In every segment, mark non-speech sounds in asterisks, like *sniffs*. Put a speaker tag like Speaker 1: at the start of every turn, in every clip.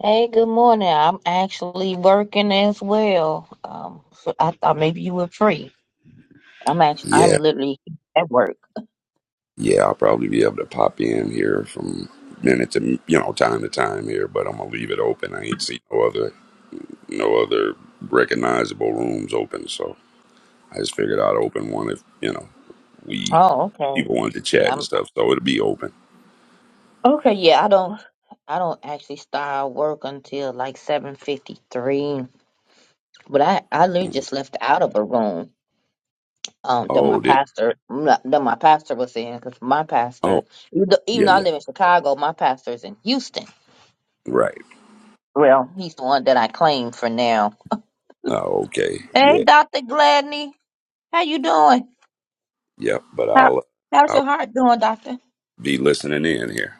Speaker 1: Hey, good morning. I'm actually working as well. Um, so I thought maybe you were free. I'm actually, I'm
Speaker 2: Yeah,
Speaker 1: literally at work.
Speaker 2: yeah, I'll probably be able to pop in here from minute to you know time to time here, but I'm gonna leave it open. I ain't seen no other no other recognizable rooms open, so I just figured I'd open one if you know we
Speaker 1: Oh, okay.
Speaker 2: people wanted to chat
Speaker 1: Yeah,
Speaker 2: and
Speaker 1: I'm
Speaker 2: stuff, so it'll be open.
Speaker 1: okay. Yeah, I don't, I don't actually start work until like 7:53. But I, I literally
Speaker 2: Mm.
Speaker 1: just left out of a room. Um, that my
Speaker 2: Oh, did
Speaker 1: pastor, that my pastor was in, because my
Speaker 2: oh
Speaker 1: pastor, even though, even
Speaker 2: yeah
Speaker 1: though I
Speaker 2: yeah
Speaker 1: live in Chicago, my pastor is in Houston.
Speaker 2: right
Speaker 1: Well, he's the one that I claim for now.
Speaker 2: oh okay
Speaker 1: Hey,
Speaker 2: yeah
Speaker 1: Dr. Gladney. How you doing?
Speaker 2: yep, but
Speaker 1: How
Speaker 2: I'll
Speaker 1: how's
Speaker 2: I'll
Speaker 1: your heart doing, doctor?
Speaker 2: be listening in here.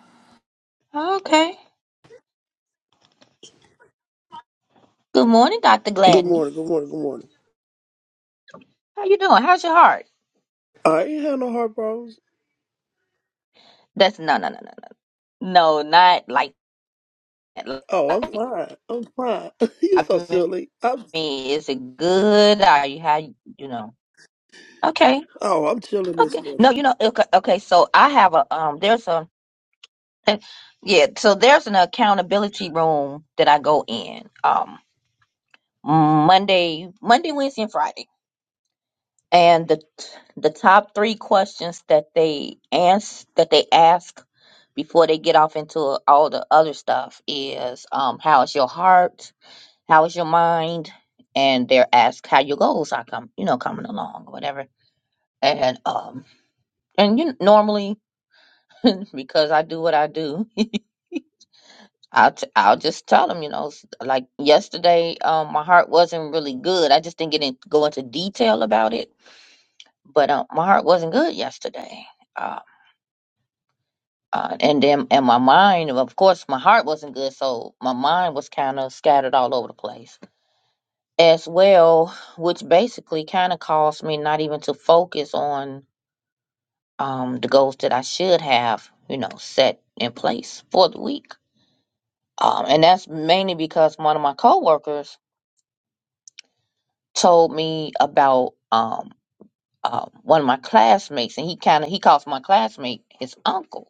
Speaker 1: Okay. Good morning, Dr.
Speaker 3: Good
Speaker 1: Gladney.
Speaker 3: morning, good morning, good morning.
Speaker 1: How you doing? How's your heart?
Speaker 3: I ain't had no heart problems.
Speaker 1: That's no no no no no. No, not like that.
Speaker 3: Oh, I'm
Speaker 1: Like
Speaker 3: fine. I'm fine. *laughs* you
Speaker 1: I
Speaker 3: so silly. I'm
Speaker 1: mean, is it good? Are you how you you know? Okay.
Speaker 3: oh, I'm chilling this
Speaker 1: Okay.
Speaker 3: morning.
Speaker 1: No, you know, okay, okay, so I have a um there's a *laughs* yeah, so there's an accountability room that I go in. Um Monday, Monday, Wednesday, and Friday And the the top three questions that they ans that they ask before they get off into all the other stuff is um, how is your heart, how is your mind, and they're asked how your goals are come you know coming along or whatever. And um and you normally *laughs* because I do what I do, *laughs* I'll t- I'll just tell them you know s- like yesterday um my heart wasn't really good. I just didn't get in, go into detail about it, but um, my heart wasn't good yesterday Um, Uh, and then, and my mind, of course, my heart wasn't good, so my mind was kind of scattered all over the place as well, which basically kind of caused me not even to focus on um, the goals that I should have, you know, set in place for the week. Um, and that's mainly because one of my coworkers told me about um, uh, one of my classmates, and he kind of he calls my classmate his uncle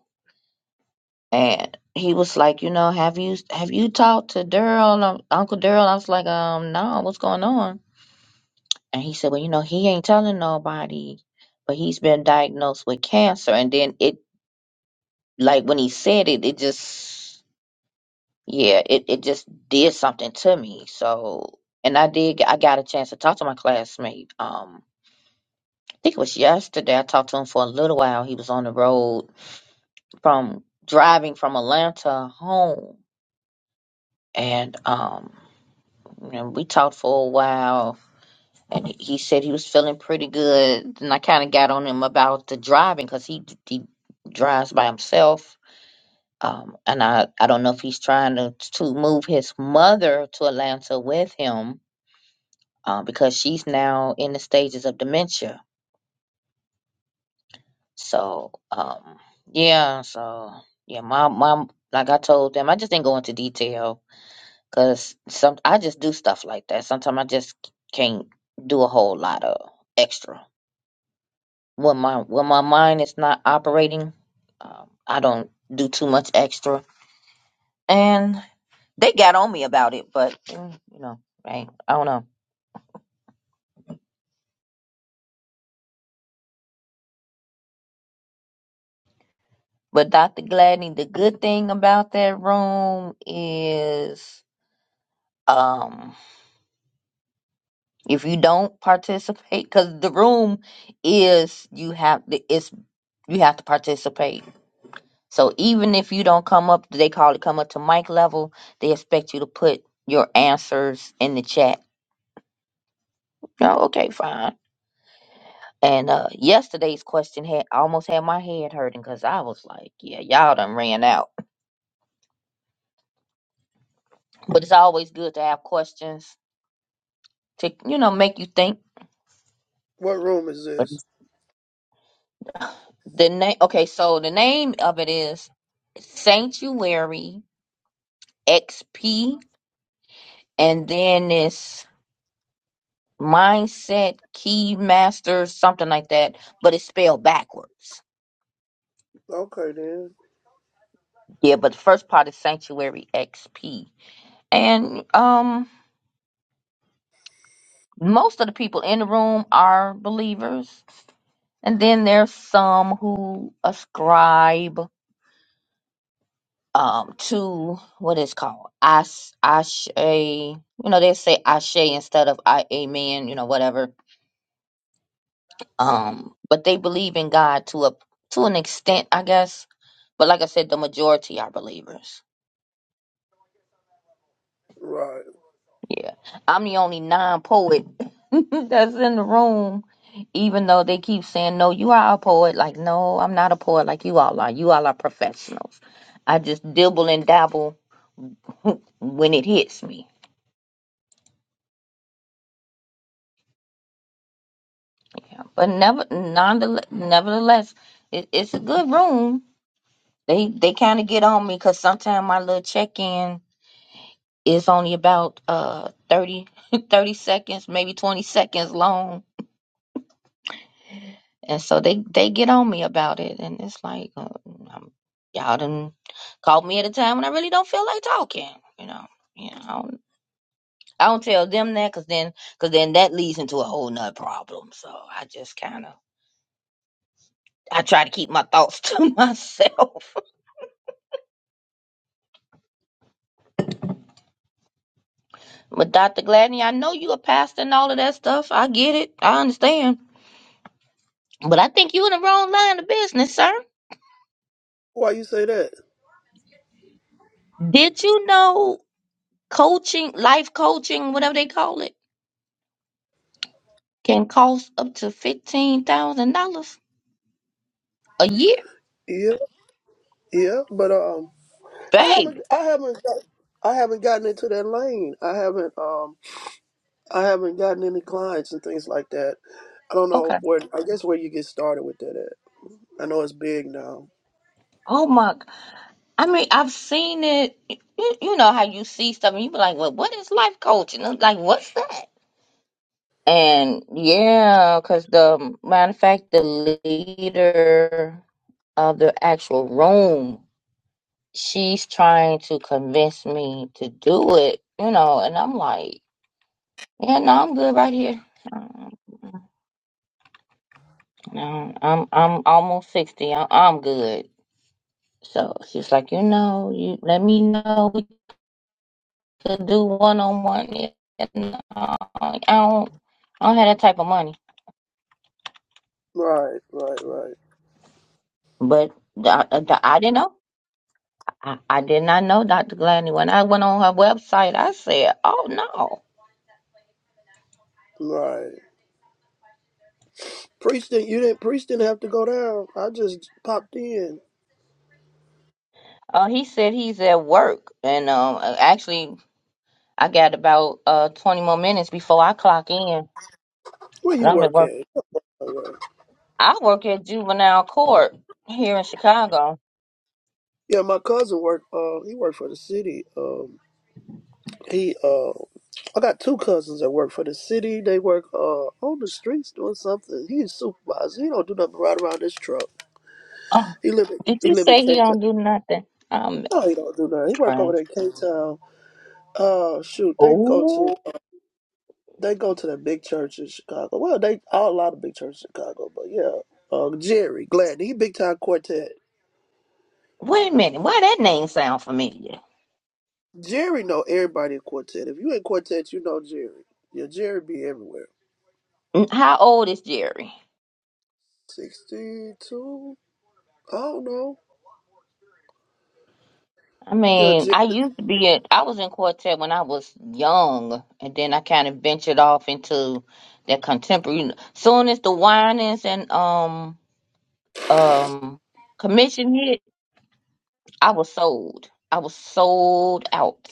Speaker 1: And he was like, you know, have you have you talked to Daryl, um, Uncle Daryl? I was like, um, no, what's going on? And he said, well, you know, he ain't telling nobody, but he's been diagnosed with cancer. And then it, like when he said it, it just, yeah, it it just did something to me. So, and I did, I got a chance to talk to my classmate. Um, I think it was yesterday. I talked to him for a little while. He was on the road from driving from Atlanta home, and um. and we talked for a while and he he said he was feeling pretty good and i kind of got on him about the driving because he he drives by himself um, and I, I don't know if he's trying to, to move his mother to atlanta with him uh, because she's now in the stages of dementia so um, yeah so yeah my mom like i told them i just didn't go into detail because some i just do stuff like that sometimes i just can't do a whole lot of extra when my when my mind is not operating, um, I don't do too much extra. And they got on me about it, but mm, you know, right? I don't know. But Dr. Gladney, the good thing about that room is, um, if you don't participate, because the room is you have it's you have to participate. So even if you don't come up, they call it come up to mic level. They expect you to put your answers in the chat. Oh, okay, fine. And uh, yesterday's question had almost had my head hurting because I was like, "Yeah, y'all done ran out." But it's always good to have questions to you know make you think.
Speaker 3: What room is
Speaker 1: But
Speaker 3: this?
Speaker 1: the name, okay, so the name of it is Sanctuary XP, and then it's Mindset Key Master, something like that. But it's spelled backwards.
Speaker 3: Okay then.
Speaker 1: Yeah, but the first part is Sanctuary XP, and um most of the people in the room are believers And then there's some who ascribe um to what is called Ash Ashe. You know, they say Ashe instead of I Amen. You know, whatever. Um, but they believe in God to a to an extent, I guess. But like I said, the majority are believers.
Speaker 3: Right.
Speaker 1: Yeah, I'm the only non-poet *laughs* that's in the room. Even though they keep saying, "No, you are a poet," like, "No, I'm not a poet like you all are. You all are professionals." I just dibble and dabble when it hits me. Yeah. But never, nonetheless, nevertheless, it, it's a good room. They they kind of get on me because sometimes my little check in is only about uh 30, *laughs* thirty seconds, maybe twenty seconds long, and so they they get on me about it, and it's like uh, um, y'all done called me at a time when I really don't feel like talking, you know. You know, I don't, I don't tell them that because then, cause then that leads into a whole nother problem. So I just kind of I try to keep my thoughts *laughs* to myself. But Dr. Gladney, I know you a pastor and all of that stuff. I get it. I understand. But I think you in the wrong line of business, sir.
Speaker 3: Why you say that?
Speaker 1: Did you know coaching, life coaching, whatever they call it, can cost up to fifteen thousand dollars a year?
Speaker 3: Yeah, yeah, but um I
Speaker 1: Baby.
Speaker 3: haven't I haven't got- I haven't gotten into that lane. I haven't um I haven't gotten any clients and things like that. I don't know
Speaker 1: Okay.
Speaker 3: where I guess where you get started with that at. I know it's big now.
Speaker 1: Oh my g- I mean, I've seen it. You, you know how you see stuff and you be like, well, what is life coaching? Like, what's that? And yeah, because the um, matter of fact, the leader of the actual room, she's trying to convince me to do it, you know, and I'm like, yeah, no, I'm good right here. *laughs* Um, No, I'm I'm almost sixty. I'm, I'm good. So she's like, you know, you let me know we could do one on one. I don't I don't have that type of money,
Speaker 3: Right, right, right.
Speaker 1: but I, I, I didn't know. I, I did not know Dr. Gladney. When I went on her website, I said, "Oh no."
Speaker 3: Right. Priest didn't you didn't priest didn't have to go down. I just popped in.
Speaker 1: Uh, he said he's at work, and um, uh, actually, I got about uh twenty more minutes before I clock in.
Speaker 3: Where
Speaker 1: But
Speaker 3: you
Speaker 1: I'm at
Speaker 3: work
Speaker 1: work.
Speaker 3: at? Uh,
Speaker 1: I work at juvenile court here in Chicago.
Speaker 3: Yeah, my cousin worked uh he worked for the city. Um he uh I got two cousins that work for the city. They work uh on the streets doing something. He's supervisor. He don't do nothing right around this truck.
Speaker 1: Oh,
Speaker 3: He live in
Speaker 1: did
Speaker 3: he
Speaker 1: you
Speaker 3: live in K
Speaker 1: say he
Speaker 3: Town.
Speaker 1: don't do nothing? Um,
Speaker 3: No, he don't do nothing. He work over there in K Town. Uh shoot, they go to
Speaker 1: oh,
Speaker 3: they go to the big church in Chicago. Well they all a lot of big churches in Chicago, but yeah. Uh, Jerry Gladney, he big time quartet.
Speaker 1: wait a minute. Why that name sound familiar?
Speaker 3: Jerry know everybody in quartet. If you in quartet, you know Jerry. Yeah, Jerry be everywhere.
Speaker 1: N- How old is Jerry?
Speaker 3: Sixty-two. I don't know.
Speaker 1: I
Speaker 3: Yeah,
Speaker 1: mean,
Speaker 3: Jerry.
Speaker 1: I used to be in, I was in quartet when I was young, and then I kind of ventured off into that contemporary. Soon as the whinings and um um commission hit, I was sold. I was sold out.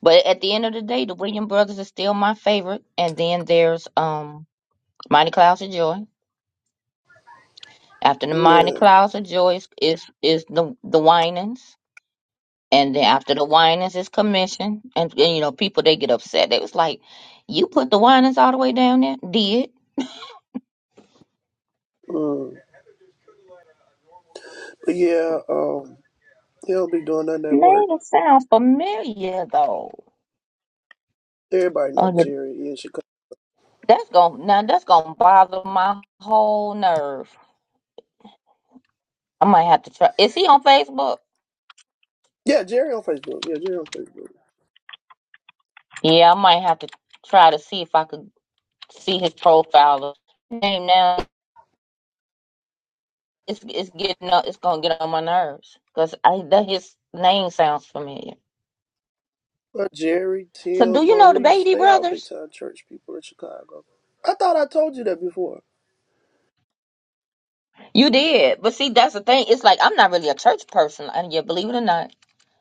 Speaker 1: But at the end of the day, the William Brothers is still my favorite, and then there's um Mighty Clouds of Joy. After the Mighty
Speaker 3: Yeah,
Speaker 1: Clouds of Joy is is, is the the whinings. And then after the whinings is commissioned, and, and you know, people they get upset. They was like, "You put the whinings all the way down there." Did
Speaker 3: mm. yeah. Um, he don't be doing nothing at work.
Speaker 1: name sounds familiar though.
Speaker 3: Everybody know
Speaker 1: Oh, yeah.
Speaker 3: Jerry in Chicago.
Speaker 1: that's gonna now that's gonna bother my whole nerve. I might have to try. Is he on Facebook?
Speaker 3: Yeah, Jerry on Facebook. Yeah, Jerry on Facebook.
Speaker 1: Yeah, I might have to try to see if I could see his profile name now. It's it's getting up. It's gonna get on my nerves because I that his name sounds familiar.
Speaker 3: Uh, Jerry,
Speaker 1: So, do
Speaker 3: Tim,
Speaker 1: you know the
Speaker 3: Maurice,
Speaker 1: Beatty
Speaker 3: they all
Speaker 1: brothers?
Speaker 3: big time church people in Chicago. I thought I told you that before.
Speaker 1: You did. But see, that's the thing. It's like I'm not really a church person, and you believe it or not.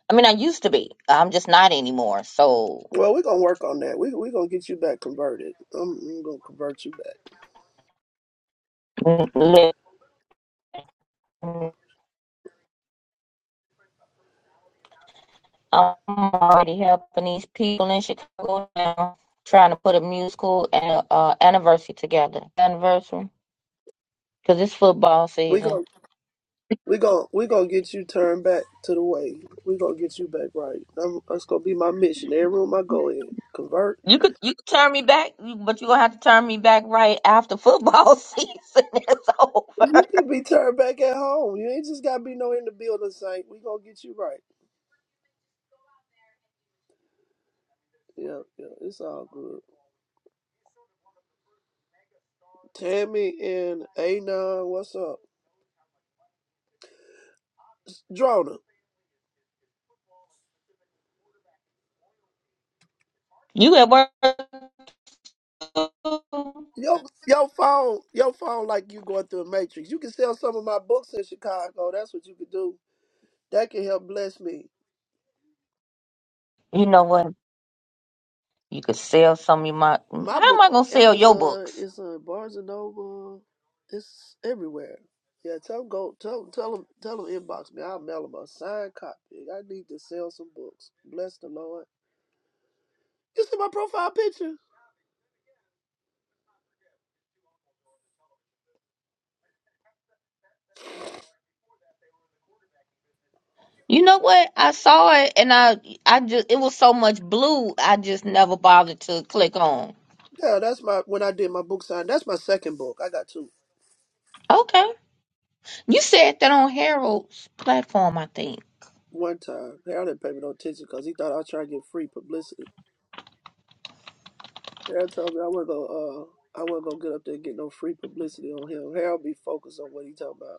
Speaker 1: I mean, I used to be. I'm just not anymore. So
Speaker 3: Well, we're gonna work on that. We we gonna get you back converted. I'm, I'm gonna convert you back.
Speaker 1: listen, I'm already helping these people in Chicago now, trying to put a musical and a, uh, anniversary together. Anniversary, because it's football
Speaker 3: We gonna
Speaker 1: season.
Speaker 3: We gon' we gonna get you turned back to the way. We gonna get you back right. I'm, that's gonna be my mission. Every room I go in, convert.
Speaker 1: You could you could turn me back, but you're gonna have to turn me back right after football *laughs* season is
Speaker 3: You
Speaker 1: over.
Speaker 3: can be turned back at home. You ain't just gotta be no in the building, Saint. We gonna get you right. Yeah, yeah, it's all good. Tammy and Anon, what's up? Drona,
Speaker 1: You at work?
Speaker 3: your your phone, your phone like you going through a matrix. You can sell some of my books in Chicago. That's what you could do. That can help bless me.
Speaker 1: You know what? You could sell some of my. How
Speaker 3: My
Speaker 1: am
Speaker 3: book
Speaker 1: I
Speaker 3: on
Speaker 1: gonna sell your
Speaker 3: Amazon
Speaker 1: books?
Speaker 3: it's on Barnes and Noble. It's everywhere. Yeah, tell them go tell tell them tell them inbox me. I'll mail them a signed copy. I need to sell some books. Bless the Lord. You see my profile picture?
Speaker 1: You know what? I saw it and I, I just it was so much blue. I just never bothered to click on.
Speaker 3: Yeah, that's my when I did my book sign. That's my second book. I got two.
Speaker 1: Okay, you said that on Harold's platform, I think.
Speaker 3: One time, Harold didn't pay me no attention because he thought I was trying to get free publicity. Harold told me I wasn't gonna uh I wasn't gonna get up there and get no free publicity on him. Harold be focused on what he talking about.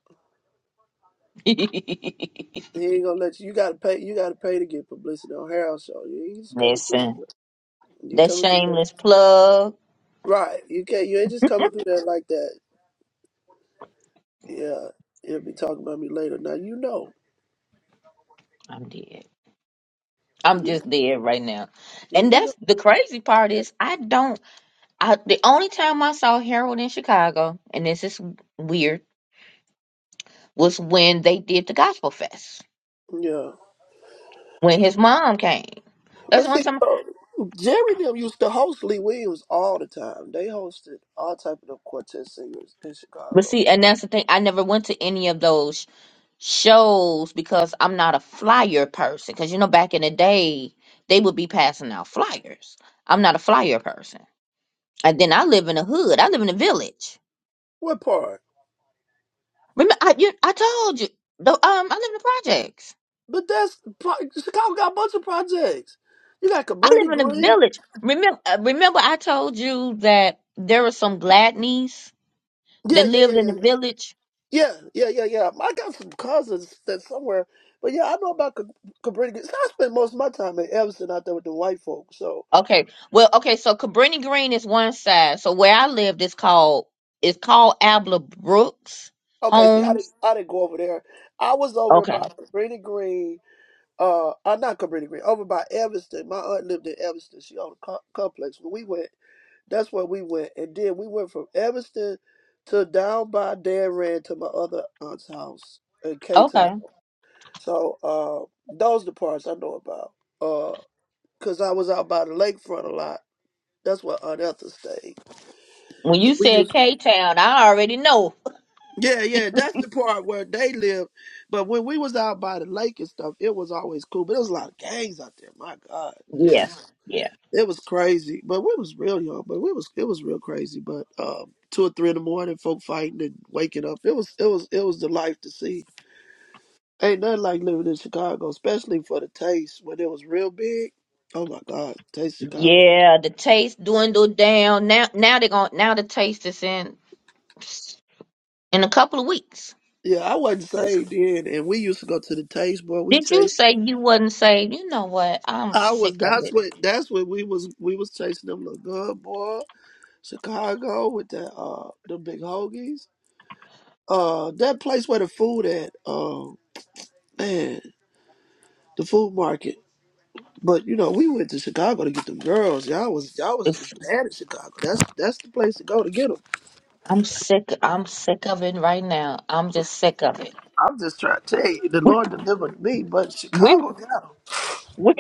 Speaker 3: He ain't gonna let you. You gotta pay. You gotta pay to get publicity on Harold Show. You ain't
Speaker 1: *laughs*
Speaker 3: just coming through.
Speaker 1: Listen,
Speaker 3: You
Speaker 1: that
Speaker 3: coming through there,
Speaker 1: shameless plug.
Speaker 3: right? You can't. You ain't just coming through there like that. Yeah, he'll be talking about me later. Now you know.
Speaker 1: I'm dead. I'm
Speaker 3: You,
Speaker 1: just dead right now. And
Speaker 3: you
Speaker 1: that's the crazy part is I don't I the only time I saw Harold in Chicago, and this is weird, was when they did the Gospel Fest.
Speaker 3: know. Yeah.
Speaker 1: when his mom came.
Speaker 3: Well,
Speaker 1: That's one
Speaker 3: see,
Speaker 1: time.
Speaker 3: uh, Jerry and them used to host Lee Williams all the time. They hosted all type of quartet singers in
Speaker 1: But
Speaker 3: Chicago.
Speaker 1: see, and that's the thing. I never went to any of those shows because I'm not a flyer person. Because you know, back in the day, they would be passing out flyers. I'm not a flyer person. And then I live in a hood. I live in a village.
Speaker 3: What part?
Speaker 1: Remember, I you, I told you. The, um, I live in the projects.
Speaker 3: But that's pro- Chicago got a bunch of projects. You got
Speaker 1: I
Speaker 3: Cabrini
Speaker 1: live in a
Speaker 3: Green.
Speaker 1: village. Remember, remember, I told you that there were some Gladneys
Speaker 3: Yeah,
Speaker 1: that
Speaker 3: yeah, yeah, yeah,
Speaker 1: lived in
Speaker 3: yeah.
Speaker 1: the
Speaker 3: yeah.
Speaker 1: village
Speaker 3: Yeah, yeah, yeah, yeah. I got some cousins that somewhere, but yeah, I know about Ca- Cabrini. So I spent most of my time in Evanston out there with the white folks. So
Speaker 1: Okay. Well, okay, so Cabrini Green is one side. So where I lived is called it's called Abla Brooks
Speaker 3: okay, see, I didn't,
Speaker 1: Homes.
Speaker 3: I didn't go over there. I was over
Speaker 1: Okay.
Speaker 3: by Cabrini Green. Uh, uh not Cabrini Green. Over by Evanston. My aunt lived in Evanston. She owned a co- complex. When we went, that's where we went, and then we went from Evanston to down by Dan Rand to my other aunt's house in K Town.
Speaker 1: Okay.
Speaker 3: So uh, those the parts I know about. Uh, because I was out by the lakefront a lot. That's where Aunt Etha stayed.
Speaker 1: When
Speaker 3: And
Speaker 1: you
Speaker 3: we
Speaker 1: said
Speaker 3: used,
Speaker 1: K Town, I already know.
Speaker 3: yeah, yeah, that's the part where they live. But when we was out by the lake and stuff, it was always cool. But there was a lot of gangs out there. My God, yeah,
Speaker 1: Yeah. Yeah.
Speaker 3: it was crazy. But we was real young. But we was it was real crazy. But um, two or three in the morning, folk fighting and waking up. It was it was it was the life to see. Ain't nothing like living in Chicago, especially for the taste when it was real big. Oh my God, taste Chicago.
Speaker 1: Yeah, the taste dwindled down. Now now they're going now the taste is in in a couple of weeks.
Speaker 3: Yeah, I wasn't saved then, and we used to go to the taste boy. We
Speaker 1: Did you
Speaker 3: chased.
Speaker 1: say you wouldn't say, you know what, I'm
Speaker 3: I was.
Speaker 1: sick of
Speaker 3: That's
Speaker 1: it.
Speaker 3: what. That's what we was. We was chasing them little good boy, Chicago with that. Uh, the big hoagies. Uh, that place where the food at. Um, man, the food market. But you know, we went to Chicago to get them girls. Y'all was y'all was
Speaker 1: If
Speaker 3: just bad at Chicago. That's that's the place to go to get them.
Speaker 1: I'm sick I'm sick of it right now. I'm just sick of it.
Speaker 3: I'm just trying to tell you, the
Speaker 1: *laughs*
Speaker 3: Lord delivered me, but
Speaker 1: We
Speaker 3: Chicago got them.
Speaker 1: we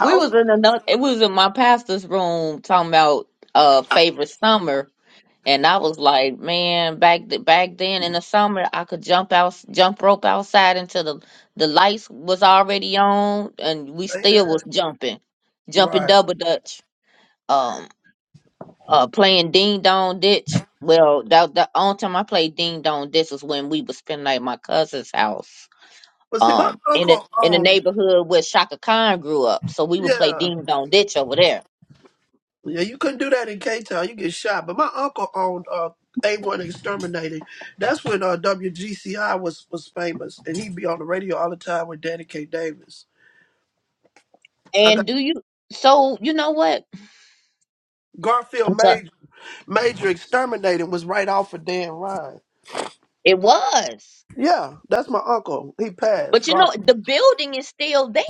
Speaker 1: We was in
Speaker 3: parties,
Speaker 1: another. It was in my pastor's room talking about uh favorite summer, and I was like, man, back th- back then in the summer, I could jump out, jump rope outside until the the lights was already on, and we
Speaker 3: stay
Speaker 1: still was
Speaker 3: there,
Speaker 1: jumping, jumping
Speaker 3: right?
Speaker 1: double dutch, um, uh, playing ding dong ditch. Well, that the only time I played ding dong ditch was when we was spending like my cousin's house.
Speaker 3: But see, my
Speaker 1: Um, in
Speaker 3: uncle
Speaker 1: it in the
Speaker 3: owned
Speaker 1: neighborhood where Shaka Khan grew up, so we would play
Speaker 3: Yeah.
Speaker 1: ding dong ditch over there
Speaker 3: Yeah, you couldn't do that in K Town. You get shot. But my uncle owned uh A1 Exterminating. That's when uh WGCI was was famous and he'd be on the radio all the time with Danny K. Davis. I got
Speaker 1: And do you? So you know what?
Speaker 3: Garfield
Speaker 1: I'm sorry.
Speaker 3: Major Major Exterminating was right off of Dan Ryan.
Speaker 1: It was,
Speaker 3: Yeah, that's my uncle. He
Speaker 1: but
Speaker 3: passed.
Speaker 1: you know
Speaker 3: Garfield.
Speaker 1: the building is still there.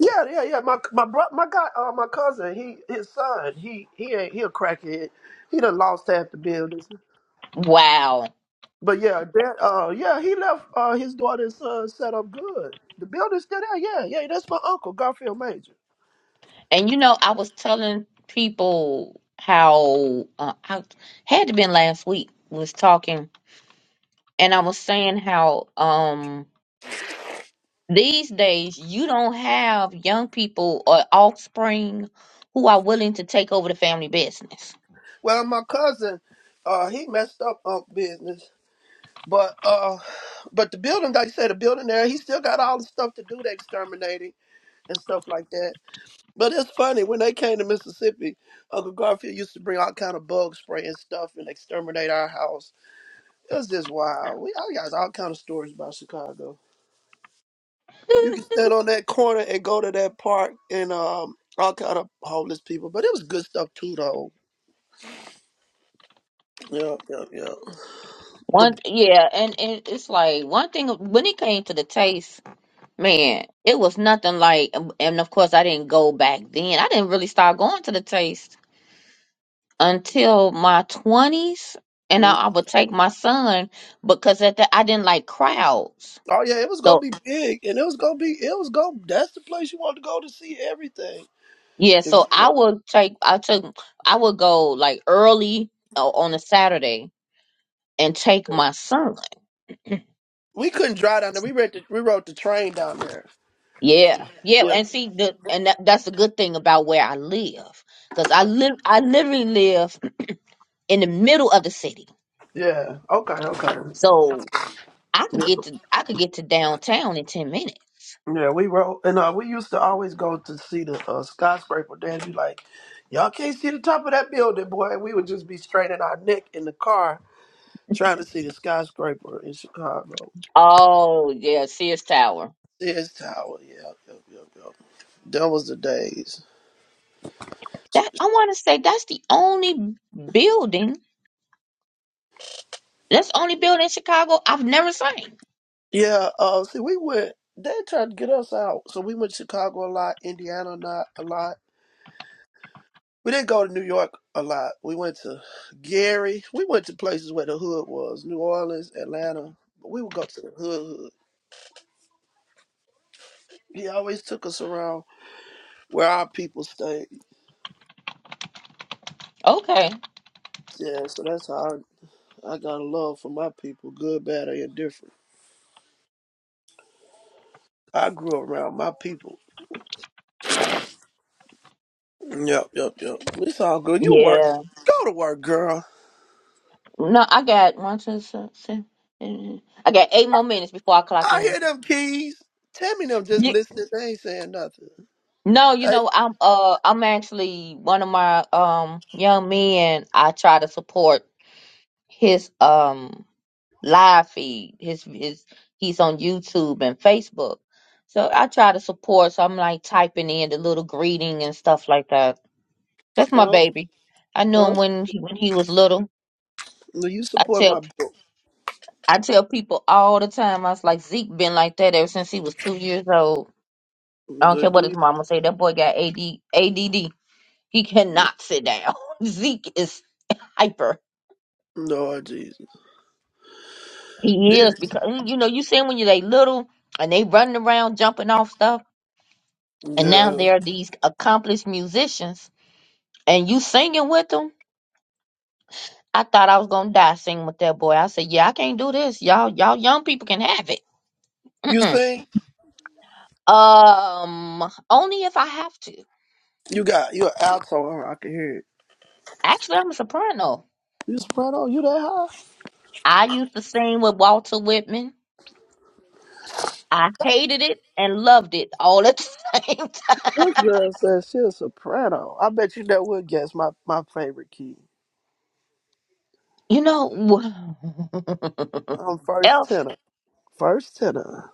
Speaker 3: Yeah, yeah, yeah. My my bro, my guy, uh, my cousin, he his son, he he ain't he a crackhead. He done lost half the building.
Speaker 1: Wow.
Speaker 3: But yeah, that uh yeah, he left uh his daughter's uh set up good. The building's still there, yeah, yeah, that's my uncle, Garfield Major.
Speaker 1: And you know I was telling people how uh, I had to been last week was talking, and I was saying how um these days you don't have young people or offspring who are willing to take over the family business.
Speaker 3: Well my cousin, uh he messed up Unc business. But uh but the building, like I said, the building there, he still got all the stuff to do the exterminating and stuff like that. But it's funny, when they came to Mississippi, Uncle Garfield used to bring all kind of bug spray and stuff and exterminate our house. It was just wild. We I got all kind of stories about Chicago. You can stand on that corner and go to that park and um all kind of homeless people. But it was good stuff too, though. Yeah, yeah, yeah. The
Speaker 1: One, yeah, and, and it's like one thing when it came to the taste. Man, it was nothing like, and of course, I didn't go back then. I didn't really start going to the taste until my 20s. And I,
Speaker 3: mm,
Speaker 1: I would take my son because at that I didn't like crowds.
Speaker 3: oh yeah, it was gonna
Speaker 1: So,
Speaker 3: be big, and it was gonna be it was gonna that's the place you want to go to see everything.
Speaker 1: yeah,
Speaker 3: If
Speaker 1: so
Speaker 3: you
Speaker 1: I
Speaker 3: want-
Speaker 1: would take, I took, I would go like early uh, on a Saturday and take my son.
Speaker 3: we couldn't drive down there. We rode the, we rode the train down there.
Speaker 1: Yeah, yeah,
Speaker 3: Yeah,
Speaker 1: and see the and that, that's a good thing about where I live because I live I literally live in the middle of the city.
Speaker 3: yeah. Okay, okay.
Speaker 1: So I could
Speaker 3: Yeah,
Speaker 1: get to I could get to downtown in ten minutes.
Speaker 3: yeah, we rode, and uh, we used to always go to see the uh, skyscraper. Dad be like, "Y'all can't see the top of that building, boy." And we would just be straining our neck in the car Trying to see the skyscraper in Chicago.
Speaker 1: Oh yeah, Sears Tower.
Speaker 3: This tower, yeah, yep, yep, yep. That was the days.
Speaker 1: That I want to say that's the only building. That's the only building in Chicago I've never seen.
Speaker 3: Yeah, uh, see, we went. They tried to get us out, so we went to Chicago a lot, Indiana not a lot. We didn't go to New York a lot. We went to Gary. We went to places where the hood was, New Orleans, Atlanta. But we would go to the hood. hood. He always took us around where our people stayed.
Speaker 1: Okay.
Speaker 3: Yeah, so that's how I, I got a love for my people, good, bad, or indifferent. I grew up around my people. Yep, yep, yep. It's all good. You work.
Speaker 1: Yeah.
Speaker 3: Go to work, girl.
Speaker 1: No, I got one, two, six, seven, eight. I got eight more minutes before I clock
Speaker 3: I
Speaker 1: in.
Speaker 3: hear them keys. Tell me them just
Speaker 1: You,
Speaker 3: listening. They ain't saying nothing.
Speaker 1: no, you
Speaker 3: Hey,
Speaker 1: know I'm uh I'm actually one of my um young men. I try to support his um live feed. His his he's on YouTube and Facebook. So I try to support. So I'm like typing in the little greeting and stuff like that. That's my
Speaker 3: uh,
Speaker 1: baby. I knew
Speaker 3: uh,
Speaker 1: him when he, when he was little.
Speaker 3: do you
Speaker 1: I
Speaker 3: support
Speaker 1: tell
Speaker 3: my book?
Speaker 1: I tell people all the time. I was like Zeke been like that ever since he was two years old. I don't
Speaker 3: Do,
Speaker 1: care what
Speaker 3: do
Speaker 1: his
Speaker 3: you?
Speaker 1: mama say. That boy got AD, ADD. He cannot sit down. *laughs* Zeke is hyper.
Speaker 3: Lord Jesus. Yeah.
Speaker 1: He is because you know you see him when you they little and they running around jumping off stuff and now
Speaker 3: Yeah.
Speaker 1: there are these accomplished musicians and you singing with them i thought i was gonna die singing with that boy i said yeah i can't do this y'all y'all young people can have it
Speaker 3: You
Speaker 1: Mm-mm.
Speaker 3: sing?
Speaker 1: um only if i have to
Speaker 3: You got, you an alto. huh? I can hear it.
Speaker 1: actually i'm a soprano
Speaker 3: You soprano? You that high?
Speaker 1: i used to sing with walter whitman i hated it and loved it all at the *laughs* same time
Speaker 3: This girl says she a soprano. I bet you that would guess my, my favorite key.
Speaker 1: you know
Speaker 3: I'm
Speaker 1: *laughs*
Speaker 3: first
Speaker 1: elf
Speaker 3: tenor. First tenor.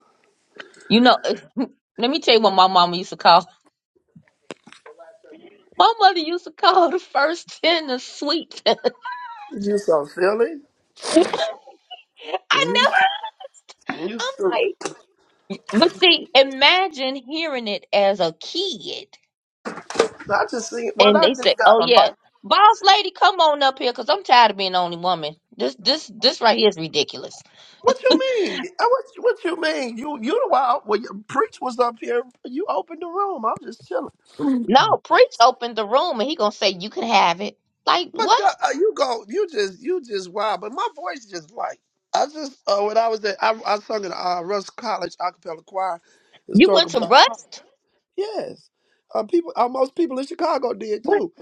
Speaker 1: you know *laughs* let me tell you what my mama used to call my mother used to call the first ten the sweet *laughs*
Speaker 3: You so silly.
Speaker 1: I
Speaker 3: You,
Speaker 1: never.
Speaker 3: you
Speaker 1: I'm
Speaker 3: stupid.
Speaker 1: like, but see, imagine hearing it as a kid,
Speaker 3: I just seen. Well,
Speaker 1: and
Speaker 3: I
Speaker 1: they say,
Speaker 3: just got
Speaker 1: "Oh
Speaker 3: a
Speaker 1: yeah,
Speaker 3: light.
Speaker 1: boss lady, come on up here, cause I'm tired of being the only woman. This, this, this right here is ridiculous."
Speaker 3: What you mean? Uh, What, what you mean? You you the wild? When your preach was up here. You opened the room. I'm just chilling.
Speaker 4: Hey,
Speaker 1: No, preach opened the room, and he gonna say, "You can have it." Like
Speaker 3: But
Speaker 1: what?
Speaker 3: uh, uh, you go. You just you just wild. But my voice just like I just uh, when I was there, I, I sung in uh, Russ College a cappella choir,
Speaker 1: You went
Speaker 3: historical
Speaker 1: to
Speaker 3: black. choir.
Speaker 1: Rust?
Speaker 3: Yes, uh, people. Uh, most people in Chicago did
Speaker 1: What?
Speaker 3: too.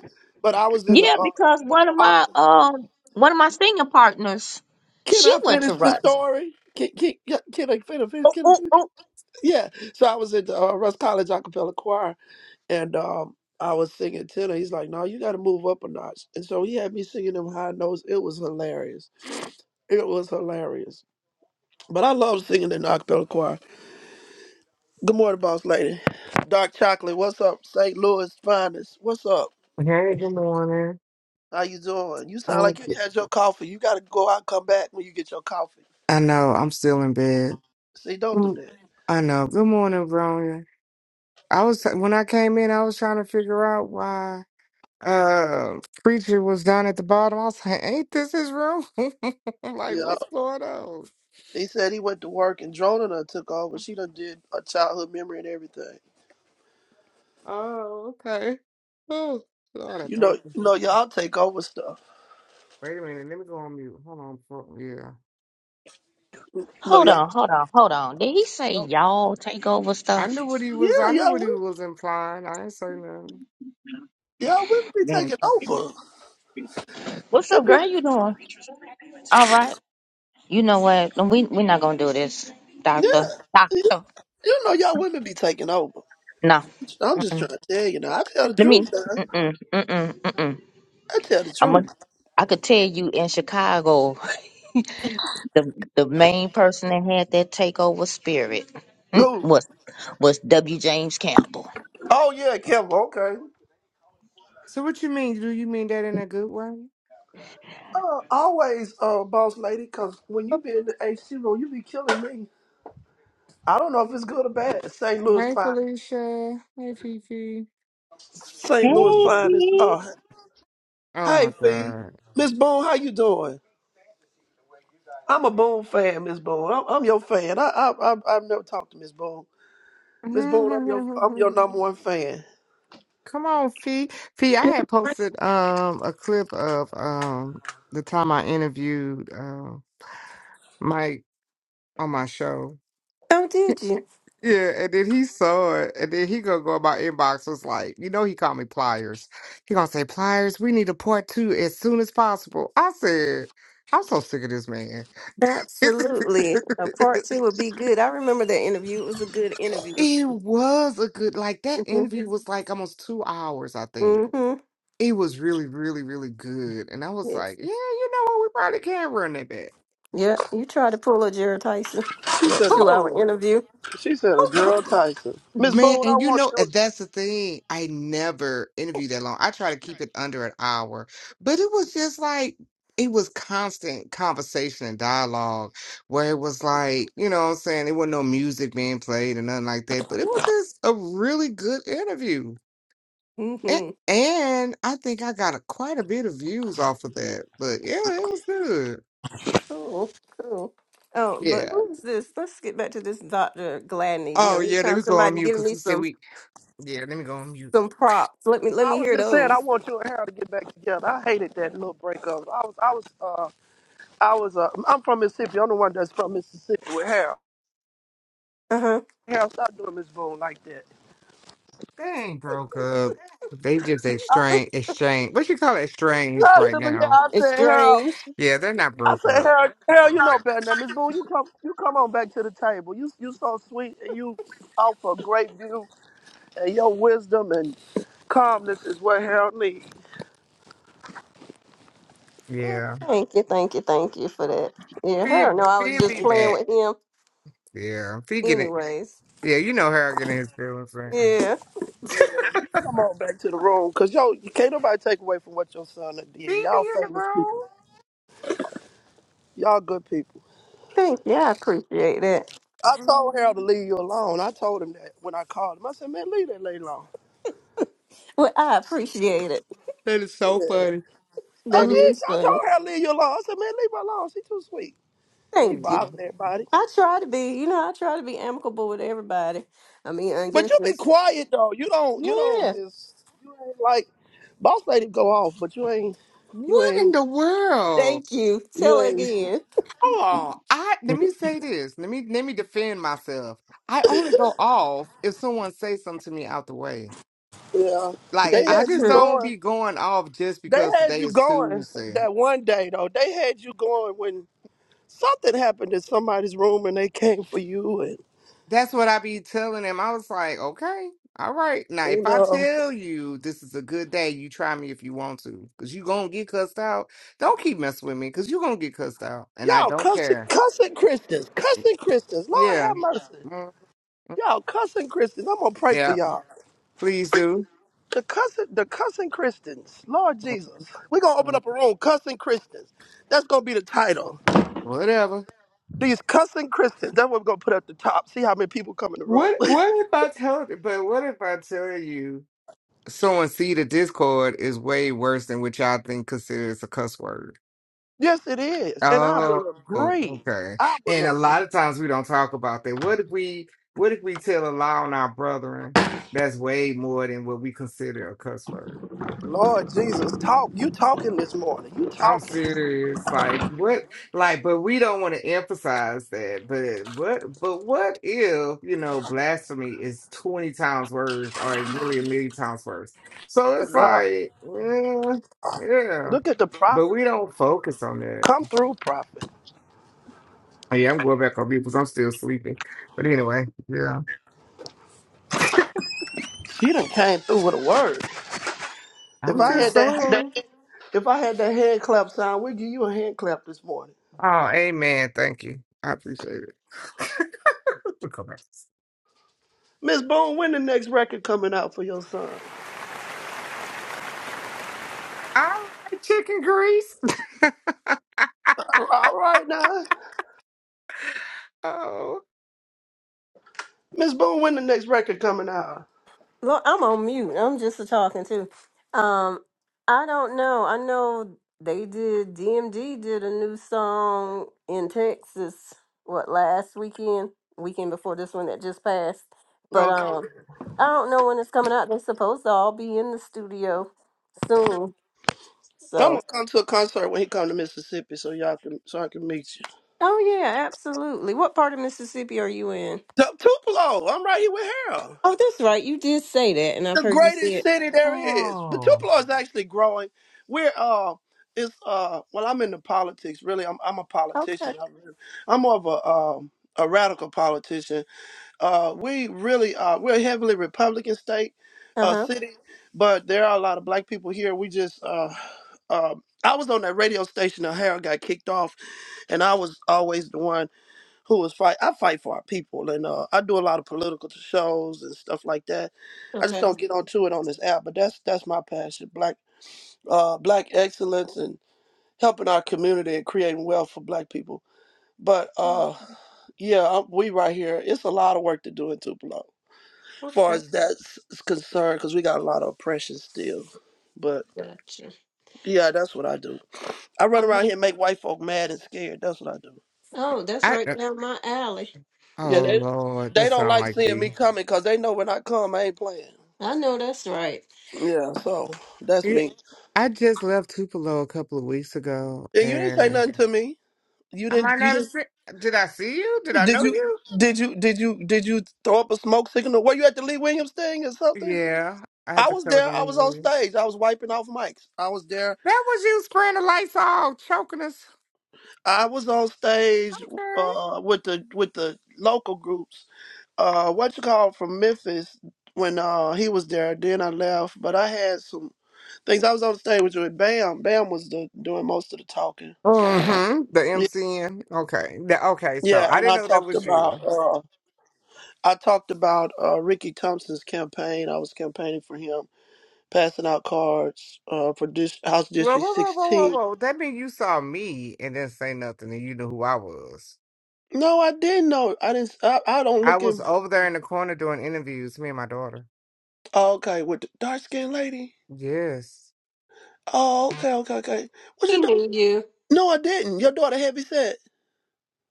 Speaker 3: But I was in the.
Speaker 1: Yeah,
Speaker 3: Uh,
Speaker 1: because one of
Speaker 3: uh,
Speaker 1: my um one of my singing partners,
Speaker 3: can
Speaker 1: she
Speaker 3: I
Speaker 1: went to
Speaker 3: finish the
Speaker 1: Rust.
Speaker 3: story? Can, can, yeah, can I finish?
Speaker 1: Oh,
Speaker 3: Can I
Speaker 1: oh,
Speaker 3: finish?
Speaker 1: oh.
Speaker 3: yeah. So I was at the uh, Russ College Acapella Choir, and um, I was singing tenor. He's like, "No, you got to move up a notch." And so he had me singing them high notes. It was hilarious. It was hilarious. But I love singing in the acapella choir. Good morning, boss lady. Dark chocolate. What's up, St. Louis finest? What's up?
Speaker 4: good morning.
Speaker 3: How you doing? You sound like
Speaker 4: Um,
Speaker 3: you ain't had your coffee. You got to go out, and come back when you get your coffee.
Speaker 4: I know. I'm still in bed.
Speaker 3: See, don't do
Speaker 4: mm,
Speaker 3: that.
Speaker 4: I know. Good morning, Bronya. I was when I came in, I was trying to figure out why uh preacher was down at the bottom. I was like, "Ain't this his room?" *laughs* I'm like,
Speaker 3: Yeah.
Speaker 4: "What's going on?"
Speaker 3: He said he went to work and Drona done took over. She done did a childhood memory and everything.
Speaker 4: Oh, okay. Oh, Lord, I
Speaker 3: You know,
Speaker 4: thank you.
Speaker 3: you know, y'all take over stuff.
Speaker 4: Wait a minute. Let me go on mute. Hold on. for- Yeah,
Speaker 3: No,
Speaker 1: Hold
Speaker 3: y'all.
Speaker 1: on, hold on, hold on. Did he say
Speaker 3: do
Speaker 1: y'all take over
Speaker 4: I
Speaker 1: stuff?
Speaker 4: knew what he was.
Speaker 3: Yeah,
Speaker 4: I knew
Speaker 3: y'all
Speaker 4: what he
Speaker 3: women,
Speaker 4: was implying. I ain't say nothing.
Speaker 3: y'all women be taking over.
Speaker 1: What's
Speaker 3: It
Speaker 1: up,
Speaker 3: be,
Speaker 1: girl? How you doing? All right. You know what? No, We we're not gonna do this,
Speaker 3: yeah,
Speaker 1: doctor.
Speaker 3: you,
Speaker 1: Doctor.
Speaker 3: you know, y'all women be taking over.
Speaker 1: No.
Speaker 3: I'm just
Speaker 1: Mm-mm.
Speaker 3: trying to tell you now. I tell the
Speaker 1: Let me.
Speaker 3: truth now.
Speaker 1: Mm-mm. Mm-mm. Mm-mm.
Speaker 3: I tell the
Speaker 1: I'm. A,
Speaker 3: truth.
Speaker 1: I could tell you in Chicago, the the main person that had that takeover spirit mm,
Speaker 3: Who?
Speaker 1: was was W. James Campbell.
Speaker 3: Oh yeah, Kevin. Okay.
Speaker 4: So, what you mean? Do you mean that in a good way?
Speaker 3: Uh, always, uh, boss lady, because when you be in the H C room, you be killing me. I don't know if it's good or bad. St. Louis
Speaker 4: Hey,
Speaker 3: fine.
Speaker 4: Felicia. Hey, Fifi.
Speaker 1: Hey,
Speaker 3: St. Louis
Speaker 4: Mm.
Speaker 3: finest.
Speaker 1: sweetie.
Speaker 3: Uh,
Speaker 4: Oh my
Speaker 3: hey, Fee.
Speaker 4: God.
Speaker 3: Miss Boone, how you doing? I'm a Boone fan, Miss Boone. I'm, I'm your fan. I, I, I, I've never talked to Miss Boone. Miss Boone, I'm your, I'm your number
Speaker 4: *laughs*
Speaker 3: one fan.
Speaker 4: Come on, Fee. Fee, I had posted um a clip of um the time I interviewed uh, Mike on my show.
Speaker 5: Oh, did you?
Speaker 4: Yeah, and then he saw it, and then he gonna go in my inbox was like, you know, he called me Pliers. He gonna say, Pliers, we need a part two as soon as possible. I said, I'm so sick of this man.
Speaker 5: Absolutely. A part
Speaker 4: *laughs*
Speaker 5: two would be good. I remember that interview. It was a good interview.
Speaker 4: It was a good, like that
Speaker 5: Mm-hmm.
Speaker 4: interview was like almost two hours, I think.
Speaker 5: hmm
Speaker 4: It was really, really, really good. And I was
Speaker 5: Yes.
Speaker 4: like, yeah, you know what? We probably can run that back.
Speaker 5: Yeah. You try to pull a Jared Tyson for
Speaker 3: She
Speaker 5: that
Speaker 3: said, a,
Speaker 5: two hour
Speaker 4: Oh,
Speaker 5: interview.
Speaker 3: she said, a
Speaker 4: oh,
Speaker 3: girl Tyson. Miss
Speaker 4: Man,
Speaker 3: Boone, I
Speaker 4: and you
Speaker 3: want
Speaker 4: know, and
Speaker 3: you.
Speaker 4: that's the thing. I never interview that long. I try to keep it under an hour, but it was just like it was constant conversation and dialogue where it was like, you know what I'm saying? There wasn't no music being played and nothing like that, but it was just a really good interview. And,
Speaker 5: hmm
Speaker 4: and I think I got a, quite a bit of views off of that. But yeah, it was good.
Speaker 5: Cool. Cool. Oh, but
Speaker 4: Yeah.
Speaker 5: who's this? Let's get back to this Dr. Gladney. You know,
Speaker 4: Oh, yeah, let
Speaker 5: anytime
Speaker 4: me go on
Speaker 5: somebody
Speaker 4: mute
Speaker 5: give
Speaker 4: because
Speaker 5: me
Speaker 4: he said
Speaker 5: some
Speaker 4: we, yeah, let me go on mute.
Speaker 5: some props, let me let
Speaker 3: I
Speaker 5: me
Speaker 3: was
Speaker 5: hear
Speaker 3: just saying, I
Speaker 5: those.
Speaker 3: want you and Harold to get back together. I hated that little breakup. I was, I was, uh, I was. Uh, I'm from Mississippi. I'm the one that's from Mississippi with Harold.
Speaker 5: Uh-huh.
Speaker 3: Harold, stop doing Miss Boone like that.
Speaker 4: They ain't broke up. They just
Speaker 3: I,
Speaker 4: exchange, exchange. What you call it? Exchange
Speaker 3: I
Speaker 4: right
Speaker 3: said, but yeah,
Speaker 4: now.
Speaker 3: I
Speaker 5: It's
Speaker 3: said, Harold.
Speaker 5: strange.
Speaker 4: Yeah, they're not
Speaker 3: I
Speaker 4: broke
Speaker 3: said,
Speaker 4: up.
Speaker 3: Harold, Harold, you know better than that. Miss Boone, you come you come on back to the table. You you so sweet and you offer a great view and your wisdom and calmness is what Harold needs.
Speaker 5: Well,
Speaker 4: Yeah.
Speaker 5: thank you, thank you, thank you for that. Yeah,
Speaker 4: Fee,
Speaker 5: hell no, I
Speaker 4: Fee
Speaker 5: was just
Speaker 4: be
Speaker 5: playing
Speaker 4: back.
Speaker 5: with him
Speaker 4: Yeah. Fee getting,
Speaker 5: anyways.
Speaker 4: yeah, you know her getting his feelings right.
Speaker 5: Yeah.
Speaker 3: Yeah. You come on back to the room. Cause yo, you can't nobody take away from what your son done did.
Speaker 4: Fee be
Speaker 3: Y'all
Speaker 4: in the
Speaker 3: famous
Speaker 4: room.
Speaker 3: people. Y'all good people.
Speaker 5: Thank you. I appreciate that.
Speaker 3: I told
Speaker 4: Mm.
Speaker 3: Harold to leave you alone. I told him that when I called him. I said, man, leave that lady alone.
Speaker 5: Well, I appreciate it.
Speaker 4: That is so
Speaker 3: Yeah.
Speaker 4: funny.
Speaker 3: I
Speaker 5: That
Speaker 4: Mm.
Speaker 3: did.
Speaker 5: is
Speaker 3: I told
Speaker 5: funny.
Speaker 3: Harold to leave you alone. I said, man, leave her alone. She too sweet. He
Speaker 5: Thank you.
Speaker 3: bothering everybody.
Speaker 5: I try to be, you know, I try to be amicable with everybody. I mean, I
Speaker 3: But you
Speaker 5: guess
Speaker 3: be
Speaker 5: it's,
Speaker 3: quiet though. You don't. You don't
Speaker 5: yeah.
Speaker 3: just. You ain't like. Boss lady go off, but you ain't. You
Speaker 4: What in
Speaker 3: ain't.
Speaker 4: the world?
Speaker 5: Thank you.
Speaker 3: You
Speaker 5: Tell
Speaker 3: ain't.
Speaker 5: again.
Speaker 4: Hold on. I let me say this. Let me let me defend myself. I only go off if someone says something to me out the way.
Speaker 3: Yeah.
Speaker 4: Like
Speaker 3: They
Speaker 5: That
Speaker 4: I
Speaker 5: is
Speaker 3: had you
Speaker 4: just
Speaker 5: true.
Speaker 4: don't
Speaker 3: going.
Speaker 4: be going off just
Speaker 3: They
Speaker 4: because
Speaker 3: had
Speaker 4: today
Speaker 3: you
Speaker 4: is
Speaker 3: going
Speaker 4: Tuesday.
Speaker 3: that one day though. They had you going when something happened in somebody's room and they came for you and
Speaker 4: That's what I be telling them. I was like, okay, all right. Now if
Speaker 3: you
Speaker 4: I
Speaker 3: know.
Speaker 4: tell you this is a good day, you try me if you want to, cause you gonna get cussed out. Don't keep messing with me, cause you gonna get cussed out, and I
Speaker 3: Y'all
Speaker 4: don't
Speaker 3: cussing,
Speaker 4: care.
Speaker 3: cussing Christians, cussing Christians. Lord
Speaker 4: Yeah,
Speaker 3: have mercy.
Speaker 4: Mm,
Speaker 3: Y'all cussing Christians. I'm gonna pray for
Speaker 4: yeah.
Speaker 3: y'all.
Speaker 4: Please do.
Speaker 3: The cussing, the cussing Christians. Lord
Speaker 4: Mm,
Speaker 3: Jesus, we're gonna open
Speaker 4: mm,
Speaker 3: up a room, cussing Christians. That's gonna be the title.
Speaker 4: Whatever.
Speaker 3: These cussing Christians. That's what we're gonna put at the top. See how many people come in the room.
Speaker 4: What what if I tell but what if I tell you someone see the Discord is way worse than what y'all think considers a cuss word?
Speaker 3: *laughs* yes, it is, and I
Speaker 4: Oh,
Speaker 3: will agree.
Speaker 4: okay.
Speaker 3: I
Speaker 4: And a
Speaker 3: will agree.
Speaker 4: lot of times we don't talk about that. What if we what if we tell a lie on our brethren that's way more than what we consider a cuss word?
Speaker 3: Lord Jesus, talk. You talking this morning? You
Speaker 4: I'm
Speaker 3: talking?
Speaker 4: serious. Like what? Like, but we don't want to emphasize that. But what? But what if you know blasphemy is twenty times worse, or really a million times worse? So
Speaker 3: My
Speaker 4: it's
Speaker 3: God,
Speaker 4: like, yeah, yeah.
Speaker 3: look at the
Speaker 4: But
Speaker 3: prophet.
Speaker 4: we don't focus on that.
Speaker 3: Come through, prophet.
Speaker 4: Oh, yeah, I'm going back on mute because I'm still sleeping. But anyway, yeah,
Speaker 3: She done came through with a word. If
Speaker 4: I'm
Speaker 3: I
Speaker 5: Mm-hmm.
Speaker 4: just
Speaker 3: had that, that
Speaker 4: saying.
Speaker 3: if I had that hand clap sound, we'd give you a hand clap this morning.
Speaker 4: Oh, amen. Thank you. I appreciate it. *laughs* We'll come back.
Speaker 3: Miss Boone, when the next record coming out for your son?
Speaker 4: *laughs* All right, chicken grease. *laughs*
Speaker 3: All right now.
Speaker 4: oh.
Speaker 3: Miss Boone, when the next record coming out?
Speaker 5: Well, I'm on mute. I'm just a talking too. Um, I don't know. I know they did. DMD did a new song in Texas. What last weekend? Weekend before this one that just passed. But
Speaker 3: Okay.
Speaker 5: Yeah. um, I don't know when it's coming out. They're supposed to all be in the studio soon.
Speaker 3: I'm
Speaker 5: So.
Speaker 3: gonna come to a concert when he come to Mississippi so y'all can so I can meet you.
Speaker 5: Oh yeah, absolutely. What part of Mississippi are you in?
Speaker 3: Tu- Tupelo, I'm right here with Harold.
Speaker 5: Oh, that's right. You did say that, and I've
Speaker 3: The
Speaker 5: heard you say
Speaker 3: greatest
Speaker 5: it.
Speaker 3: city there is. But
Speaker 4: Oh,
Speaker 3: Tupelo is actually growing. We're uh it's uh well I'm into politics really. I'm I'm a
Speaker 5: Okay.
Speaker 3: politician. I'm, really, I'm more of a um a radical politician Uh, we really are. We're a heavily Republican state,
Speaker 5: Uh
Speaker 3: uh,
Speaker 5: huh.
Speaker 3: city, but there are a lot of black people here. We just, uh, uh, I was on that radio station. O'Hara got kicked off, and I was always the one who was fight. I fight for our people, and uh, I do a lot of political shows and stuff like that. I just
Speaker 5: Okay.
Speaker 3: don't get onto it on this app, but that's that's my passion. Black, uh, black excellence and helping our community and creating wealth for black people. But uh, yeah, I- we right here. It's a lot of work to do in Tupelo far
Speaker 5: Okay.
Speaker 3: as that's concerned, because we got a lot of oppression still. But
Speaker 5: Gotcha.
Speaker 3: yeah, that's what I do. I run around here and make white folk mad and scared. That's what I do.
Speaker 5: Oh, that's
Speaker 4: I
Speaker 5: right
Speaker 4: uh,
Speaker 5: down my alley. You
Speaker 3: Yeah,
Speaker 4: oh
Speaker 5: know,
Speaker 3: they
Speaker 4: Lord, that
Speaker 3: they don't
Speaker 4: sound
Speaker 3: like
Speaker 4: like
Speaker 3: seeing me
Speaker 4: the.
Speaker 3: coming because they know when I come, I ain't playing.
Speaker 5: I know that's right.
Speaker 3: Yeah, so that's
Speaker 4: Yeah,
Speaker 3: me.
Speaker 4: I just left Tupelo a couple of weeks ago,
Speaker 3: And you didn't say
Speaker 4: and
Speaker 3: nothing to me. You
Speaker 4: I
Speaker 3: didn't.
Speaker 4: might
Speaker 3: You
Speaker 4: not have
Speaker 3: didn't.
Speaker 4: seen. Did I see you? Did I
Speaker 3: Did
Speaker 4: know
Speaker 3: you?
Speaker 4: you?
Speaker 3: Did you? Did you? Did you throw up a smoke signal? Were you at the Lee Williams thing or something?
Speaker 4: Yeah, I had
Speaker 3: I
Speaker 4: to
Speaker 3: was
Speaker 4: cover
Speaker 3: there.
Speaker 4: the
Speaker 3: I was on
Speaker 4: leaves.
Speaker 3: stage. I was wiping off mics. I was there
Speaker 4: That was you spraying the lights all choking us.
Speaker 3: I was on stage
Speaker 4: Okay.
Speaker 3: uh, with the with the local groups. Uh, what you call from Memphis when uh, he was there. Then I left, but I had some things. I was on stage with with Bam. Bam was the, doing most of the talking.
Speaker 4: Mm-hmm. The
Speaker 3: Yeah,
Speaker 4: MCN. Okay. The, okay. So
Speaker 3: yeah,
Speaker 4: I
Speaker 3: and
Speaker 4: didn't
Speaker 3: I
Speaker 4: know that
Speaker 3: talked
Speaker 4: was you.
Speaker 3: about uh, I talked about uh, Ricky Thompson's campaign. I was campaigning for him, passing out cards uh, for dis- House
Speaker 4: Whoa,
Speaker 3: District
Speaker 4: whoa, whoa, whoa, whoa,
Speaker 3: 16.
Speaker 4: whoa. That mean you saw me and didn't say nothing, and you knew who I was.
Speaker 3: No, I didn't know. I didn't. I, I don't
Speaker 4: I
Speaker 3: look
Speaker 4: was
Speaker 3: in.
Speaker 4: over there in the corner doing interviews, me and my daughter.
Speaker 3: Okay, with the dark skinned lady.
Speaker 4: Yes.
Speaker 3: Oh, okay, okay, okay. Was your
Speaker 5: He
Speaker 3: da-
Speaker 5: knew you.
Speaker 3: No, I didn't. Your daughter heavy said,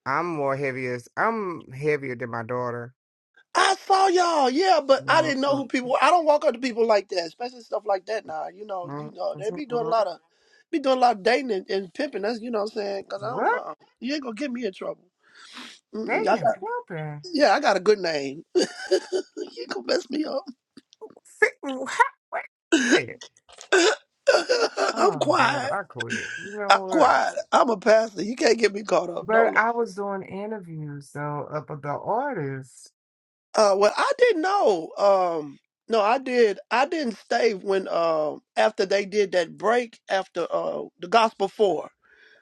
Speaker 4: I'm more heaviest. I'm heavier than my daughter.
Speaker 3: I saw y'all, yeah, but I
Speaker 4: Mhm,
Speaker 3: didn't know who people were. I don't walk up to people like that, especially stuff like that now. You know, you
Speaker 4: mhm,
Speaker 3: know, they be doing a
Speaker 4: mhm.
Speaker 3: lot of be doing a lot of dating and, and pimping. That's you know what I'm saying? Cause I don't
Speaker 4: What?
Speaker 3: know. You ain't gonna get me in trouble. Mm-mm, I
Speaker 4: Dating and
Speaker 3: got
Speaker 4: plumping?
Speaker 3: yeah, I got a good name. *laughs* you gonna mess me up.
Speaker 4: Fi- what? Wait a minute.
Speaker 3: *laughs* I'm
Speaker 4: Oh, Lord,
Speaker 3: quiet.
Speaker 4: I quit. You
Speaker 3: I'm
Speaker 4: know what?
Speaker 3: quiet. I'm a pastor. You can't get me caught up. No,
Speaker 4: But I was doing interviews, though, up with the artists.
Speaker 3: Uh, well, I didn't know. Um, no, I did. I didn't stay when um after they did that break after uh the gospel four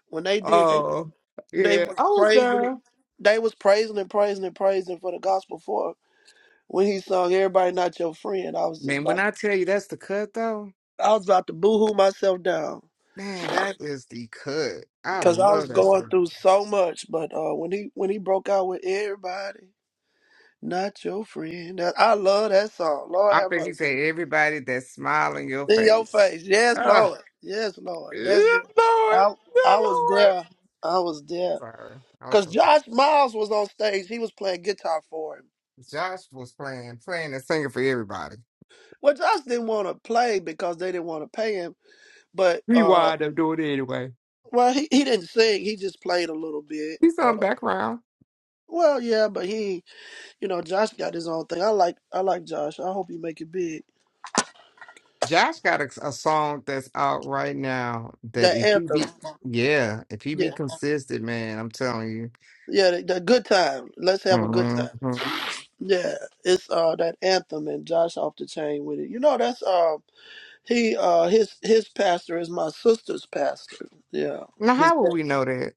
Speaker 3: when they did they
Speaker 4: Oh,
Speaker 3: they
Speaker 4: yeah.
Speaker 3: was
Speaker 4: I was
Speaker 3: praising it.
Speaker 4: there.
Speaker 3: They was praising and praising and praising for the gospel four when he sung "Everybody Not Your Friend." I was just
Speaker 4: Man, when
Speaker 3: about
Speaker 4: I tell you that's the cut, though,
Speaker 3: I was about to boohoo myself down
Speaker 4: man, that is the cut. I
Speaker 3: because I
Speaker 4: love
Speaker 3: was
Speaker 4: that
Speaker 3: going
Speaker 4: song.
Speaker 3: through so much. But uh, when he when he broke out with "Everybody Not Your Friend," that, I love that song. Lord
Speaker 4: I
Speaker 3: have
Speaker 4: think
Speaker 3: mercy.
Speaker 4: he said everybody that smile in your
Speaker 3: In your
Speaker 4: face.
Speaker 3: face. Yes,
Speaker 4: Ah,
Speaker 3: Lord. Yes, Lord.
Speaker 4: yeah,
Speaker 3: That's it.
Speaker 4: Lord,
Speaker 3: I
Speaker 4: yeah,
Speaker 3: I was
Speaker 4: Lord.
Speaker 3: there. I was there.
Speaker 4: Sorry, I'm
Speaker 3: Cause
Speaker 4: sorry.
Speaker 3: Josh Miles was on stage. He was playing guitar for him.
Speaker 4: Josh was playing, playing and singing for everybody.
Speaker 3: Well, Josh didn't want to play because they didn't want to pay him. But
Speaker 4: He
Speaker 3: uh,
Speaker 4: wound up doing it anyway.
Speaker 3: well, he, he didn't sing. He just played a little bit.
Speaker 4: He's on
Speaker 3: Uh,
Speaker 4: background.
Speaker 3: well, yeah, but he, you know, Josh got his own thing. I like I like Josh. I hope he make it big.
Speaker 4: Josh got a, a song that's out right now that
Speaker 3: The
Speaker 4: if he
Speaker 3: anthem.
Speaker 4: be, yeah, if he be
Speaker 3: Yeah,
Speaker 4: consistent, man, I'm telling you.
Speaker 3: yeah. The, the good time. Let's have a good time.
Speaker 4: hmm
Speaker 3: Yeah, it's uh that anthem and Josh off the chain with it. You know that's uh he uh his his pastor is my sister's pastor. Yeah,
Speaker 4: Now,
Speaker 3: his
Speaker 4: how will
Speaker 3: dad.
Speaker 4: we know that?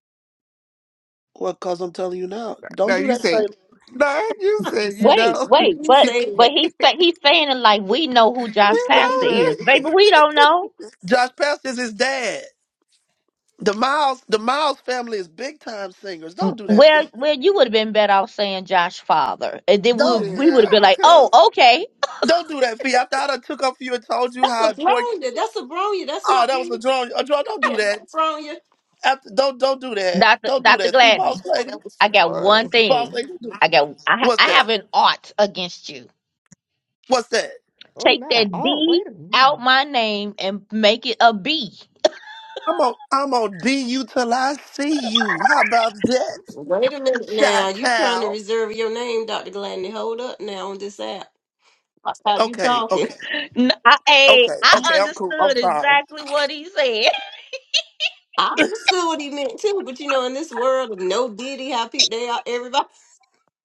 Speaker 3: well, cause I'm telling you now,
Speaker 4: No,
Speaker 3: don't do
Speaker 4: you
Speaker 3: that
Speaker 4: said,
Speaker 3: same.
Speaker 4: no, you
Speaker 5: *laughs*
Speaker 4: said you
Speaker 1: Wait,
Speaker 4: know.
Speaker 5: He
Speaker 1: wait,
Speaker 5: did
Speaker 4: *laughs*
Speaker 1: but
Speaker 4: we
Speaker 5: say
Speaker 1: but
Speaker 5: it.
Speaker 1: he's sa- he's saying it like we know who
Speaker 5: He
Speaker 1: Josh
Speaker 5: said he
Speaker 1: Pastor
Speaker 4: know
Speaker 1: is,
Speaker 5: knew.
Speaker 1: baby. We don't know.
Speaker 3: Josh Pastor is his dad. The Miles the Miles family is big time singers. Don't do that,
Speaker 1: Well,
Speaker 3: fee.
Speaker 1: well, you would have been better off saying Josh Father. And then we
Speaker 3: Don't
Speaker 1: would, we would
Speaker 4: Yeah,
Speaker 1: have been like,
Speaker 4: because
Speaker 1: oh, okay,
Speaker 3: don't do that, fee. After I done took up for you and told you
Speaker 5: That's
Speaker 3: how
Speaker 5: a
Speaker 3: important.
Speaker 5: brownie. That's a brownie. That's
Speaker 3: Oh,
Speaker 5: not
Speaker 3: that was a
Speaker 5: you.
Speaker 3: drone. A drone. Don't do
Speaker 5: Yeah,
Speaker 3: that.
Speaker 5: that's wrong. You.
Speaker 3: After don't don't do that.
Speaker 1: Doctor
Speaker 3: Don't do
Speaker 1: Doctor
Speaker 3: that. See, boss
Speaker 1: Gladney,
Speaker 4: oh,
Speaker 3: lady,
Speaker 4: that was
Speaker 1: I got
Speaker 4: funny.
Speaker 1: one
Speaker 3: boss
Speaker 1: thing.
Speaker 3: lady.
Speaker 1: I got I ha-
Speaker 3: What's
Speaker 1: I
Speaker 3: that?
Speaker 1: have an art against you.
Speaker 3: What's that?
Speaker 4: Oh,
Speaker 1: Take
Speaker 4: not at
Speaker 1: that
Speaker 4: all.
Speaker 1: D
Speaker 4: Wait a minute.
Speaker 1: out my name and make it a B.
Speaker 3: I'm gonna I'm gonna be you till I see you. How about that,
Speaker 5: Wait a minute
Speaker 3: Chi
Speaker 5: now. You trying to
Speaker 3: Town?
Speaker 5: reserve your name, Dr. Gladney. Hold up now on this app. That's how you
Speaker 3: Okay,
Speaker 5: talking.
Speaker 3: okay,
Speaker 1: N- I, hey,
Speaker 3: okay,
Speaker 1: I
Speaker 3: okay. I'm cool. I'm
Speaker 1: understood
Speaker 3: sorry.
Speaker 1: exactly what he said.
Speaker 5: I understood what he meant too, but you know, in this world of no diddy, how people they are, everybody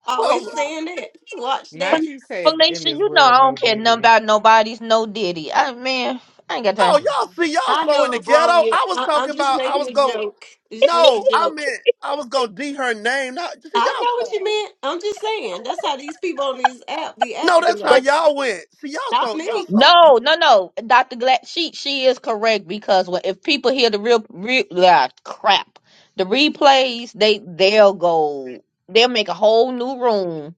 Speaker 5: always
Speaker 3: Oh,
Speaker 5: saying that. Watch
Speaker 1: *laughs*
Speaker 5: that.
Speaker 1: Fel-
Speaker 4: Not you said in
Speaker 1: Felicia,
Speaker 4: this
Speaker 1: you know
Speaker 4: world of
Speaker 1: I
Speaker 4: no
Speaker 1: don't care nothing
Speaker 4: diddy.
Speaker 1: about nobody's no ditty. I man, I ain't got time.
Speaker 3: oh,
Speaker 4: Mm.
Speaker 3: y'all see y'all
Speaker 5: I
Speaker 3: so
Speaker 5: know
Speaker 3: in the
Speaker 5: it's
Speaker 3: ghetto.
Speaker 5: wrong. Yeah,
Speaker 3: I was
Speaker 5: I,
Speaker 3: talking
Speaker 5: I'm just
Speaker 3: about I
Speaker 5: making
Speaker 3: was
Speaker 5: a
Speaker 3: going.
Speaker 5: joke. It's just a
Speaker 3: No, I
Speaker 5: joke.
Speaker 3: meant I was gonna D her name. Not see
Speaker 5: I know
Speaker 3: y'all
Speaker 5: what
Speaker 3: so.
Speaker 5: you meant. I'm just saying. That's how these people on these app be
Speaker 3: No,
Speaker 5: acting.
Speaker 3: that's how
Speaker 5: Though.
Speaker 3: y'all went. See y'all
Speaker 5: Not
Speaker 3: so y'all
Speaker 5: me.
Speaker 3: so.
Speaker 1: No, no, no, Dr. Glad, she she is correct because when, if people hear the real, real ah, crap, the replays, they they'll go, they'll make a whole new room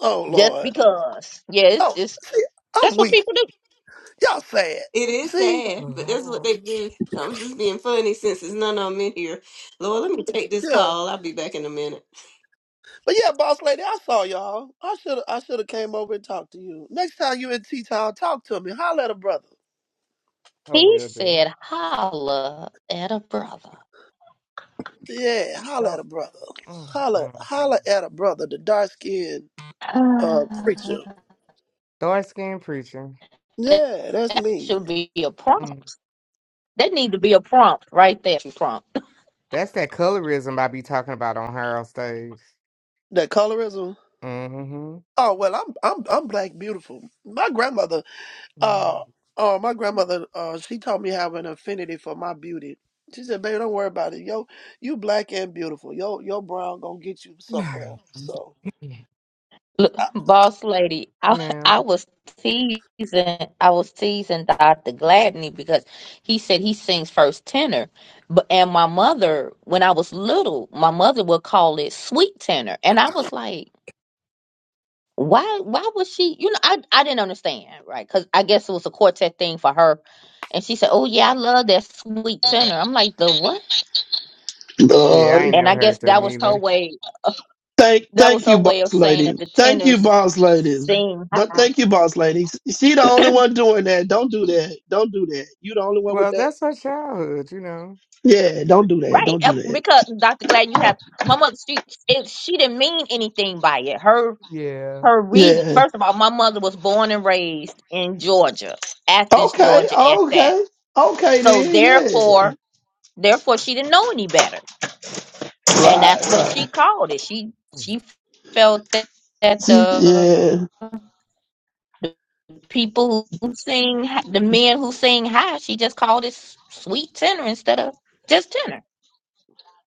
Speaker 3: Oh
Speaker 1: just
Speaker 3: Lord.
Speaker 1: because. Yes, Yeah, it's
Speaker 3: Oh,
Speaker 1: just
Speaker 3: see, I'm
Speaker 1: that's what
Speaker 3: weak.
Speaker 1: people do.
Speaker 3: Y'all sad.
Speaker 5: It is
Speaker 3: See.
Speaker 4: Oh,
Speaker 5: sad, but that's what
Speaker 4: Lord.
Speaker 5: they do. I'm just being funny since there's none of them in here. Lord, let me take this
Speaker 3: yeah.
Speaker 5: call. I'll be back in a minute.
Speaker 3: But yeah, boss lady, I saw y'all. I should have I should have came over and talked to you. Next time you in T Town, talk to me. Holla at a brother.
Speaker 4: Oh,
Speaker 1: He
Speaker 4: will do.
Speaker 1: said, "Holla at a brother."
Speaker 3: Yeah, holla at
Speaker 4: Don't.
Speaker 3: a brother.
Speaker 4: Mm,
Speaker 3: Holla
Speaker 4: mm.
Speaker 3: holla at a brother, the dark skinned uh
Speaker 1: Ah,
Speaker 3: preacher.
Speaker 4: Dark skinned preacher.
Speaker 1: that
Speaker 3: Yeah, that's
Speaker 1: that
Speaker 3: me.
Speaker 1: should be a
Speaker 4: Mm.
Speaker 1: prompt. That need to be a prompt right there. Prompt.
Speaker 4: That's that colorism I be talking about on Harold stage.
Speaker 3: That colorism.
Speaker 4: Mm-hmm.
Speaker 3: Oh well I'm I'm I'm black beautiful. My grandmother uh uh my grandmother uh she taught me have an affinity for my beauty. She said, baby, don't worry about it. Yo, you black and beautiful. Yo, your brown gonna get you somewhere. So
Speaker 4: Mm. *laughs* *sighs*
Speaker 1: Look,
Speaker 3: I,
Speaker 1: boss lady, I,
Speaker 4: No.
Speaker 1: I was teasing, I was teasing Dr. Gladney because he said he sings first tenor. But and my mother, when I was little, my mother would call it sweet tenor, and I was like, why? Why was she? You know, I I didn't understand, right? Because I guess it was a quartet thing for her, and she said, oh yeah, I love that sweet tenor. I'm like, the what?
Speaker 4: Yeah, I
Speaker 3: Lord.
Speaker 4: ain't
Speaker 1: And
Speaker 4: never
Speaker 1: I
Speaker 4: heard
Speaker 1: guess
Speaker 4: that
Speaker 1: that was her
Speaker 4: neither.
Speaker 1: way.
Speaker 3: Thank,
Speaker 1: That was
Speaker 3: thank
Speaker 1: her
Speaker 3: you,
Speaker 1: way of
Speaker 3: boss
Speaker 1: saying
Speaker 3: lady.
Speaker 1: that the
Speaker 3: Thank you,
Speaker 1: tenors
Speaker 3: boss ladies.
Speaker 1: sing.
Speaker 3: Th- Thank you, boss ladies. She the only one doing that. Don't do that. Don't do that. You the only one with
Speaker 4: Well,
Speaker 3: that.
Speaker 4: that's our childhood, you know.
Speaker 3: Yeah, don't do that.
Speaker 1: Right,
Speaker 3: Don't
Speaker 1: eh,
Speaker 3: do that.
Speaker 1: because Dr. Glad, you have my mother. She it, she didn't mean anything by it. Her
Speaker 4: Yeah.
Speaker 1: her reason.
Speaker 3: Yeah.
Speaker 1: First of all, my mother was born and raised in Georgia, Athens,
Speaker 3: Okay.
Speaker 1: Georgia, at that.
Speaker 3: Okay. Okay
Speaker 1: So
Speaker 3: then. Yeah.
Speaker 1: therefore, therefore, she didn't know any better, and that's
Speaker 3: Right.
Speaker 1: what she
Speaker 3: Right.
Speaker 1: called it. She she felt that that
Speaker 3: See.
Speaker 1: the
Speaker 3: Yeah.
Speaker 1: the people who sing, the men who sing high, she just called it s- sweet tenor instead of just tenor.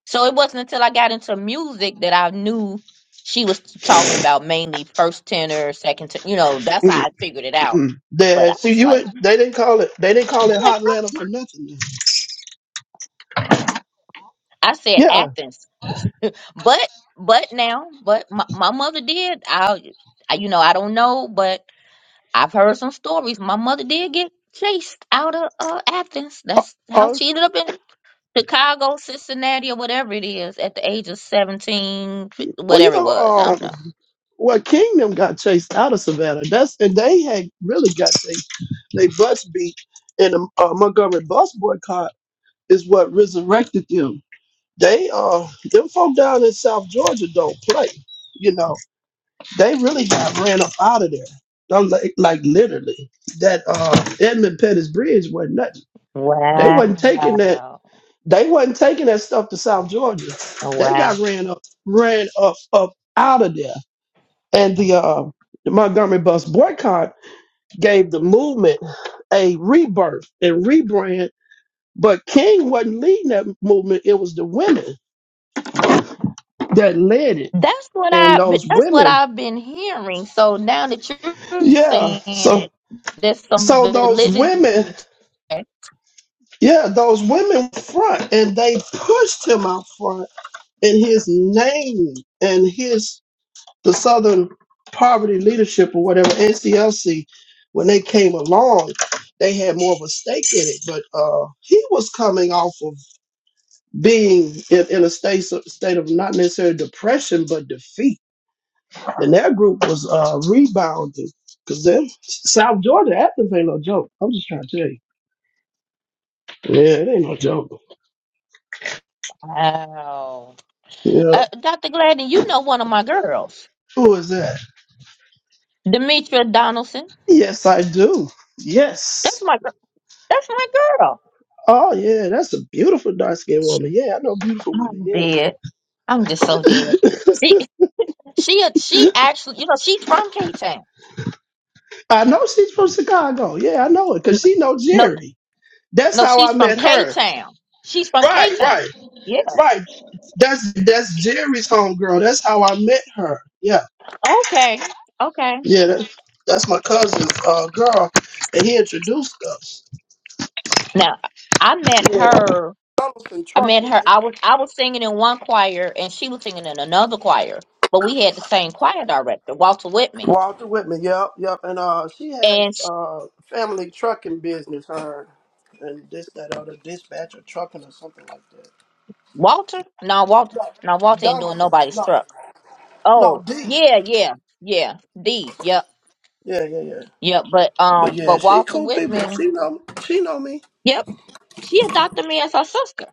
Speaker 1: So it wasn't until I got into music that I knew she was talking about mainly first tenor, second tenor. You know, that's how I figured it out.
Speaker 3: Mm-mm.
Speaker 1: But
Speaker 3: Yeah.
Speaker 1: I
Speaker 3: See,
Speaker 1: was
Speaker 3: you.
Speaker 1: like,
Speaker 3: They didn't call it. They didn't call
Speaker 1: I'm
Speaker 3: it
Speaker 1: like,
Speaker 3: hot Atlanta for nothing.
Speaker 1: I said
Speaker 3: Yeah.
Speaker 1: Athens, *laughs* but but now, but my, my mother did. I, I, you know, I don't know, but I've heard some stories. My mother did get chased out of uh, Athens.
Speaker 3: Oh.
Speaker 1: That's how
Speaker 3: oh,
Speaker 1: she ended up in Chicago, Cincinnati, or whatever it is, at the age of seventeen, fi-
Speaker 3: well, you
Speaker 1: whatever it
Speaker 3: know.
Speaker 1: was. I don't
Speaker 3: Um.
Speaker 1: know.
Speaker 3: Well, Kingdom got chased out of Savannah. That's and they had really got chased. They bus beat and the uh, Montgomery bus boycott is what resurrected them. They uh them folk down in South Georgia don't play. You know, they really got ran up out of there. I'm like, like literally that uh Edmund Pettus Bridge wasn't nothing. They wasn't taking that
Speaker 1: Wow.
Speaker 3: they wasn't taking that stuff to South Georgia. They
Speaker 1: Wow.
Speaker 3: got ran up ran up up out of there. And the uh the Montgomery bus boycott gave the movement a rebirth and rebrand But King wasn't leading that movement. It was the women that led it.
Speaker 1: That's what
Speaker 3: And
Speaker 1: I but
Speaker 3: those
Speaker 1: that's what
Speaker 3: women,
Speaker 1: I've been hearing. So now that you're
Speaker 3: yeah.
Speaker 1: saying
Speaker 3: So
Speaker 1: it, there's some
Speaker 3: so those
Speaker 1: validity
Speaker 3: women,
Speaker 1: to it.
Speaker 3: yeah, those women front and they pushed him out front and his name and his the Southern Poverty Leadership or whatever, NCLC, when they came along, they had more of a stake in it. But uh he was coming off of being in, in a state, state of not necessarily depression, but defeat And that group was uh, rebounding. Because then South Georgia Athens ain't no joke. I'm just trying to tell you. Yeah, it ain't no joke.
Speaker 1: Wow.
Speaker 3: Yeah.
Speaker 1: Uh, Dr. Gladden, you know one of my girls,
Speaker 3: Who is that?
Speaker 1: Demetria Donaldson.
Speaker 3: Yes, I do.
Speaker 1: That's
Speaker 3: Yes.
Speaker 1: my gir- that's my girl.
Speaker 3: Oh, yeah, that's a beautiful dark skinned
Speaker 1: She-
Speaker 3: woman. Yeah, I know beautiful women.
Speaker 1: I'm
Speaker 3: Yeah.
Speaker 1: dead. I'm just so dead. She she she actually, you know, she's from K Town.
Speaker 3: I know she's from Chicago. Yeah, I know it because she know
Speaker 1: No,
Speaker 3: Jerry. That's
Speaker 1: no,
Speaker 3: how I
Speaker 1: she's from
Speaker 3: met
Speaker 1: K
Speaker 3: her.
Speaker 1: Town. She's from K
Speaker 3: Right,
Speaker 1: Town.
Speaker 3: right, right. That's that's Jerry's homegirl. That's how I met her. Yeah.
Speaker 1: Okay. Okay.
Speaker 3: Yeah, that, that's my cousin's uh, girl, and he introduced us.
Speaker 1: Now, I met
Speaker 3: Yeah,
Speaker 1: her.
Speaker 3: Donaldson
Speaker 1: I met
Speaker 3: Trucking.
Speaker 1: her.
Speaker 3: They
Speaker 1: I was I was singing in one choir and she was singing in another choir, but we had the same choir director, Walter Whitman.
Speaker 3: Walter Whitman. Yep, yep. And uh, she has
Speaker 1: And sh
Speaker 3: uh family trucking business. Her and this, that, other dispatcher trucking or something like that.
Speaker 1: Walter? No, Walter. No,
Speaker 3: No,
Speaker 1: Walter ain't doing
Speaker 3: Donaldson.
Speaker 1: nobody's
Speaker 3: No,
Speaker 1: truck.
Speaker 3: no
Speaker 1: Oh,
Speaker 3: D.
Speaker 1: yeah, yeah, yeah. D. Yep.
Speaker 3: Yeah, yeah, yeah.
Speaker 1: Yep. But
Speaker 3: But
Speaker 1: um,
Speaker 3: yeah,
Speaker 1: but
Speaker 3: she
Speaker 1: Walter
Speaker 3: cool people.
Speaker 1: Whitman.
Speaker 3: She know, she know me.
Speaker 1: Yep. She adopted me as her sister.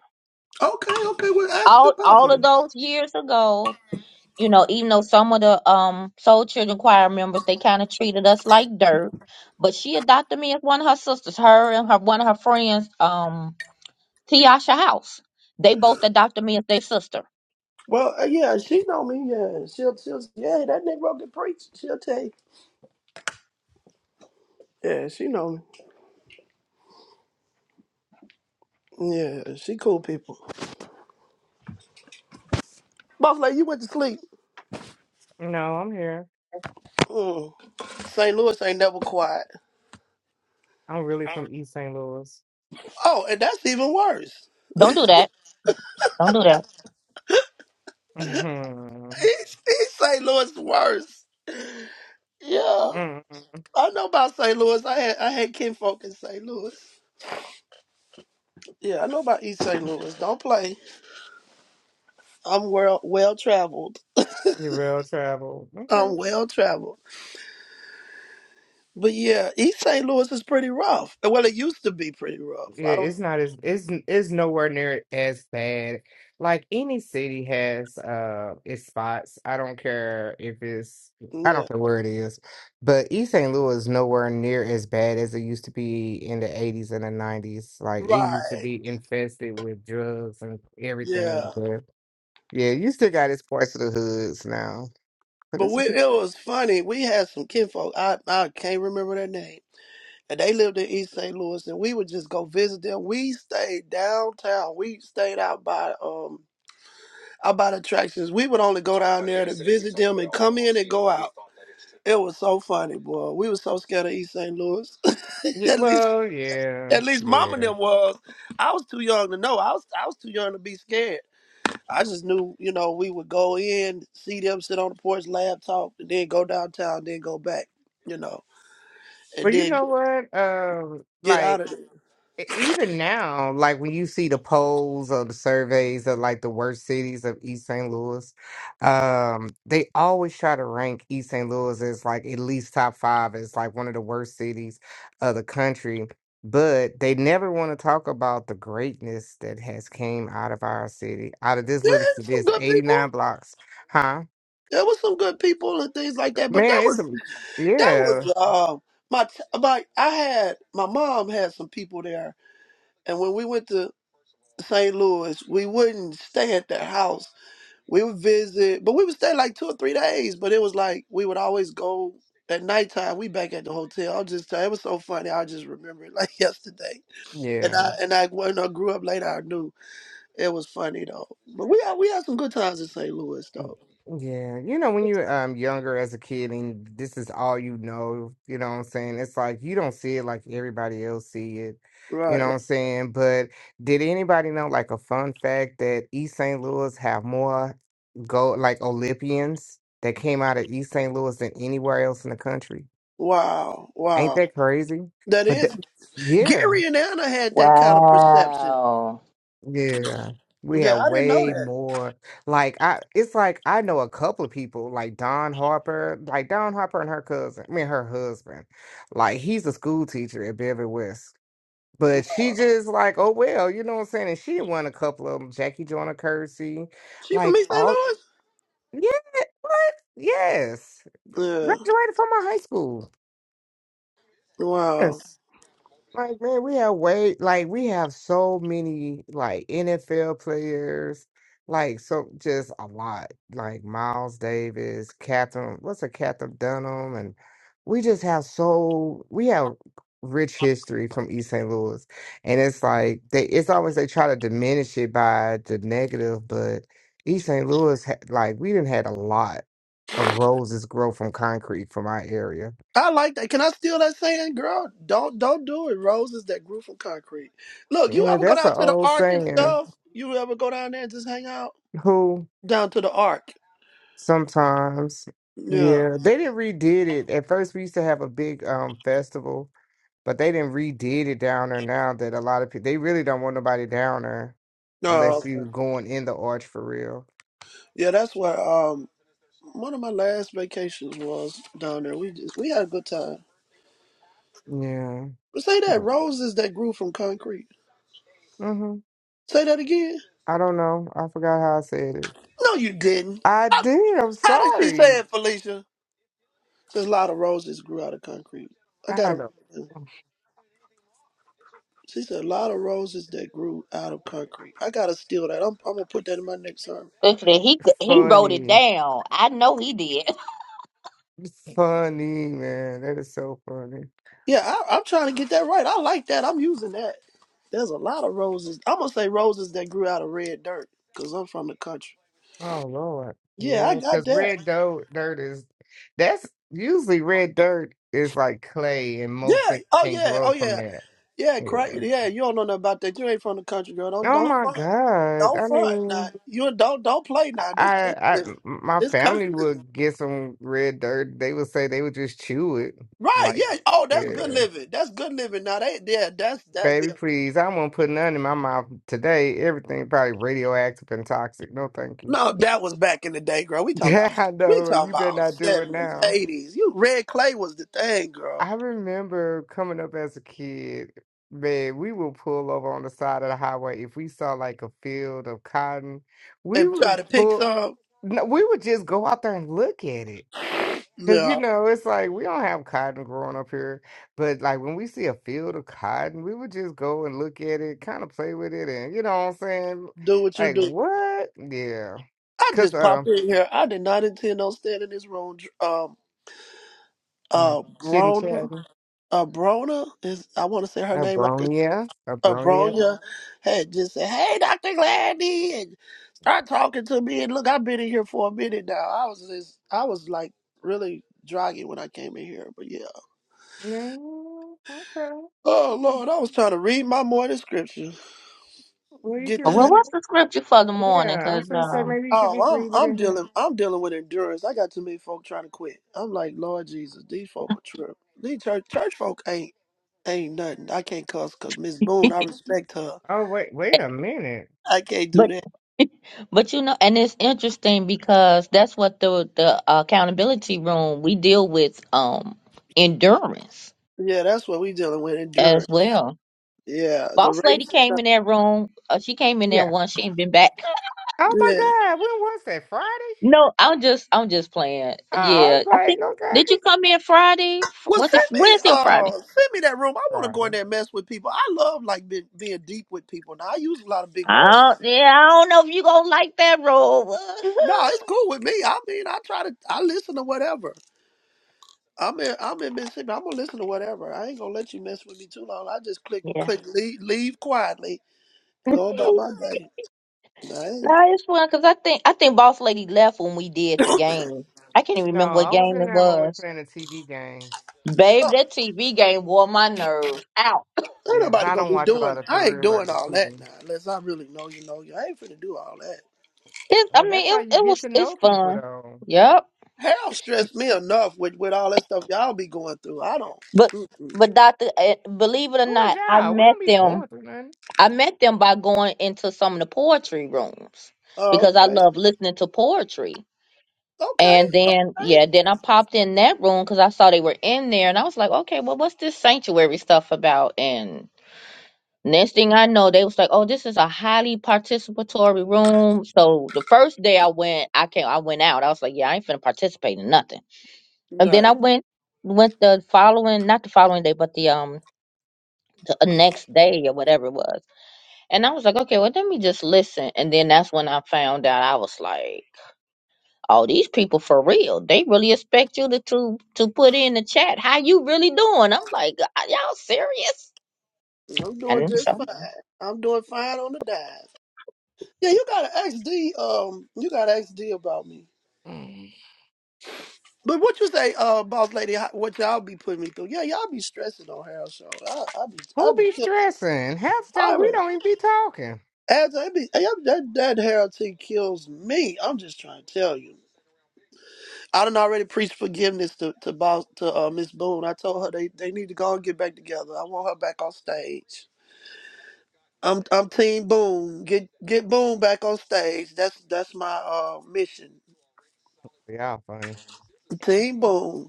Speaker 3: Okay, okay. Well, ask her
Speaker 1: All
Speaker 3: about
Speaker 1: all of
Speaker 3: me.
Speaker 1: those years ago. you know, even though some of the um Soul Children choir members they kind of treated us like dirt, but she adopted me as one of her sisters. Her and her one of her friends, um, Tiasha House, they both adopted me as their sister.
Speaker 3: Well, uh, yeah, she know me. Yeah, she'll, she'll. Yeah, that Negro can preach. She'll tell you. Yeah, she know me. Yeah, she cool people. Boss lady, you went to sleep.
Speaker 4: No, I'm here.
Speaker 3: Mm. St. Louis ain't never quiet.
Speaker 4: I'm really from East St. Louis.
Speaker 3: Oh, and that's even worse.
Speaker 1: Don't do that. Don't do that.
Speaker 4: Mm-hmm.
Speaker 3: He's, he's St. Louis worse. Yeah,
Speaker 4: mm
Speaker 3: I know about St. Louis. I had I had kinfolk in St. Louis. Yeah, I know about East St. Louis. Don't play. I'm well well traveled.
Speaker 4: Your real travel. Okay.
Speaker 3: I'm well traveled. But yeah, East St. Louis is pretty rough. Well, it used to be pretty rough.
Speaker 4: Yeah,
Speaker 3: I don't.
Speaker 4: it's not as it's it's nowhere near as bad. Like any city has uh its spots. I don't care if it's I don't
Speaker 3: Yeah.
Speaker 4: care where it is. But East St. Louis is nowhere near as bad as it used to be in the eighties and the nineties. Like it used to
Speaker 3: Right.
Speaker 4: be infested with drugs and
Speaker 3: Yeah.
Speaker 4: everything. But yeah, you still got its parts of the hoods now. But
Speaker 3: But
Speaker 4: it's
Speaker 3: we, it was funny. We had some kinfolk. I, I can't remember their name. And they lived in East St. Louis, and we would just go visit them. We stayed downtown. We stayed out by um out by the attractions. We would only go down there to visit them and come in and go out. It was so funny, boy. We were so scared of East St. Louis. *laughs*
Speaker 4: yeah,
Speaker 3: at least,
Speaker 4: well, yeah,
Speaker 3: at least, Mama and
Speaker 4: yeah.
Speaker 3: them was. I was too young to know. I was, I was too young to be scared. I just knew, you know, we would go in, see them sit on the porch, laugh, talk, and then go downtown, then go back, you know, and
Speaker 4: But you
Speaker 3: then get
Speaker 4: know what? Um,
Speaker 3: get
Speaker 4: like
Speaker 3: out of there.
Speaker 4: e- even now, like when you see the polls or the surveys of like the worst cities of East St. Louis, um, they always try to rank East St. Louis as like at least top five as like one of the worst cities of the country. But they never want to talk about the greatness that has came out of our city, out of this
Speaker 3: Yeah,
Speaker 4: little city,
Speaker 3: some
Speaker 4: this
Speaker 3: good people.
Speaker 4: 89 blocks, huh?
Speaker 3: There was some good people and things like that. But that
Speaker 4: Man, it's
Speaker 3: was
Speaker 4: a,
Speaker 3: that
Speaker 4: yeah,
Speaker 3: was um my t- my I had my mom had some people there, and when we went to St. Louis, we wouldn't stay at their house We would visit, but we would stay like two or three days. But it was like we would always go at nighttime. We back at the hotel. I'm just telling. It was so funny. I just remember it like *laughs* yesterday. And
Speaker 4: yeah.
Speaker 3: I and I when I grew up later, I knew it was funny though. But we had we had some good times in St. Louis
Speaker 4: Mm,
Speaker 3: though.
Speaker 4: Yeah, you know, when you're um younger as a kid and this is all you know, you know what I'm saying? It's like you don't see it like everybody else see it. You know
Speaker 3: Right,
Speaker 4: what
Speaker 3: right.
Speaker 4: I'm saying? But did anybody know like a fun fact that East St. Louis have more gold like Olympians that came out of East St. Louis than anywhere else in the country?
Speaker 3: Wow,
Speaker 4: Ain't
Speaker 3: wow.
Speaker 4: that crazy?
Speaker 3: That
Speaker 4: But the,
Speaker 3: is
Speaker 4: yeah.
Speaker 3: Gary and Anna had that kind of perception.
Speaker 1: Wow.
Speaker 4: Yeah. We have
Speaker 3: Yeah, I didn't know
Speaker 4: way
Speaker 3: that.
Speaker 4: more like I it's like I know a couple of people like Don Harper, like Don Harper and her cousin, I mean her husband. Like he's a school teacher at Beverly West. But she just like, oh well, you know what I'm saying? And she won a couple of them. Jackie Joyner Kersey.
Speaker 3: She from
Speaker 4: Like
Speaker 3: East St.
Speaker 4: all yeah, what? Yes.
Speaker 3: Louis. Yeah.
Speaker 4: Graduated from my high school.
Speaker 3: Wow.
Speaker 4: Yes. Like, man, we have way, like, we have so many, like, NFL players, like, so just a lot, like Miles Davis, Catherine, what's a Catherine Dunham, and we just have so, we have rich history from East St. Louis. And it's like, they, it's always they try to diminish it by the negative, but East St. Louis, ha- like, we didn't had a lot of roses grow from concrete from our area.
Speaker 3: I like that. Can I steal that saying, girl? Don't don't do it. Roses that grew from concrete. Look, you
Speaker 4: Yeah,
Speaker 3: ever go
Speaker 4: that's an
Speaker 3: down to the
Speaker 4: old
Speaker 3: ark and
Speaker 4: saying.
Speaker 3: stuff? You ever go down there and just hang out
Speaker 4: Who?
Speaker 3: down to the ark?
Speaker 4: Sometimes.
Speaker 3: Yeah.
Speaker 4: Yeah. They didn't redid it. At first we used to have a big um festival, but they didn't redid it down there now that a lot of people they really don't want nobody down there
Speaker 3: No.
Speaker 4: unless you going in the arch for real.
Speaker 3: yeah, that's where um one of my last vacations was down there. We just we had a good time.
Speaker 4: Yeah.
Speaker 3: But say that
Speaker 4: yeah.
Speaker 3: roses that grew from concrete.
Speaker 4: Mm-hmm.
Speaker 3: Say that again.
Speaker 4: I don't know. I forgot how I said it.
Speaker 3: No, you didn't.
Speaker 4: I
Speaker 3: How,
Speaker 4: did. I'm
Speaker 3: how did she
Speaker 4: sorry.
Speaker 3: say it, Felicia? There's a lot of roses grew out of concrete. I got
Speaker 4: I don't
Speaker 3: to.
Speaker 4: know.
Speaker 3: She said a lot of roses that grew out of concrete. I gotta steal that. I'm, I'm gonna put that in my next sermon.
Speaker 1: Literally, he he
Speaker 3: Yeah,
Speaker 1: wrote it
Speaker 4: Funny.
Speaker 1: down. I know he did. *laughs*
Speaker 4: Funny, man. That is so funny.
Speaker 3: Yeah, I, I'm trying to get that right. I like that. I'm using that. There's a lot of roses. I'm gonna say roses that grew out of red dirt because I'm from the country.
Speaker 4: Oh Lord,
Speaker 3: Yeah, I
Speaker 4: yeah,
Speaker 3: got
Speaker 4: because
Speaker 3: that.
Speaker 4: red dirt, dirt is that's usually red dirt is like clay, and most
Speaker 3: Yeah.
Speaker 4: things
Speaker 3: Oh
Speaker 4: can
Speaker 3: yeah. Oh
Speaker 4: grow from
Speaker 3: yeah.
Speaker 4: that.
Speaker 3: Yeah. Crack.
Speaker 4: Yeah.
Speaker 3: Yeah. You don't know nothing about that. You ain't from the country, girl. Don't
Speaker 4: Oh
Speaker 3: don't
Speaker 4: my
Speaker 3: front.
Speaker 4: God.
Speaker 3: Don't
Speaker 4: I
Speaker 3: front. Now
Speaker 4: mean,
Speaker 3: you don't don't play now. This
Speaker 4: I,
Speaker 3: country
Speaker 4: I,
Speaker 3: living.
Speaker 4: my
Speaker 3: This
Speaker 4: family
Speaker 3: country living.
Speaker 4: would get some red dirt. They would say they would just chew it.
Speaker 3: Right.
Speaker 4: Like,
Speaker 3: Yeah. Oh, that's good
Speaker 4: yeah,
Speaker 3: living. That's good living. Now they yeah. That's that's
Speaker 4: baby,
Speaker 3: it.
Speaker 4: please, I won't put none in my mouth today. Everything probably radioactive and toxic. No, thank you. *laughs*
Speaker 3: No, that was back in the day, girl. We talking
Speaker 4: Yeah,
Speaker 3: about
Speaker 4: I
Speaker 3: we
Speaker 4: know.
Speaker 3: talking
Speaker 4: You better
Speaker 3: about
Speaker 4: not do it
Speaker 3: seventies,
Speaker 4: now.
Speaker 3: eighties. You red clay was the thing, girl.
Speaker 4: I remember coming up as a kid, man, we would pull over on the side of the highway if we saw like a field of cotton. We
Speaker 3: And try
Speaker 4: would
Speaker 3: to pick
Speaker 4: pull,
Speaker 3: some.
Speaker 4: no, we would just go out there and look at it. Because, you
Speaker 3: Yeah,
Speaker 4: know, it's like we don't have cotton growing up here. But like when we see a field of cotton, we would just go and look at it, kind of play with it. And you know what I'm saying?
Speaker 3: do what you
Speaker 4: Like,
Speaker 3: do.
Speaker 4: what? Yeah.
Speaker 3: I
Speaker 4: Because,
Speaker 3: just
Speaker 4: uh,
Speaker 3: popped in here. I did not intend on staying in this room. Um,
Speaker 4: mm,
Speaker 3: uh,
Speaker 4: shit and
Speaker 3: Brona,
Speaker 4: chatting.
Speaker 3: uh, Brona is I want to say her name. Like
Speaker 4: Abronia,
Speaker 3: uh,
Speaker 4: Abronia.
Speaker 3: Bronya had just said, "Hey, Doctor Gladney," and start talking to me. And look, I've been in here for a minute now. I was just, I was like really draggy when I came in here, but yeah.
Speaker 4: No, okay.
Speaker 3: Oh Lord, I was trying to read my morning scripture.
Speaker 4: Well, you
Speaker 3: Get
Speaker 4: could
Speaker 3: the
Speaker 1: Well,
Speaker 3: heck-
Speaker 4: read
Speaker 1: what's the scripture for the morning?
Speaker 4: Yeah, I
Speaker 1: Cause
Speaker 4: was gonna say
Speaker 1: um,
Speaker 4: maybe you could just
Speaker 3: oh, I'm
Speaker 4: read it
Speaker 3: I'm
Speaker 4: in here.
Speaker 3: dealing I'm dealing with endurance. I got too many folk trying to quit. I'm like Lord Jesus, these folk are true. These church church folk ain't ain't nothing. I can't cuss because Miss Boone, I respect her.
Speaker 4: Oh wait, wait
Speaker 1: but.
Speaker 4: a minute.
Speaker 3: I can't do that.
Speaker 1: But you know, and it's interesting because that's what the the uh, accountability room we deal with um endurance
Speaker 3: Yeah, that's what we dealing with
Speaker 1: as
Speaker 3: endurance.
Speaker 1: well.
Speaker 3: Yeah, the
Speaker 1: Boss lady
Speaker 3: race. is
Speaker 1: came
Speaker 3: not-
Speaker 1: in that room. Uh, she came in there
Speaker 4: Yeah.
Speaker 1: once. She ain't been back.
Speaker 4: Oh my
Speaker 3: Yeah.
Speaker 4: God, when was that? Friday?
Speaker 1: No, I'm just I'm just playing.
Speaker 4: Oh, I was
Speaker 1: Yeah, I
Speaker 4: like,
Speaker 1: think
Speaker 4: okay.
Speaker 1: did you come in Friday? F-
Speaker 3: Well,
Speaker 1: Was
Speaker 4: I-
Speaker 1: it
Speaker 3: send me
Speaker 1: Wednesday or
Speaker 3: uh
Speaker 1: Friday?
Speaker 3: send me that room. I want to go
Speaker 4: Friday.
Speaker 3: in there and mess with people. I love like being, being deep with people. Now I use a lot of big
Speaker 1: I
Speaker 3: words.
Speaker 1: don't, yeah, I don't know if you gonna like that room.
Speaker 3: No, it's cool with me. I mean, I try to, I listen to whatever. I'm in, I'm in Mississippi. I'm gonna listen to whatever. I ain't gonna let you mess with me too long. I just
Speaker 1: *laughs*
Speaker 3: click,
Speaker 1: yeah,
Speaker 3: click, leave, leave quietly, go about
Speaker 1: no,
Speaker 3: my day. I ain't,
Speaker 1: it's fun because I think I think Boss Lady left when we did the game. I can't even
Speaker 4: No,
Speaker 1: remember what
Speaker 4: I was
Speaker 1: game
Speaker 4: in
Speaker 1: it
Speaker 4: there when we were
Speaker 1: was.
Speaker 4: playing the TV games.
Speaker 1: Babe,
Speaker 3: uh,
Speaker 1: that TV game wore my nerves out.
Speaker 3: ain't
Speaker 4: Yeah, 'cause
Speaker 3: nobody
Speaker 4: I
Speaker 3: gonna
Speaker 4: don't
Speaker 3: be
Speaker 4: watch a lot
Speaker 3: doing.
Speaker 4: of
Speaker 3: I ain't
Speaker 4: career
Speaker 3: doing
Speaker 4: regular
Speaker 3: all that
Speaker 4: TV.
Speaker 3: now, unless I really know you know you. I ain't finna do all that.
Speaker 1: It, I
Speaker 4: But
Speaker 1: mean,
Speaker 4: that's how you
Speaker 1: it it
Speaker 4: get
Speaker 1: was
Speaker 4: to
Speaker 1: it's
Speaker 4: know people,
Speaker 1: fun.
Speaker 4: though.
Speaker 1: Yep.
Speaker 3: Hell stressed me enough with with all that stuff y'all be going through. I don't.
Speaker 1: But
Speaker 3: Mm-mm.
Speaker 1: but Doctor, eh, believe it or
Speaker 4: Who is
Speaker 1: not, I
Speaker 4: y'all? We
Speaker 1: met
Speaker 4: don't be
Speaker 1: them.
Speaker 4: going through nothing.
Speaker 1: I met them by going into some of the poetry rooms
Speaker 3: Oh,
Speaker 1: because I
Speaker 3: okay,
Speaker 1: love listening to poetry.
Speaker 3: okay.
Speaker 1: And then
Speaker 3: I,
Speaker 1: yeah, then I popped in that room because I saw they were in there, and I was like, okay, well, what's this sanctuary stuff about? And Next thing I know, they was like, "Oh, this is a highly participatory room." So the first day I went, I came, I went out. I was like, "Yeah, I ain't finna participate in nothing." And then I
Speaker 3: right.
Speaker 1: went, went the following, not the following day, but the um the uh, next day or whatever it was. And I was like, "Okay, well, let me just listen." And then that's when I found out. I was like, "Oh, these people for real? They really expect you to to to put in the chat how you really doing?" I'm like, "Are y'all serious?"
Speaker 3: I'm doing
Speaker 1: And so
Speaker 3: just fine. I'm doing fine on the dive. Yeah, you gotta ask D. Um, you gotta ask D about me.
Speaker 4: Mm.
Speaker 3: But what you say, uh, boss lady? how- What y'all be putting me through? Yeah, y'all be stressing on Harold show. I, I be, I
Speaker 4: Who
Speaker 3: be
Speaker 4: be
Speaker 3: killing.
Speaker 4: stressing? Half the time
Speaker 3: I
Speaker 4: we
Speaker 3: be,
Speaker 4: don't even be talking.
Speaker 3: as I be, I, that that Harold T kills me. I'm just trying to tell you. I done already preached forgiveness to to boss to uh, Miss Boone. I told her they they need to go and get back together. I want her back on stage. I'm I'm Team Boone. Get get Boone back on stage. That's that's my uh mission.
Speaker 4: Y'all funny.
Speaker 3: Team Boone.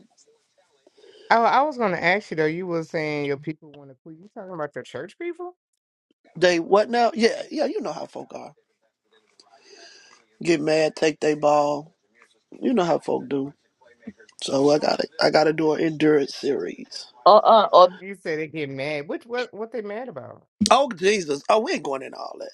Speaker 4: Oh, I was gonna ask you though. You were saying your people want to quit. You talking about your church people?
Speaker 3: They what now? Yeah, yeah, you know how folk are. Get mad, take they ball. You know how folk do. So I gotta I gotta do an endurance series.
Speaker 1: Or uh, or
Speaker 4: You said they get mad. Which what what they mad about?
Speaker 3: Oh Jesus. Oh, we ain't going in all that.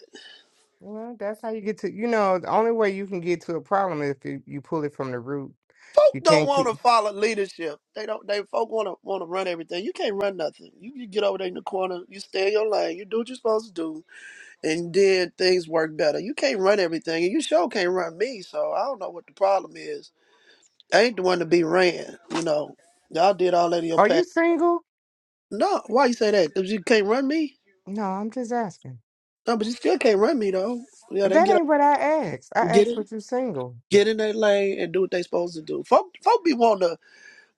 Speaker 4: Well, that's how you get to. You know, the only way you can get to a problem is if you, you pull it from the root.
Speaker 3: Folk
Speaker 4: You
Speaker 3: don't
Speaker 4: can't keep.
Speaker 3: wanna follow leadership. They don't they folk wanna wanna run everything. You can't run nothing. You, you get over there in the corner, you stay in your lane, you do what you're supposed to do, and then things work better. You can't run everything and you sure can't run me, so I don't know what the problem is. I ain't the one to be ran, you know. Y'all did all that in your
Speaker 4: Are you single?
Speaker 3: No, why you say that? Because you can't run me.
Speaker 4: No, I'm just asking.
Speaker 3: No, but you still can't run me though. Yeah, they
Speaker 4: That
Speaker 3: get up,
Speaker 4: ain't what I asked. I
Speaker 3: get
Speaker 4: asked,
Speaker 3: in,
Speaker 4: "What you single?"
Speaker 3: get in their lane and do what they supposed to do. Folk, folk be want to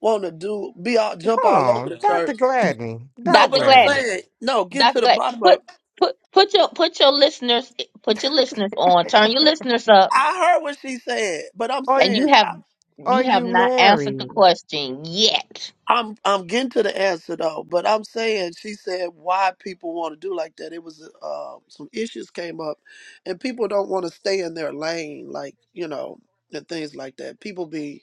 Speaker 3: want to do be all jump
Speaker 4: Hold
Speaker 3: all over
Speaker 4: on,
Speaker 3: the
Speaker 4: Doctor
Speaker 3: church.
Speaker 4: Gladney.
Speaker 3: No,
Speaker 4: Doctor
Speaker 1: Dr.
Speaker 3: but I'm
Speaker 4: Gladney.
Speaker 1: Gladney,
Speaker 3: saying no. Get
Speaker 1: Dr.
Speaker 3: to the
Speaker 1: Glad,
Speaker 3: bottom
Speaker 1: put
Speaker 3: of.
Speaker 1: put put your put your listeners put your listeners on. Turn your
Speaker 4: *laughs*
Speaker 1: listeners up,
Speaker 3: I heard what she said, but I'm
Speaker 4: Are
Speaker 1: and
Speaker 4: you,
Speaker 1: you
Speaker 3: saying
Speaker 1: have
Speaker 3: I,
Speaker 4: are
Speaker 1: you have
Speaker 4: you
Speaker 1: not answered the
Speaker 4: married,
Speaker 1: question yet.
Speaker 3: I'm I'm getting to the answer though. But I'm saying she said why people want to do like that. It was uh, some issues came up, and people don't want to stay in their lane, like you know, and things like that. People be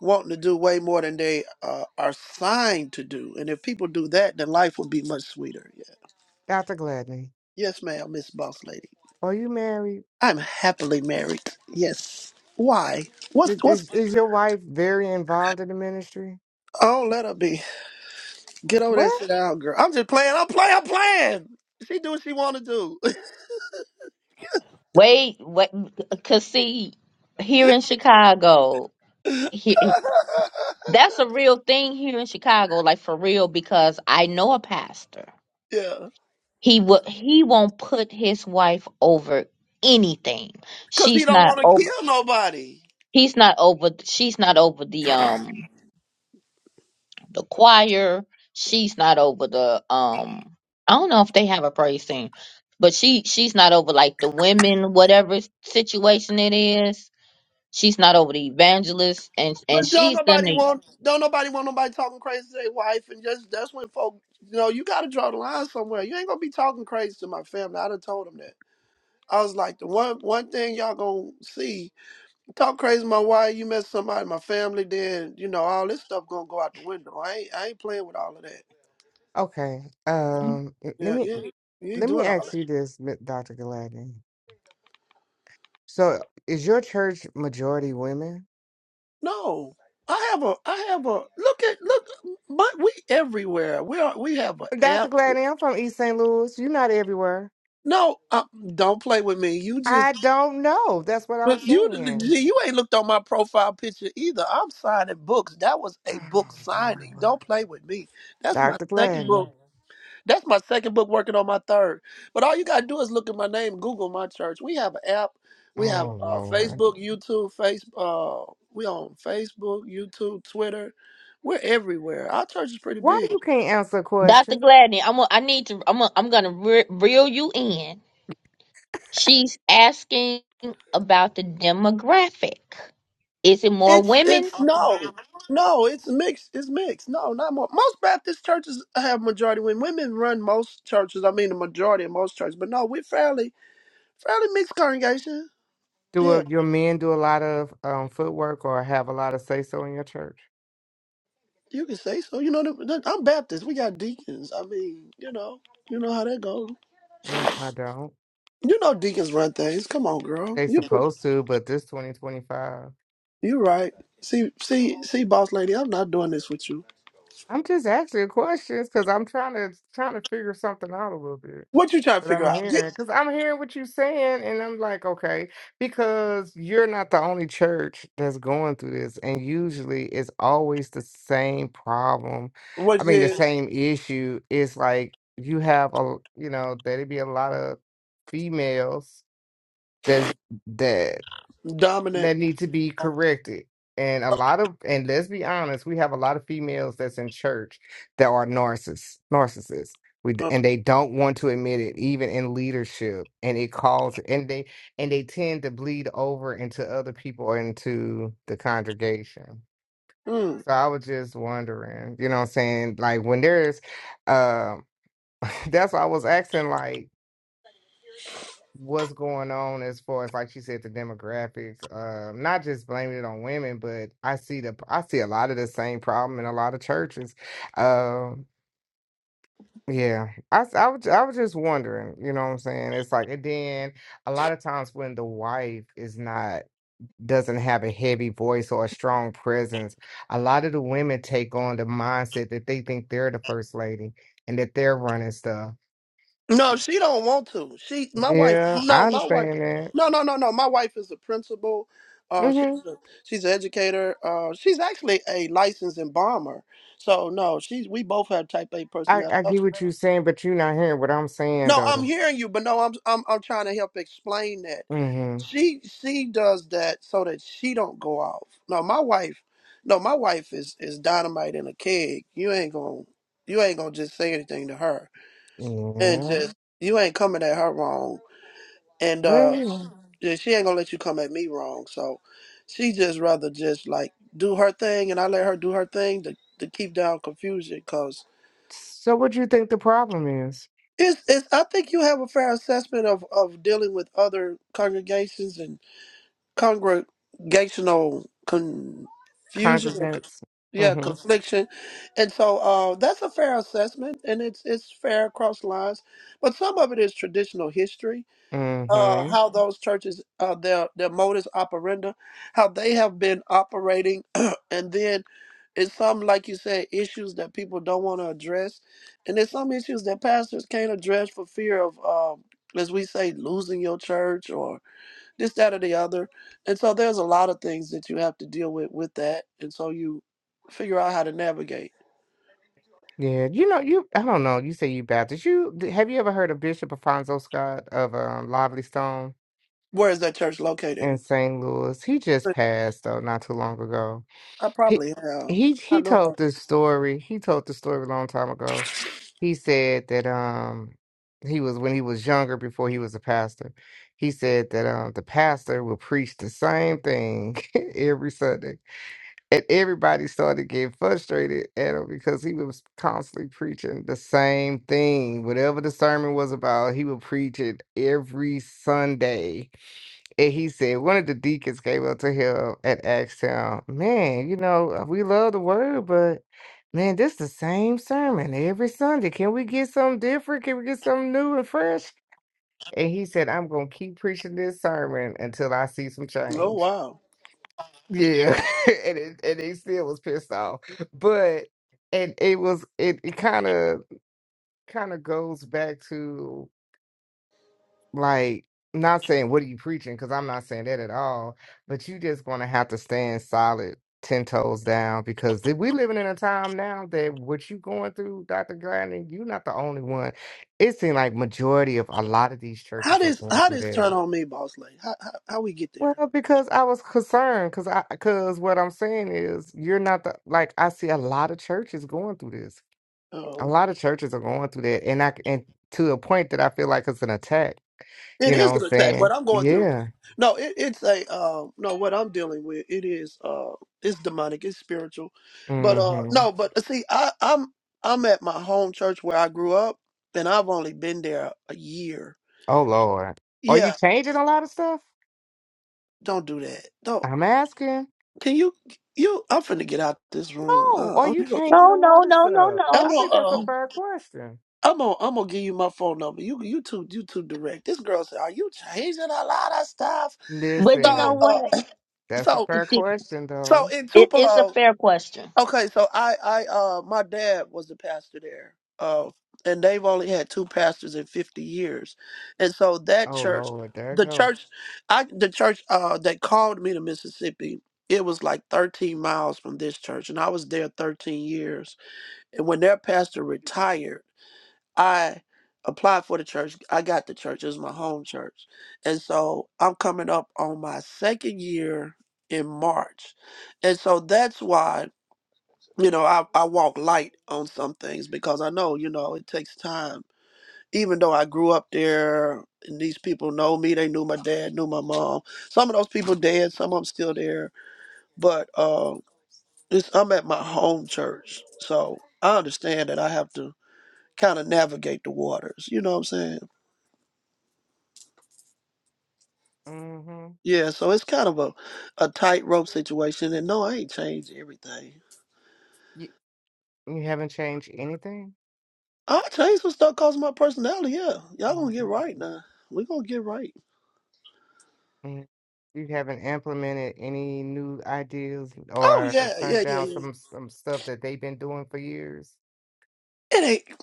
Speaker 3: wanting to do way more than they uh, are signed to do. And if people do that, then life will be much sweeter. Yeah.
Speaker 4: Doctor Gladney?
Speaker 3: Yes, ma'am, Miss Boss Lady.
Speaker 4: Are you married?
Speaker 3: I'm happily married. Yes. Why? What's
Speaker 4: Th-
Speaker 3: what's?
Speaker 4: Is, is your wife very involved in the ministry?
Speaker 3: Oh, let her be. Get over there, and
Speaker 4: Well,
Speaker 3: sit down, girl. I'm just playing. I'm playing. I'm playing. She do what she want to do. *laughs*
Speaker 1: Wait, wait, cause see, here in Chicago, here, that's a real thing here in Chicago, like for real, because I know a pastor.
Speaker 3: yeah.
Speaker 1: He will he won't put his wife over anything.
Speaker 3: Cause he
Speaker 1: She's
Speaker 3: don't
Speaker 1: not
Speaker 3: want to
Speaker 1: over
Speaker 3: kill nobody.
Speaker 1: he's not over she's not over the um the choir. She's not over the um I don't know if they have a praise team, but she she's not over like the women, whatever situation it is. She's not over the evangelists and and
Speaker 3: But don't
Speaker 1: she's
Speaker 3: nobody
Speaker 1: the
Speaker 3: want don't nobody want nobody talking crazy to their wife and just that's when folk you know, you gotta draw the line somewhere. You ain't gonna be talking crazy to my family. I done told them that. I was like the one one thing y'all gonna see, talk crazy to my wife, you mess somebody in my family, then you know, all this stuff gonna go out the window. I ain't I ain't playing with all of that.
Speaker 4: Okay. Um, l- let
Speaker 3: Yeah,
Speaker 4: me
Speaker 3: you ain't, you ain't
Speaker 4: let me
Speaker 3: doing all
Speaker 4: ask
Speaker 3: that.
Speaker 4: you this, Mi- Dr. Gladney. So, is your church majority women?
Speaker 3: No. I have a I have a look at look but we everywhere. We are we have an
Speaker 4: Dr.
Speaker 3: app.
Speaker 4: Gladney, I'm from East St. Louis. You're not everywhere.
Speaker 3: No, uh, don't play with me. You just
Speaker 4: I don't know. That's what I'm
Speaker 3: But You
Speaker 4: saying.
Speaker 3: you ain't looked on my profile picture either. I'm signing books. That was a
Speaker 4: Oh
Speaker 3: book signing.
Speaker 4: Lord,
Speaker 3: Don't play with me. That's my
Speaker 4: Dr.
Speaker 3: second
Speaker 4: Gladney.
Speaker 3: book. That's my second book working on my third. But all you gotta do is look at my name, Google my church. We have an app. We have
Speaker 4: Oh
Speaker 3: uh,
Speaker 4: Lord,
Speaker 3: Facebook, YouTube, face uh we on Facebook, YouTube, Twitter. We're everywhere. Our church is pretty
Speaker 4: why
Speaker 3: big.
Speaker 4: you can't answer a
Speaker 1: Dr.
Speaker 4: question?
Speaker 1: Gladney, I'm a, i am I need to I'm i I'm going to re- reel you in. She's asking about the demographic. Is it more
Speaker 3: It's it's
Speaker 1: women?
Speaker 3: no, no. It's mixed. It's mixed. No, not more. Most Baptist churches have majority when Women run most churches. I mean, the majority of most churches. But no, we're fairly fairly mixed congregation.
Speaker 4: Do
Speaker 3: Yeah,
Speaker 4: a, your men do a lot of um, footwork or have a lot of say so in your church?
Speaker 3: you can say so. You know, the, the- I'm Baptist. We got deacons. I mean, you know, you know how that goes.
Speaker 4: Mm, I don't.
Speaker 3: You know, deacons run things. Come on, girl.
Speaker 4: They
Speaker 3: You
Speaker 4: supposed to, but this 2025.
Speaker 3: you right. See see see, boss lady. I'm not doing this with you.
Speaker 4: I'm just asking questions because I'm trying to trying to figure something out a little bit.
Speaker 3: What you trying to
Speaker 4: But
Speaker 3: figure
Speaker 4: I'm
Speaker 3: out? Get,
Speaker 4: hearing because I'm hearing what you're saying, and I'm like, okay, because you're not the only church that's going through this, and usually it's always the same problem. I
Speaker 3: what
Speaker 4: mean, the
Speaker 3: is
Speaker 4: same issue. It's like you have a, you know, there'd be a lot of females that's that.
Speaker 3: dominant?
Speaker 4: that need to be corrected. And a lot of, and let's be honest, we have a lot of females that's in church that are narcissists, narcissists. We,
Speaker 3: Uh,
Speaker 4: and they don't want to admit it, even in leadership. And it calls, and they, and they tend to bleed over into other people or into the congregation.
Speaker 3: mm.
Speaker 4: So I was just wondering, you know what I'm saying? Like when there's, um, *laughs* *clears throat* that's why I was asking, like what's going on as far as like she said the demographics um not just blaming it on women but i see the i see a lot of the same problem in a lot of churches um yeah i s- I was, I was just wondering you know what i'm saying it's like and then a lot of times when the wife is not doesn't have a heavy voice or a strong presence a lot of the women take on the mindset that they think they're the first lady and that they're running stuff
Speaker 3: No, she don't want to. She, my wife.
Speaker 4: yeah i
Speaker 3: No, my wife.
Speaker 4: understand that
Speaker 3: No, no, no, no. My wife is a principal. Uh, she's
Speaker 4: Mm-hmm.
Speaker 3: a, she's an educator. Uh, she's actually a licensed embalmer. So no, she's we both have type A
Speaker 4: I,
Speaker 3: personality.
Speaker 4: I get what you're saying, but you're not hearing what I'm saying,
Speaker 3: No, I'm
Speaker 4: though.
Speaker 3: hearing you, but no, I'm I'm I'm trying to help explain that.
Speaker 4: mm
Speaker 3: She she does that so that she don't go off. No, my wife. No, my wife is is dynamite in a keg. You ain't gonna you ain't gonna just say anything to her
Speaker 4: hmm
Speaker 3: and
Speaker 4: Yeah.
Speaker 3: just you ain't coming at her wrong. and uh,
Speaker 4: Well,
Speaker 3: yeah, she ain't gonna let you come at me wrong. So she just rather just like do her thing, and I let her do her thing to, to keep down confusion. Cause
Speaker 4: so what do you think the problem is?
Speaker 3: it's, it's I think you have a fair assessment of of dealing with other congregations and congregational confusion. Or,
Speaker 4: Congregants.
Speaker 3: yeah,
Speaker 4: mm
Speaker 3: confliction, and so uh, that's a fair assessment, and it's it's fair across lines. But some of it is traditional history
Speaker 4: hmm mm
Speaker 3: uh,
Speaker 4: hmm
Speaker 3: how those churches, uh, their their modus operandi, how they have been operating, *clears throat* and then it's some like you said issues that people don't want to address, and there's some issues that pastors can't address for fear of, um, as we say, losing your church or this, that, or the other, and so there's a lot of things that you have to deal with with that, and so you figure out how to navigate.
Speaker 4: Yeah. You know, you. I don't know. You say you Baptist. You have you ever heard of Bishop Afonso Scott of um, Lively Stone
Speaker 3: Where is that church located?
Speaker 4: in St. Louis? He just passed though, not too long ago.
Speaker 3: I
Speaker 4: He
Speaker 3: probably have.
Speaker 4: he
Speaker 3: I
Speaker 4: he
Speaker 3: know. a
Speaker 4: told
Speaker 3: lot.
Speaker 4: this story. He told the story a long time ago. He said that um he was when he was younger before he was a pastor. He said that um the pastor would preach the same thing *laughs* every Sunday. And everybody started getting frustrated at him because he was constantly preaching the same thing. Whatever the sermon was about, he would preach it every Sunday. And he said one of the deacons came up to him and asked him, Man, you know, uh, we love the word, but man, this the same sermon every Sunday. Can we get something different? Can we get something new and fresh? And he said, I'm gonna keep preaching this sermon until I see some
Speaker 3: Oh
Speaker 4: change.
Speaker 3: wow.
Speaker 4: Yeah. *laughs* and it, and he still was pissed off. But and it was it, it kind of kind of goes back to like not saying what are you preaching because i'm not saying that at all but you just going to have to stand solid 10 toes down because th- we living in a time now that what you going through dr gladney you're not the only one it seems like majority of a lot of these
Speaker 3: How
Speaker 4: churches are
Speaker 3: does
Speaker 4: going
Speaker 3: how
Speaker 4: through
Speaker 3: does
Speaker 4: that
Speaker 3: turn on me, boss lady? How, how how we get there?
Speaker 4: well because i was concerned because i because what i'm saying is you're not the like i see a lot of churches going through this a
Speaker 3: Oh,
Speaker 4: lot of churches are going through that and i c- and to a point that i feel like it's an attack
Speaker 3: it
Speaker 4: you know what
Speaker 3: is
Speaker 4: i'm
Speaker 3: an attack. What
Speaker 4: saying
Speaker 3: I'm going through.
Speaker 4: yeah
Speaker 3: No, it, it's a uh, no. What I'm dealing with, it is uh, it's demonic, it's spiritual, but uh,
Speaker 4: hmm
Speaker 3: no, but uh, see, I, I'm I'm at my home church where I grew up, and I've only been there a year.
Speaker 4: Oh Lord. Are you
Speaker 3: Yeah,
Speaker 4: changing a lot of stuff?
Speaker 3: don't do that. Don't.
Speaker 4: I'm asking.
Speaker 3: Can you you? I'm finna get out this room.
Speaker 4: No,
Speaker 3: Uh,
Speaker 4: are
Speaker 3: I'm,
Speaker 4: you changing
Speaker 1: No,
Speaker 4: a
Speaker 1: no,
Speaker 4: lot of
Speaker 1: no, no,
Speaker 4: stuff?
Speaker 1: no.
Speaker 3: I'm
Speaker 4: I think that's a
Speaker 3: on.
Speaker 4: fair question.
Speaker 3: I'm gonna I'm gonna give you my phone number. You you too you too direct. This girl said, "Are you changing a lot of stuff?"
Speaker 1: But you know
Speaker 3: So
Speaker 4: Listen,
Speaker 1: what?
Speaker 3: uh, *clears throat*
Speaker 4: that's a
Speaker 3: so
Speaker 1: It,
Speaker 4: fair question
Speaker 3: so
Speaker 4: though.
Speaker 3: in
Speaker 1: it- it's a
Speaker 3: Tupelo,
Speaker 1: fair question.
Speaker 3: okay. So I I uh my dad was the pastor there, uh, and they've only had two pastors in 50 years, and so that
Speaker 4: Oh
Speaker 3: church,
Speaker 4: Lord, there it
Speaker 3: the
Speaker 4: go.
Speaker 3: church, I the church uh that called me to Mississippi. It was like 13 miles from this church, and I was there 13 years. And when their pastor retired. I applied for the church. I got the church. It was my home church. And so I'm coming up on my second year in March. And so that's why, you know, I, I walk light on some things because I know, you know, it takes time. Even though I grew up there and these people know me, they knew my dad, knew my mom. Some of those people dead, some of them still there. But uh, it's, I'm at my home church. So I understand that I have to kind of navigate the waters. You know what I'm saying?
Speaker 4: hmm
Speaker 3: Yeah, so it's kind of a, a tightrope situation. And no, I ain't changed everything.
Speaker 4: You, you haven't changed anything?
Speaker 3: I changed some stuff because of my personality. Yeah, y'all gonna
Speaker 4: Mhm.
Speaker 3: get right now. We gonna get right.
Speaker 4: Mm. You haven't implemented any new ideas
Speaker 3: Oh
Speaker 4: or
Speaker 3: yeah,
Speaker 4: turned
Speaker 3: yeah, yeah,
Speaker 4: down
Speaker 3: yeah.
Speaker 4: some some stuff that they've been doing for years?
Speaker 3: It ain't.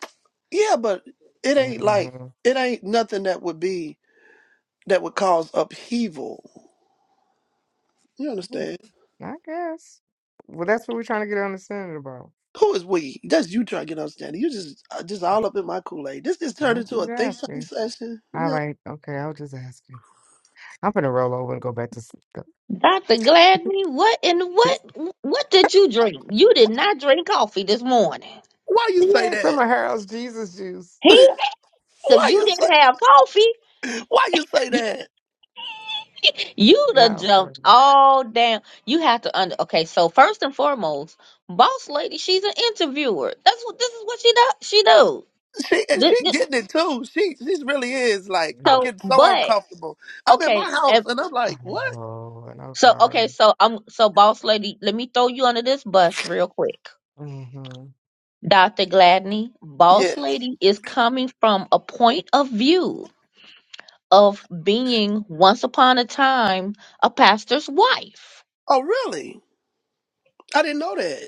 Speaker 3: Yeah, but it ain't like
Speaker 4: Mm-hmm.
Speaker 3: it ain't nothing that would be that would cause upheaval. You
Speaker 4: hmm
Speaker 3: understand?
Speaker 4: I guess. Well, that's what we're trying to get an understanding about.
Speaker 3: Who is we? That's you trying to get understanding. You just uh, just all up in my Kool Aid. This just turned
Speaker 4: I'll be
Speaker 3: into a think tank
Speaker 4: asking.
Speaker 3: session. You
Speaker 4: All
Speaker 3: know?
Speaker 4: right. Okay. I was just asking. I'm going to roll over and go back to sleep.
Speaker 1: Dr. Gladney, what and
Speaker 4: *laughs*
Speaker 1: what what did you drink? You did not drink coffee this morning.
Speaker 3: Why you say
Speaker 4: Yeah, some
Speaker 3: that?
Speaker 4: of Harold's Jesus juice.
Speaker 1: He Cause
Speaker 3: Why
Speaker 1: you
Speaker 3: you say?
Speaker 1: didn't have coffee.
Speaker 3: Why you say that?
Speaker 1: *laughs* You'd
Speaker 4: Yeah. right.
Speaker 1: jumped all down. You have to under okay, so first and foremost, boss lady, she's an interviewer. That's what this is what she does she do.
Speaker 3: She and she
Speaker 1: Th- th-
Speaker 3: getting it too. She she really is like I'm
Speaker 1: So
Speaker 3: getting so
Speaker 1: but
Speaker 3: uncomfortable. I'm in
Speaker 1: okay
Speaker 3: my
Speaker 1: and.
Speaker 3: house and I'm
Speaker 4: Oh,
Speaker 3: like, what?
Speaker 4: Lord. I'm
Speaker 1: So
Speaker 4: sorry.
Speaker 1: okay, so I'm so boss lady, let me throw you under this bus real quick.
Speaker 4: hmm
Speaker 1: Dr. Gladney, boss
Speaker 3: Yes.
Speaker 1: lady is coming from a point of view of being once upon a time a pastor's wife.
Speaker 3: Oh, really? I didn't know that.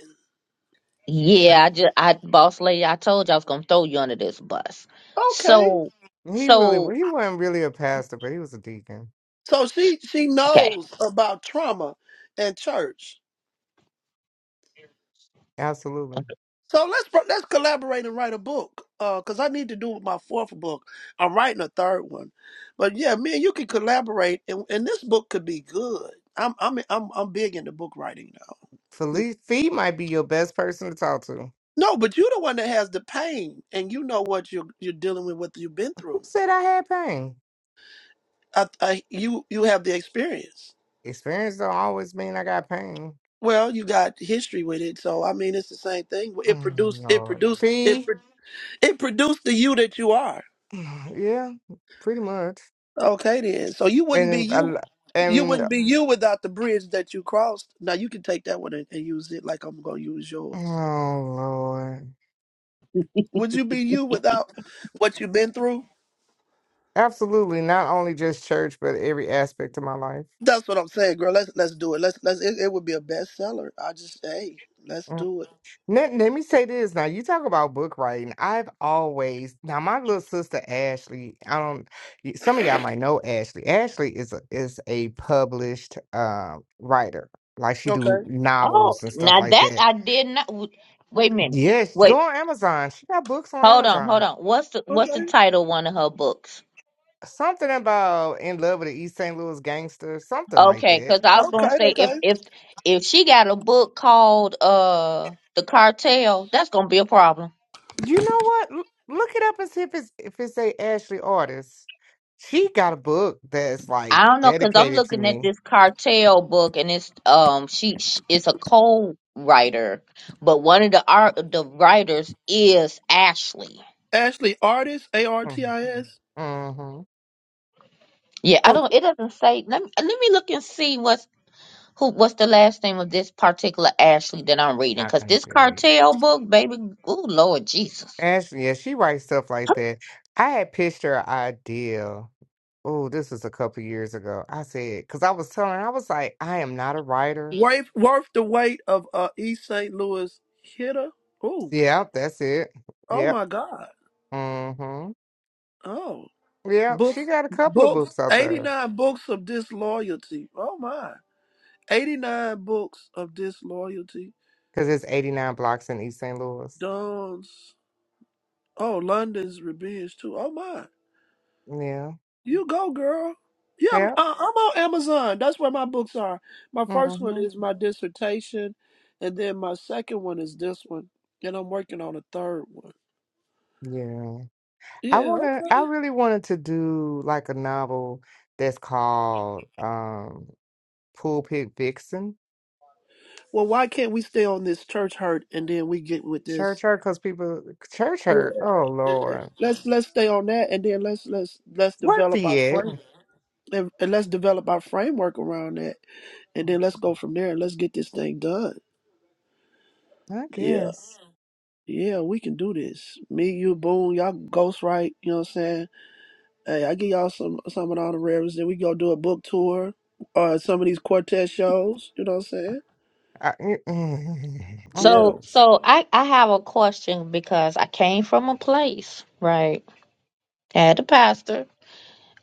Speaker 3: Say,
Speaker 1: Yeah, I just I boss lady, I told you I was gonna throw you under this bus.
Speaker 3: Okay.
Speaker 1: So
Speaker 4: He really,
Speaker 1: so
Speaker 4: well, he wasn't really a pastor, but he was a deacon.
Speaker 3: So she she
Speaker 1: okay.
Speaker 3: knows about trauma and church.
Speaker 4: Absolutely.
Speaker 1: okay.
Speaker 3: So let's pro- let's collaborate and write a book. Uh, cause I need to do my fourth book. I'm writing a third one, but yeah, me and you can collaborate, and, and this book could be good. I'm I'm I'm I'm big into book writing now.
Speaker 4: Felice Fee might be your best person to talk to.
Speaker 3: No, but you're the one that has the pain, and you know what you're you're dealing with, what you've been
Speaker 4: Who
Speaker 3: through.
Speaker 4: said I had pain?
Speaker 3: I, I, you you have the experience.
Speaker 4: Experience don't always mean I got pain.
Speaker 3: Well, you got history with it, so I mean, it's the same thing. It
Speaker 4: Oh,
Speaker 3: produced, it
Speaker 4: Lord.
Speaker 3: produced, it
Speaker 4: Fee.
Speaker 3: pro- it produced the you that you are.
Speaker 4: *sighs* Yeah, pretty much.
Speaker 3: Okay, then. So you
Speaker 4: And
Speaker 3: wouldn't be
Speaker 4: then a
Speaker 3: you.
Speaker 4: lo-
Speaker 3: You
Speaker 4: and
Speaker 3: wouldn't be you without the bridge that you crossed. Now you can take that one and, and use it like I'm gonna use yours.
Speaker 4: Oh Lord.
Speaker 3: Would you be you without what you've been through?
Speaker 4: Absolutely. Not only just church, but every aspect of my life.
Speaker 3: That's what I'm saying, girl. Let's let's do it. Let's let's it, it would be a bestseller. I just hey, let's
Speaker 4: Mm.
Speaker 3: do it.
Speaker 4: Let, let me say this now. You talk about book writing. I've always now my little sister Ashley, I don't y- some of y'all might know Ashley. Ashley is a is a published uh, writer. Like she
Speaker 3: Okay.
Speaker 4: do
Speaker 1: Oh
Speaker 4: novels and stuff
Speaker 1: now
Speaker 4: like
Speaker 1: that
Speaker 4: that.
Speaker 1: I did not w- wait a minute.
Speaker 4: Yes, go
Speaker 1: Wait,
Speaker 4: on Amazon. She got books on
Speaker 1: hold on, hold
Speaker 4: Amazon.
Speaker 1: on. What's the what's the
Speaker 3: Okay.
Speaker 1: title of one of her books?
Speaker 4: Something about in love with the East St. Louis gangster, something like
Speaker 1: Okay,
Speaker 4: that.
Speaker 1: because I was gonna
Speaker 3: Okay.
Speaker 1: say if
Speaker 3: Okay.
Speaker 1: if if she got a book called uh The Cartel, that's gonna be a problem.
Speaker 4: You know what? L- look it up and see if it's if it's a Ashley artist. She got a book that's like
Speaker 1: I don't know because I'm
Speaker 4: dedicated to
Speaker 1: looking at
Speaker 4: me.
Speaker 1: this cartel book and it's um she, sh it's a co-writer, but one of the art the writers is Ashley.
Speaker 3: Ashley Artist A R T I S.
Speaker 4: Mm-hmm.
Speaker 1: Yeah, I
Speaker 3: Oh,
Speaker 1: don't. It doesn't say. Let me let me look and see what's who what's the last name of this particular Ashley that I'm reading
Speaker 4: I
Speaker 1: because
Speaker 4: can't
Speaker 1: this
Speaker 4: tell you.
Speaker 1: cartel book, baby, oh Lord Jesus.
Speaker 4: Ashley, yeah, she writes stuff like that. I had pitched her an idea. Oh, this was a couple years ago. I said, because I was telling her, I was like, I am not a writer.
Speaker 3: Worth worth the weight of uh East St. Louis hitter. Ooh.
Speaker 4: Yeah, that's it.
Speaker 3: Oh
Speaker 4: Yep.
Speaker 3: my God.
Speaker 4: Mm-hmm.
Speaker 3: Oh.
Speaker 4: Yep. she
Speaker 3: Books
Speaker 4: got a couple of
Speaker 3: books
Speaker 4: books out
Speaker 3: eighty
Speaker 4: there
Speaker 3: nine books of disloyalty. Oh my. Eighty nine books of disloyalty.
Speaker 4: because it's 89 blocks in East St. Louis.
Speaker 3: Dawn's. oh London's revenge too. Oh my.
Speaker 4: Yeah.
Speaker 3: You go, girl. Yeah, I'm,
Speaker 4: Yeah.
Speaker 3: I- I'm on Amazon. That's where my books are. My first
Speaker 4: Mm-hmm.
Speaker 3: one is my dissertation, and then my second one is this one, and I'm working on a third one.
Speaker 4: Yeah. I
Speaker 3: Yeah,
Speaker 4: wanna I
Speaker 3: okay.
Speaker 4: really wanted to do like a novel that's called um Pulpit Vixen.
Speaker 3: Well, why can't we stay on this church hurt, and then we get with this?
Speaker 4: Church hurt because people church
Speaker 3: Yeah,
Speaker 4: hurt. Oh
Speaker 3: yeah.
Speaker 4: Lord.
Speaker 3: let's let's stay on that, and then let's let's let's
Speaker 4: Worth
Speaker 3: develop our
Speaker 4: it.
Speaker 3: framework, and, and let's develop our framework around that, and then let's go from there, and let's get this thing done.
Speaker 4: I
Speaker 3: Yeah.
Speaker 4: guess.
Speaker 3: Yeah, we can do this. Me, you, Boone, y'all ghost right, you know what I'm saying? Hey, I give y'all some some of the honoraries. Then we go do a book tour or some of these quartet shows. You know what I'm saying?
Speaker 4: I, mm, *laughs* I'm for
Speaker 3: Yeah.
Speaker 1: So,
Speaker 4: this.
Speaker 1: so I I have a question because I came from a place, right? Had the pastor.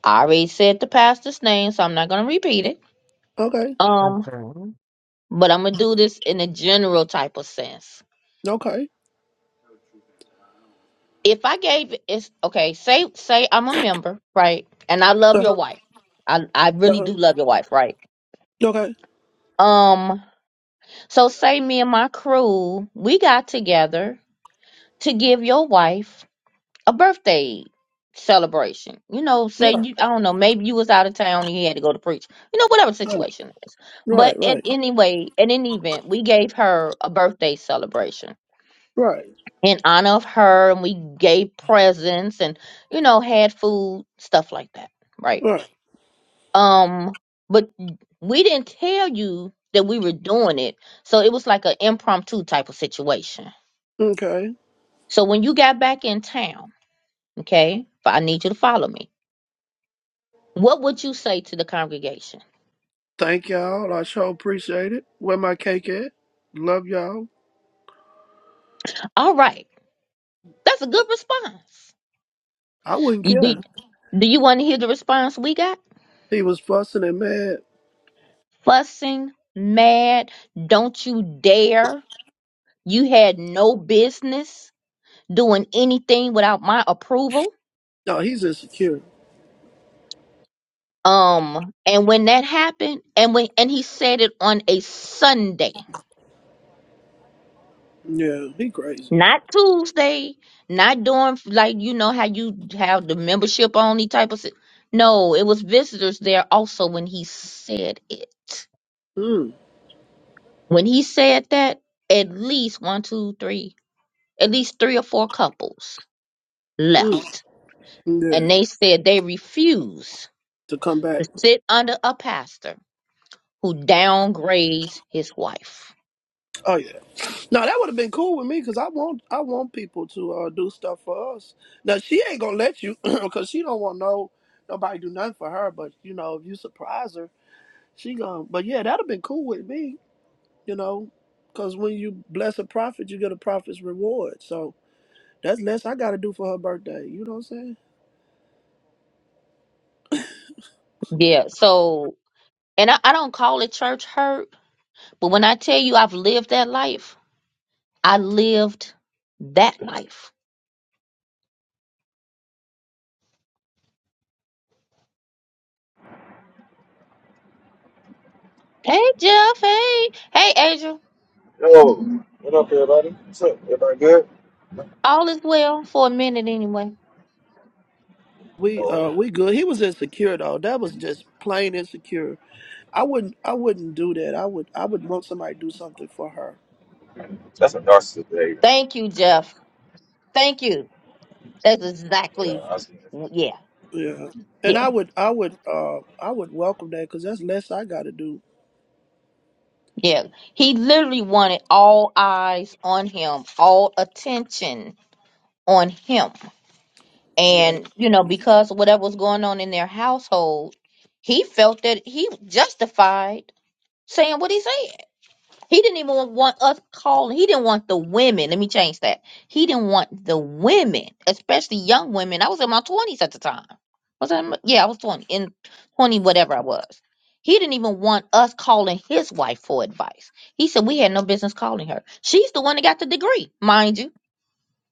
Speaker 1: I already said the pastor's name, so I'm not gonna repeat it.
Speaker 3: Okay.
Speaker 1: Um,
Speaker 4: Okay.
Speaker 1: but I'm gonna do this in a general type of sense.
Speaker 3: Okay.
Speaker 1: If I gave it's okay, say say I'm a member, right? And I love
Speaker 3: Uh-huh.
Speaker 1: your wife. I I really do
Speaker 3: Uh-huh.
Speaker 1: love your wife, right?
Speaker 3: Okay.
Speaker 1: Um, so say me and my crew, we got together to give your wife a birthday celebration. You know, say
Speaker 3: Right.
Speaker 1: you I don't know, maybe you was out of town and you had to go to preach. You know, whatever
Speaker 3: Right.
Speaker 1: situation it is.
Speaker 3: Right.
Speaker 1: But at
Speaker 3: Right.
Speaker 1: anyway, at any event, we gave her a birthday celebration
Speaker 3: Right.
Speaker 1: in honor of her and we gave presents and, you know, had food, stuff like that. Right.
Speaker 3: Right.
Speaker 1: Um, but we didn't tell you that we were doing it. So it was like an impromptu type of situation.
Speaker 3: Okay.
Speaker 1: So when you got back in town, okay, I need you to follow me What would you say to the congregation?
Speaker 3: Thank y'all. I sure appreciate it. Where my cake at? Love y'all.
Speaker 1: All right. That's a good response.
Speaker 3: I wouldn't
Speaker 1: You do,
Speaker 3: care.
Speaker 1: do you want to hear the response we got?
Speaker 3: He was fussing and mad.
Speaker 1: Fussing, mad, don't you dare. You had no business doing anything without my approval.
Speaker 3: No, he's insecure.
Speaker 1: Um, and when that happened, and when and he said it on a Sunday.
Speaker 3: Yeah, he crazy.
Speaker 1: Not Tuesday, not during like you know how you have the membership only type of. si- No, it was visitors there also when he said it.
Speaker 3: Mm,
Speaker 1: When he said that, at least one, two, three, at least three or four couples
Speaker 3: mm,
Speaker 1: left, and
Speaker 3: yeah.
Speaker 1: they said they refuse
Speaker 3: To come back.
Speaker 1: to sit under a pastor who downgrades his wife.
Speaker 3: Oh yeah. No, that would have been cool with me because I want I want people to uh, do stuff for us. Now she ain't gonna let you *clears throat* because she don't want no nobody do nothing for her. But you know, if you surprise her, she gonna. But yeah, that'd have been cool with me. You know, because when you bless a prophet, you get a prophet's reward. So that's less I got to do for her birthday. You know what I'm saying?
Speaker 1: Yeah, so and I, I don't call it church hurt, but when I tell you I've lived that life I lived that life. Hey Jeff, hey, hey Angel,
Speaker 6: Yo, what up, everybody? What's up? Everybody good?
Speaker 1: all is well for a minute anyway.
Speaker 3: We uh
Speaker 6: Oh,
Speaker 3: we good. He was insecure though. That was just plain insecure. I wouldn't I wouldn't do that. I would I would want somebody to do something for her.
Speaker 6: that's a narcissist behavior.
Speaker 1: Thank you, Jeff. Thank you. That's
Speaker 6: Yeah,
Speaker 1: exactly,
Speaker 6: I seen it from
Speaker 1: yeah,
Speaker 3: Yeah.
Speaker 1: yeah,
Speaker 3: And I would, I would, uh, I would welcome that because that's less I got to do.
Speaker 1: yeah. He literally wanted all eyes on him, all attention on him,
Speaker 3: Yeah.
Speaker 1: and you know because of whatever was going on in their household, he felt that he justified saying what he said He didn't even want us calling. He didn't want the women. Let me change that. He didn't want the women, especially young women. I was in my twenties at the time. Was I? in my- Yeah, I was twenty in twenty whatever I was. He didn't even want us calling his wife for advice. He said we had no business calling her. She's the one that got the degree, mind you.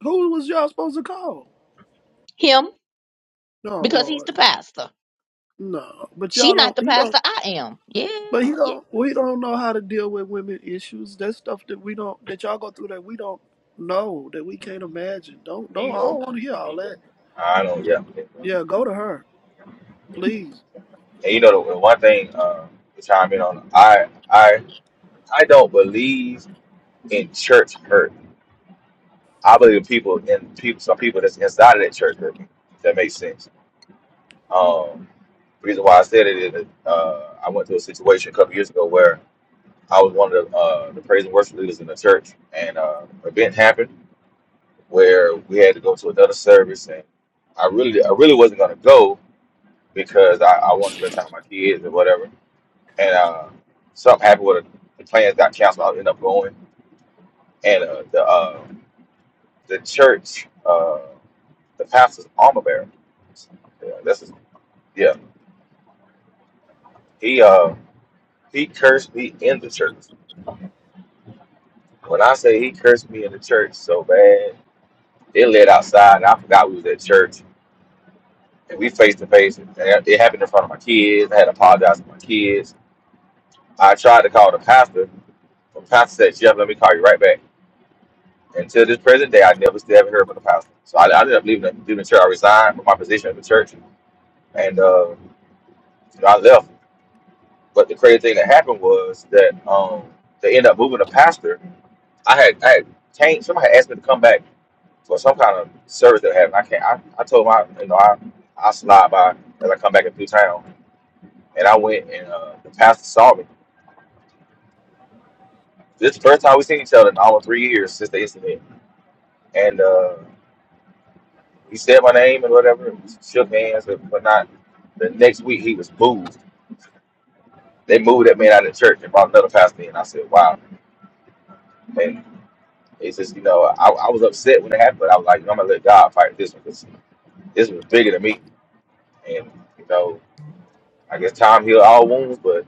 Speaker 3: Who was y'all supposed to call?
Speaker 1: Him
Speaker 3: No,
Speaker 1: because he's
Speaker 3: Lord,
Speaker 1: the pastor.
Speaker 3: no. But
Speaker 1: She
Speaker 3: y'all
Speaker 1: not
Speaker 3: don't.
Speaker 1: the
Speaker 3: He don't.
Speaker 1: pastor. I am. Yeah,
Speaker 3: But he
Speaker 1: yeah,
Speaker 3: don't. We don't know how to deal with women issues. That stuff that we don't. That y'all go through that we don't know. That we can't imagine. Don't. Don't. I
Speaker 6: Bingo.
Speaker 3: don't want to hear all
Speaker 6: Bingo.
Speaker 3: that.
Speaker 6: I know, yeah. And
Speaker 3: Yeah. Go to her, please.
Speaker 6: you know, the the one thing uh, to chime in on, I, I, I don't believe in church hurt. I believe people in people, some people that's inside of that church hurt. me, If that makes sense. Um, the reason why I said it is that uh, I went through a situation a couple years ago where I was one of the, uh, the praise and worship leaders in the church, and uh, event happened where we had to go to another service, and I really, I really wasn't gonna go because I, I want to spend time with my kids and whatever. And uh, something happened with it. the plans got canceled. I ended up going, and uh, the uh, the church, uh, the pastor's armor bearer, yeah, that's his, yeah, he uh, he cursed me in the church. When I say he cursed me in the church so bad, it led outside, and I forgot we was at church. And we face to face, and it happened in front of my kids. I had to apologize to my kids I tried to call the pastor, but the pastor said, "Yep, let me call you right back." Until this present day, I never still haven't heard from the pastor. So I, I ended up leaving the, leaving the church. I resigned from my position at the church, and uh, you know, I left. But the crazy thing that happened was that um, they ended up moving the pastor. I had I had changed. Somebody had asked me to come back for some kind of service that happened. I can't. I, I told my you know I I slide by as I come back into town, and I went and uh, the pastor saw me. This is the first time we seen each other in almost three years since the incident and uh, He said my name and whatever, shook hands and whatnot. The next week he was moved. They moved that man out of the church and brought another pastor in. I said, wow. And it's just, you know, I, I was upset when it happened, but I was like, you know, I'm going to let God fight this one because this was bigger than me. And, you know, I guess time healed all wounds, but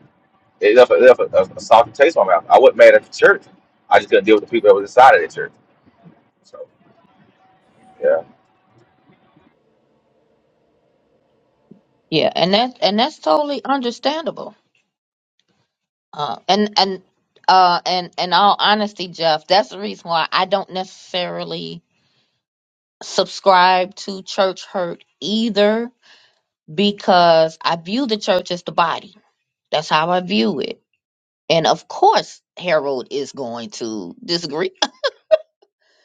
Speaker 6: it left, a- it left a, a, a salty taste in my mouth. I wasn't mad at the church. I just couldn't deal with the people that was inside of the church. So, yeah.
Speaker 1: yeah. And that's and that's totally understandable. Uh, and and uh and in all honesty, Jeff, that's the reason why I don't necessarily subscribe to church hurt either, because I view the church as the body. That's how I view it. And of course, Harold is going to disagree,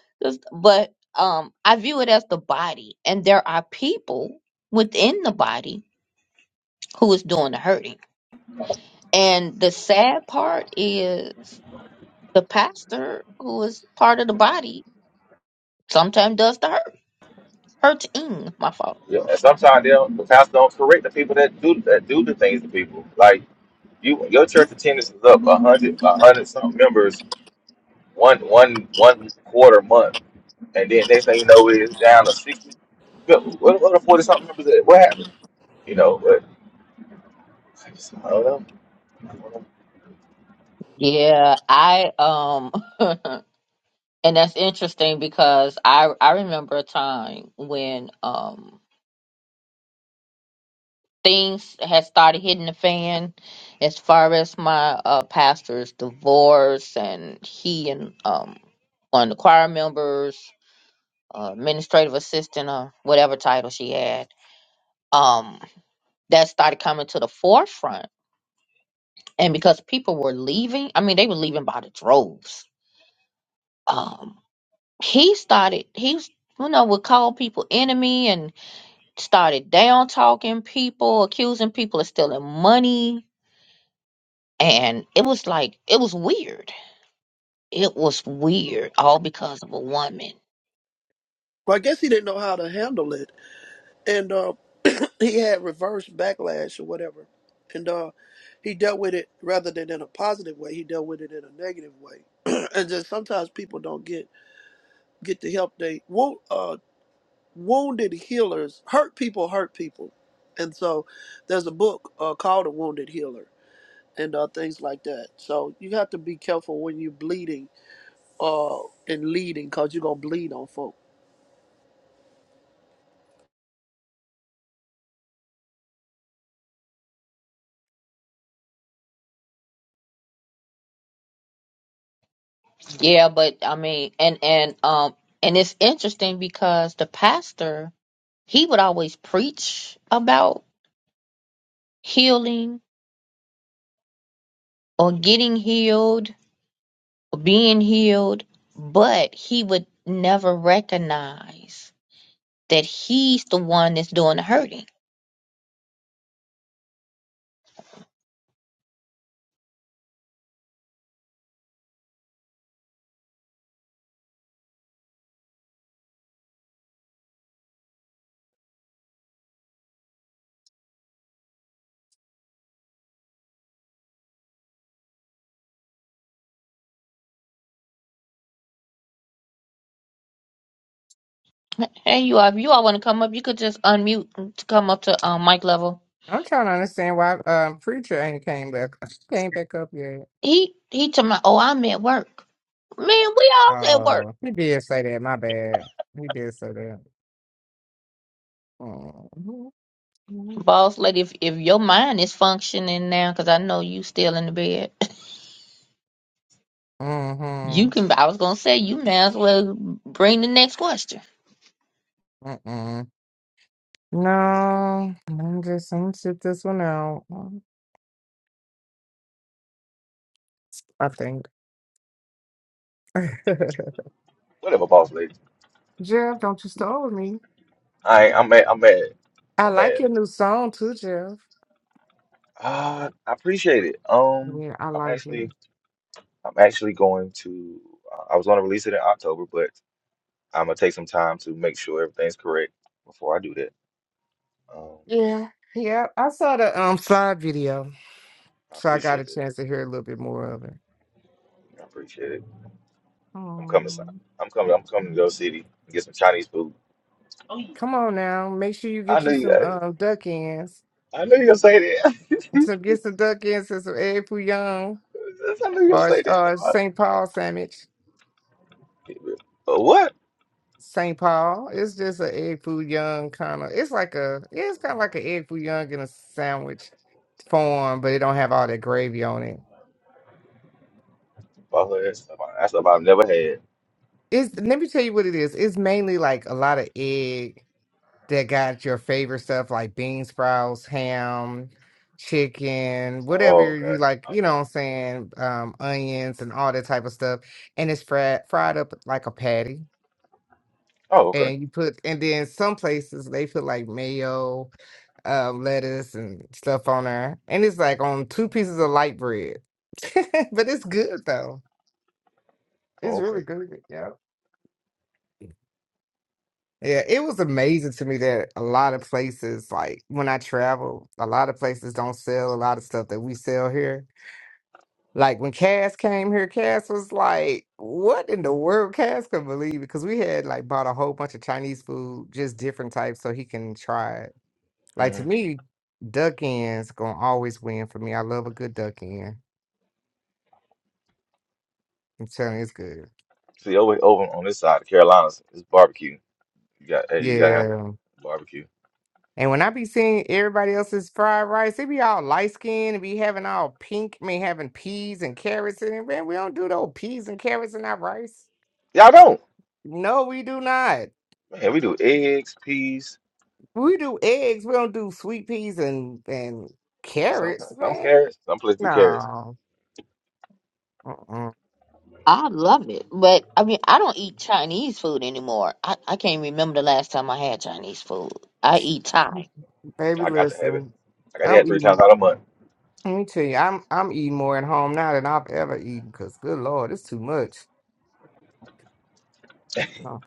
Speaker 1: *laughs* Just- but um, I view it as the body, and there are people within the body who is doing the hurting. And the sad part is the pastor who is part of the body sometimes does the hurt hurting my fault
Speaker 6: yeah. And sometimes they don't, the pastor don't correct the people that do that do the things to people. Like, You your church attendance is up a hundred a hundred some members one one one quarter month, and then next thing you know it's down to sixty. What what what are forty something members? At? What happened? You know, but I just I don't know. I don't know.
Speaker 1: yeah i um *laughs* and that's interesting because i i remember a time when um things had started hitting the fan as far as my uh pastor's divorce and he and um one of the choir members uh, administrative assistant or whatever title she had um that started coming to the forefront and because people were leaving i mean they were leaving by the droves um he started he was you know would call people enemy and started down talking people accusing people of stealing money and it was like it was weird it was weird all because of a woman
Speaker 3: Well, I guess he didn't know how to handle it, and um, he had reverse backlash or whatever, and uh, he dealt with it rather than in a positive way. He dealt with it in a negative way, *clears throat* and just sometimes people don't get get the help they want. Uh, wounded healers hurt people, hurt people, and so there's a book uh, called A Wounded Healer and uh, things like that. So you have to be careful when you're bleeding uh, and leading, cause you're gonna bleed on folk.
Speaker 1: yeah but i mean and and um and it's interesting because the pastor he would always preach about healing or getting healed or being healed but he would never recognize that he's the one that's doing the hurting. Hey, you all, if you all want to come up, you could just unmute to come up to um mic level.
Speaker 4: I'm trying to understand why um preacher ain't came back *laughs* came back up yet.
Speaker 1: He he told me, oh, I'm at work. Man, we all at work.
Speaker 4: Oh, he did say that. My bad. He did say that. Mm-hmm.
Speaker 1: Boss lady, if, if your mind is functioning now, because I know you still in the bed, *laughs* you can. I was gonna say you may as well bring the next question.
Speaker 4: Mm-hmm. No, I'm just I'm gonna sit this one out. um, I think. *laughs*
Speaker 6: Whatever, boss lady.
Speaker 4: Jeff, don't you start with me.
Speaker 6: I I'm mad. I'm mad.
Speaker 4: I
Speaker 6: I'm
Speaker 4: like
Speaker 6: mad.
Speaker 4: your new song too, Jeff.
Speaker 6: Uh, I appreciate it. Um,
Speaker 4: Yeah, I
Speaker 6: I'm
Speaker 4: like it.
Speaker 6: actually I'm actually going to. Uh, I was going to release it in October, but I'm gonna take some time to make sure everything's correct before I do that. Um,
Speaker 4: Yeah, yeah. I saw the um slide video,
Speaker 6: I
Speaker 4: so I got a
Speaker 6: appreciate it.
Speaker 4: chance to hear a little bit more of it.
Speaker 6: I appreciate it. I'm coming. son.
Speaker 4: hmm
Speaker 6: I'm coming. I'm coming to your city and get some Chinese food.
Speaker 4: Come on now, make sure you
Speaker 6: I
Speaker 4: get you
Speaker 6: knew you.
Speaker 4: some
Speaker 6: guys-
Speaker 4: um duck ends.
Speaker 6: I knew you were gonna say that.
Speaker 4: So get some duck ends and some egg foo young
Speaker 6: *laughs* I knew you were gonna
Speaker 4: or
Speaker 6: say that. That's
Speaker 4: uh
Speaker 6: why-
Speaker 4: St. Paul sandwich.
Speaker 6: But what?
Speaker 4: St. Paul. It's just a egg foo young kind of. It's like a. yeah, It's kind of like an egg foo young in a sandwich form, but it don't have all that gravy on it.
Speaker 6: Bought her ass something- That's something I've never had.
Speaker 4: It's let me tell you what it is. It's mainly like a lot of egg that got your favorite stuff like bean sprouts, ham, chicken,
Speaker 6: Oh,
Speaker 4: whatever you
Speaker 6: okay.
Speaker 4: like. You know
Speaker 6: Okay.
Speaker 4: what I'm saying? Um, onions and all that type of stuff, and it's fried fried up like a patty.
Speaker 6: Oh, okay.
Speaker 4: and you put and then some places they put like mayo, um, lettuce and stuff on there, and it's like on two pieces of light bread. *laughs* but it's good though.
Speaker 6: Oh,
Speaker 4: It's
Speaker 6: okay.
Speaker 4: really good. Yeah. Yeah, it was amazing to me that a lot of places, like when I travel, a lot of places don't sell a lot of stuff that we sell here. Like when Cass came here, Cass was like, "What in the world?" Cass couldn't believe it because we had like bought a whole bunch of Chinese food, just different types, so he can try it. Like to
Speaker 6: hmm
Speaker 4: me, duck ends gonna always win for me. I love a good duck end. I'm telling you, it's good.
Speaker 6: See, over over on this side, the Carolinas, it's barbecue. You got hey, you gotta have
Speaker 4: Yeah.
Speaker 6: barbecue.
Speaker 4: And when I be seeing everybody else's fried rice, they be all light skinned and be having all pink, I mean having peas and carrots in it. Man, we don't do those peas and carrots in our rice.
Speaker 6: Y'all don't.
Speaker 4: No, we do not.
Speaker 6: Man, we do eggs, peas,
Speaker 4: We do eggs. We don't do sweet peas and and
Speaker 6: some
Speaker 4: carrots,
Speaker 6: some
Speaker 4: man.
Speaker 6: carrots. Some places do carrots.
Speaker 4: No. Uh-uh.
Speaker 1: I love it, but I mean, I don't eat Chinese food anymore. I, I can't remember the last time I had Chinese food. I eat Thai.
Speaker 4: Baby,
Speaker 6: I got to have it.
Speaker 4: listen.
Speaker 6: I got to have
Speaker 4: I'm
Speaker 6: it three times
Speaker 4: eating
Speaker 6: out a month.
Speaker 4: Let me tell you, I'm I'm eating more at home now than I've ever eaten. Cause good lord, it's too much. No,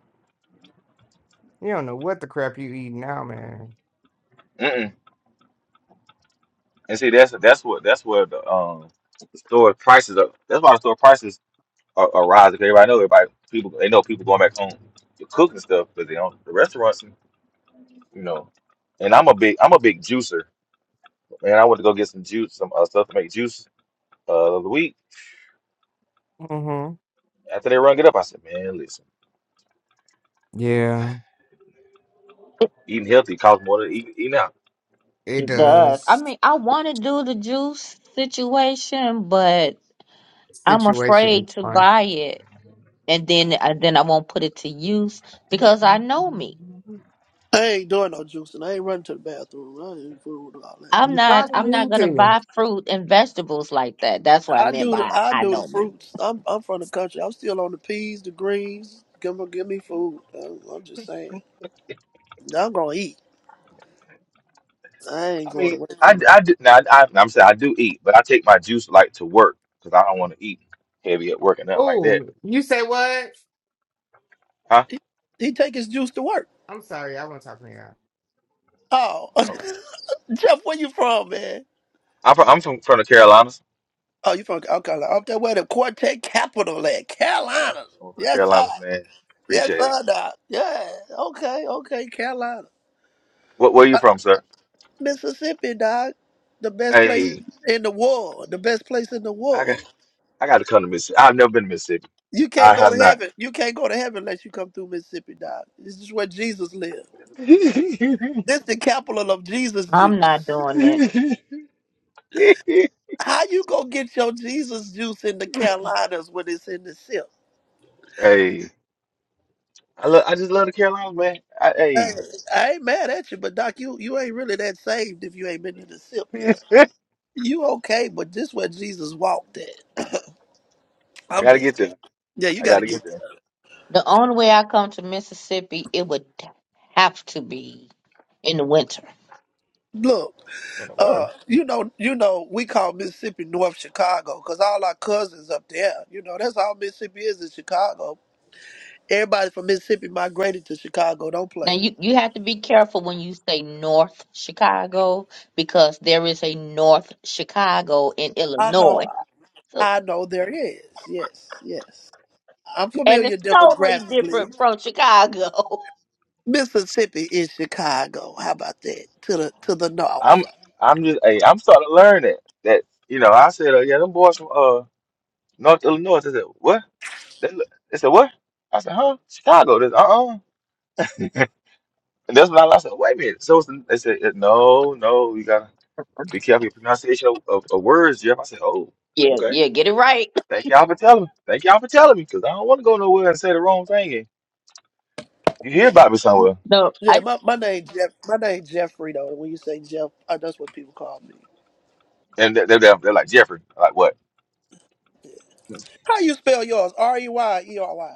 Speaker 4: you don't know what the crap you eat now, man.
Speaker 6: And see, that's that's what that's where the um store prices are. That's why the store prices are, are rising. 'cause Everybody know everybody people they know people going back home to cook and stuff, but they don't the restaurants, you know. And I'm a big I'm a big juicer, man. I went to go get some juice, some uh, stuff to make juice uh, the other week.
Speaker 4: hmm
Speaker 6: After they rung it up, I said, man, listen,
Speaker 4: Yeah,
Speaker 6: eating healthy costs more than eating, eating out.
Speaker 4: it
Speaker 1: It does. I
Speaker 4: does.
Speaker 1: mean, I want to do the juice situation, but I'm
Speaker 4: Situation
Speaker 1: afraid
Speaker 4: is
Speaker 1: to
Speaker 4: fun.
Speaker 1: buy it, and then and then I won't put it to use because I know me.
Speaker 4: You
Speaker 3: I ain't doing no juicing. I ain't running to the bathroom. I ain't food all that.
Speaker 1: I'm not.
Speaker 4: probably
Speaker 1: I'm not
Speaker 4: need
Speaker 1: gonna
Speaker 4: to.
Speaker 1: buy fruit and vegetables like that. That's what I
Speaker 3: I
Speaker 1: meant
Speaker 3: do the
Speaker 1: by
Speaker 3: I
Speaker 1: I
Speaker 3: do the
Speaker 1: know me.
Speaker 3: fruits. I'm I'm from the country. I'm still on the peas, the greens. Give me give me food. I'm, I'm just saying. I'm gonna eat. I ain't
Speaker 6: I
Speaker 3: going
Speaker 6: mean,
Speaker 3: away
Speaker 6: I,
Speaker 3: from it.
Speaker 6: I do now. I, I'm saying I do eat, but I take my juice like to work because I don't want to eat heavy at work and nothing like
Speaker 4: Oh,
Speaker 6: that.
Speaker 4: you say what?
Speaker 6: Huh?
Speaker 3: He, he take his juice to work.
Speaker 4: I'm sorry, I won't talk to you.
Speaker 3: Oh, *laughs*
Speaker 6: Oh.
Speaker 3: Jeff, where you from, man?
Speaker 6: I'm from, I'm from, from the Carolinas.
Speaker 3: Oh, you from North Carolina? Up that way, the Quartet Capital at
Speaker 6: Yeah,
Speaker 3: Carolina.
Speaker 6: North
Speaker 3: Yes, sir.
Speaker 6: Carolina, man.
Speaker 3: Yes,
Speaker 6: Appreciate it.
Speaker 3: sir, doc. Yeah. Okay, okay, Carolina,
Speaker 6: What, where you
Speaker 3: uh,
Speaker 6: from, sir?
Speaker 3: Mississippi, doc. The best place
Speaker 6: Hey,
Speaker 3: in the world. The best place in the
Speaker 6: I
Speaker 3: world.
Speaker 6: got I got to come to Mississippi. I've never been to Mississippi.
Speaker 3: You
Speaker 6: I
Speaker 3: can't go
Speaker 6: have
Speaker 3: to
Speaker 6: not.
Speaker 3: heaven. You can't go to heaven unless you come through Mississippi, dog. This is where Jesus lived.
Speaker 6: *laughs*
Speaker 3: This the capital of Jesus
Speaker 1: I'm not
Speaker 3: juice.
Speaker 1: doing that.
Speaker 6: hey,
Speaker 3: How you gonna get your Jesus juice in the Carolinas when it's in the SIP?
Speaker 6: I love I just love the Carolinas, man. I,
Speaker 3: Hey,
Speaker 6: hey,
Speaker 3: I ain't mad at you, but Doc, you, you ain't really that saved if you ain't been to the SIP
Speaker 6: *laughs*
Speaker 3: yet. You okay, but this where Jesus walked at.
Speaker 6: I
Speaker 3: I'm
Speaker 6: gotta get
Speaker 3: just
Speaker 6: there.
Speaker 3: yeah, you
Speaker 6: I
Speaker 3: gotta
Speaker 6: gotta get
Speaker 3: get
Speaker 6: there.
Speaker 3: there.
Speaker 1: The only way I come to Mississippi, it would have to be in the winter.
Speaker 3: Look,
Speaker 6: You know,
Speaker 3: uh,
Speaker 6: well,
Speaker 3: you know, you know, we call Mississippi North Chicago because all our cousins up there, you know, that's all Mississippi is in Chicago. Everybody from Mississippi migrated to Chicago. Don't
Speaker 1: Now
Speaker 3: play.
Speaker 1: you you have to be careful when you say North Chicago because there is a North Chicago in
Speaker 3: I
Speaker 1: Illinois
Speaker 3: know.
Speaker 1: So,
Speaker 3: I know there is. Yes, yes. I'm
Speaker 1: and it's
Speaker 3: familiar
Speaker 1: totally
Speaker 3: demographically.
Speaker 1: different from Chicago. *laughs*
Speaker 3: Mississippi is Chicago. How about that? To the to the
Speaker 6: I'm
Speaker 3: north.
Speaker 6: I'm just hey, I'm starting to learn that that you know I said uh, yeah them boys from uh North Illinois. They said what? They, look- they said what? I said huh? Chicago. This uh uh *laughs* And that's when I said, wait a minute. So it's they said, eh, no, no, you gotta be careful your pronunciation of, of, of words, Jeff. I said, oh,
Speaker 1: yeah,
Speaker 6: okay.
Speaker 1: yeah, get it right.
Speaker 6: Thank y'all for telling me. Thank y'all for telling me, because I don't want to go nowhere and say the wrong thing. And you hear
Speaker 3: Yeah,
Speaker 6: about me somewhere,
Speaker 1: No,
Speaker 3: yeah.
Speaker 1: I
Speaker 3: My my name Jeff. My name Jeffrey though. When you say Jeff, uh, that's what people call me.
Speaker 6: and they, they, they're they're like Jeffrey, I'm like what?
Speaker 3: How you spell yours? R e y e r y.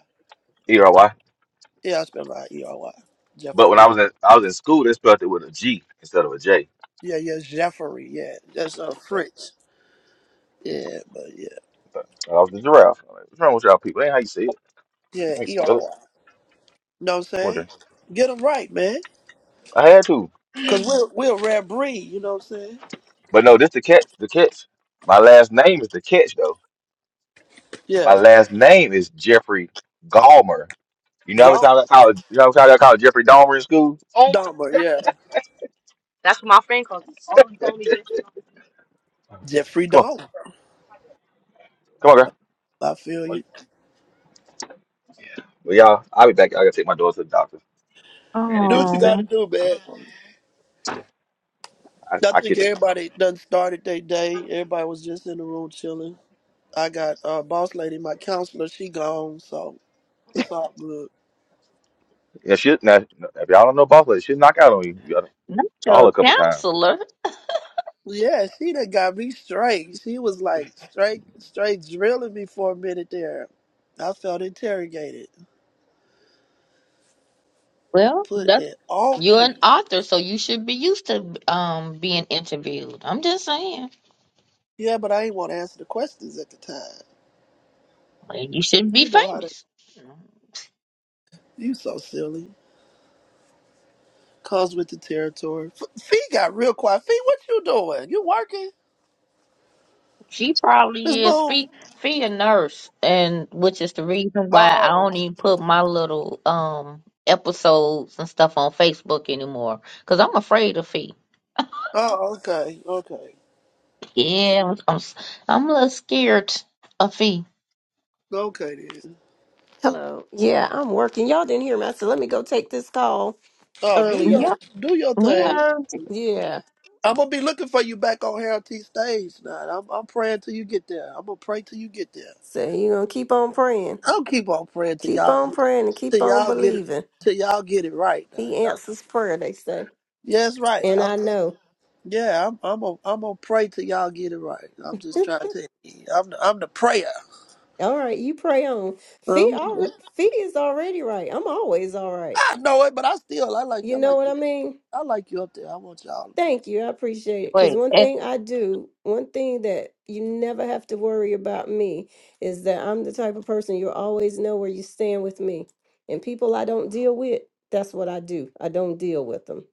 Speaker 6: E R Y.
Speaker 3: Yeah, I spell mine e r y.
Speaker 6: But when
Speaker 3: Jeffrey.
Speaker 6: I was in I was in school, they spelled it with a G instead of a J.
Speaker 3: Yeah, yeah, Jeffrey. Yeah, that's uh,
Speaker 6: Yeah.
Speaker 3: French. Yeah, but yeah,
Speaker 6: But I was the giraffe. I'm like, What's wrong with y'all people? That ain't how you say it.
Speaker 3: yeah,
Speaker 6: How you
Speaker 3: e
Speaker 6: spell
Speaker 3: r
Speaker 6: it?
Speaker 3: y. know what I'm
Speaker 6: Come on,
Speaker 3: saying?
Speaker 6: Jay.
Speaker 3: Get them right, man.
Speaker 6: I had to.
Speaker 3: Because we're, we're a rare breed, you know what I'm saying?
Speaker 6: But no, this the catch. The catch. My last name is the catch though. My
Speaker 3: Yeah.
Speaker 6: last name is Jeffrey Dahmer. You know how many
Speaker 3: Gone.
Speaker 6: times I called you know how many times I called Jeffrey Dahmer in school? Oh my,
Speaker 3: Dahmer, yeah.
Speaker 6: that's what my friend calls me. Oh, you told me just
Speaker 3: Jeffrey
Speaker 6: Come on,
Speaker 3: Dahmer.
Speaker 6: come on, girl.
Speaker 3: I feel you.
Speaker 6: Well, y'all, I'll be back. I gotta take my daughter to the doctor. I had to
Speaker 3: Do
Speaker 6: do
Speaker 3: what
Speaker 6: this
Speaker 3: you
Speaker 6: today.
Speaker 3: got to
Speaker 1: um
Speaker 3: do, man.
Speaker 6: I,
Speaker 3: I
Speaker 6: I
Speaker 3: think
Speaker 6: catch it with y'all.
Speaker 3: everybody done started their day. Everybody was just in the room chilling. I got uh, boss lady, my counselor. She gone, so it's all good.
Speaker 6: Yeah, she now, if y'all don't know Buffalo, she'll knock out on you. You gotta
Speaker 1: not
Speaker 6: call her
Speaker 1: your
Speaker 6: a couple times.
Speaker 1: counselor.
Speaker 3: Yeah, she done got me straight. She was like straight, straight drilling me for a minute there. I felt interrogated.
Speaker 1: Well,
Speaker 3: Put
Speaker 1: that's
Speaker 3: it on
Speaker 1: you're an
Speaker 3: me.
Speaker 1: author, so you should be used to um being interviewed. I'm just saying,
Speaker 3: Yeah, but I ain't want to answer the questions at the time.
Speaker 1: like, you shouldn't be
Speaker 3: You know how that.
Speaker 1: famous.
Speaker 3: You so silly. Comes with the territory. F- Fee got real quiet. Fee, what you doing? You working?
Speaker 1: She
Speaker 3: Miss
Speaker 1: probably is.
Speaker 3: Boom.
Speaker 1: She she a nurse, and which is the reason why I
Speaker 3: Oh.
Speaker 1: don't even put my little um episodes and stuff on Facebook anymore, cause I'm afraid of Fee.
Speaker 3: Oh, okay. Okay.
Speaker 1: Yeah, I'm, I'm, s- I'm a little scared of fee.
Speaker 3: Okay then.
Speaker 5: Hello. Yeah, I'm working. Y'all didn't hear me. I said, let me go take this call
Speaker 3: Oh, do
Speaker 5: earlier.
Speaker 3: your
Speaker 1: Yep,
Speaker 3: do your
Speaker 1: we
Speaker 3: thing.
Speaker 1: heard. you.
Speaker 5: Yeah.
Speaker 3: I'm gonna be looking for you back on Heritage Stage tonight. I'm I'm praying till you get there. I'm gonna pray till you get there.
Speaker 5: So you going to keep on praying.
Speaker 3: I'll keep on praying till
Speaker 5: Keep
Speaker 3: y'all
Speaker 5: on praying and
Speaker 3: till
Speaker 5: keep on
Speaker 3: y'all get it
Speaker 5: believing.
Speaker 3: till y'all get it right now.
Speaker 5: He
Speaker 3: Y'all,
Speaker 5: answers prayer, they say.
Speaker 3: Yeah, that's right.
Speaker 5: And I know.
Speaker 3: Yeah, I'm I'm gonna I'm gonna pray till y'all get it right. I'm just trying to tell you, I'm the, I'm the prayer.
Speaker 5: All right, you pray on. Fee
Speaker 3: I'm-
Speaker 5: already, fee is already right. I'm always all right.
Speaker 3: I know it, but I still I like
Speaker 5: You
Speaker 3: I
Speaker 5: know
Speaker 3: like
Speaker 5: what I
Speaker 3: you.
Speaker 5: mean?
Speaker 3: I like you up there. I want y'all to be.
Speaker 5: Thank you. I appreciate it.
Speaker 1: Wait,
Speaker 5: Cause one
Speaker 1: eh,
Speaker 5: thing I do, one thing that you never have to worry about me is that I'm the type of person you always know where you stand with me. And people I don't deal with, that's what I do. I don't deal with them.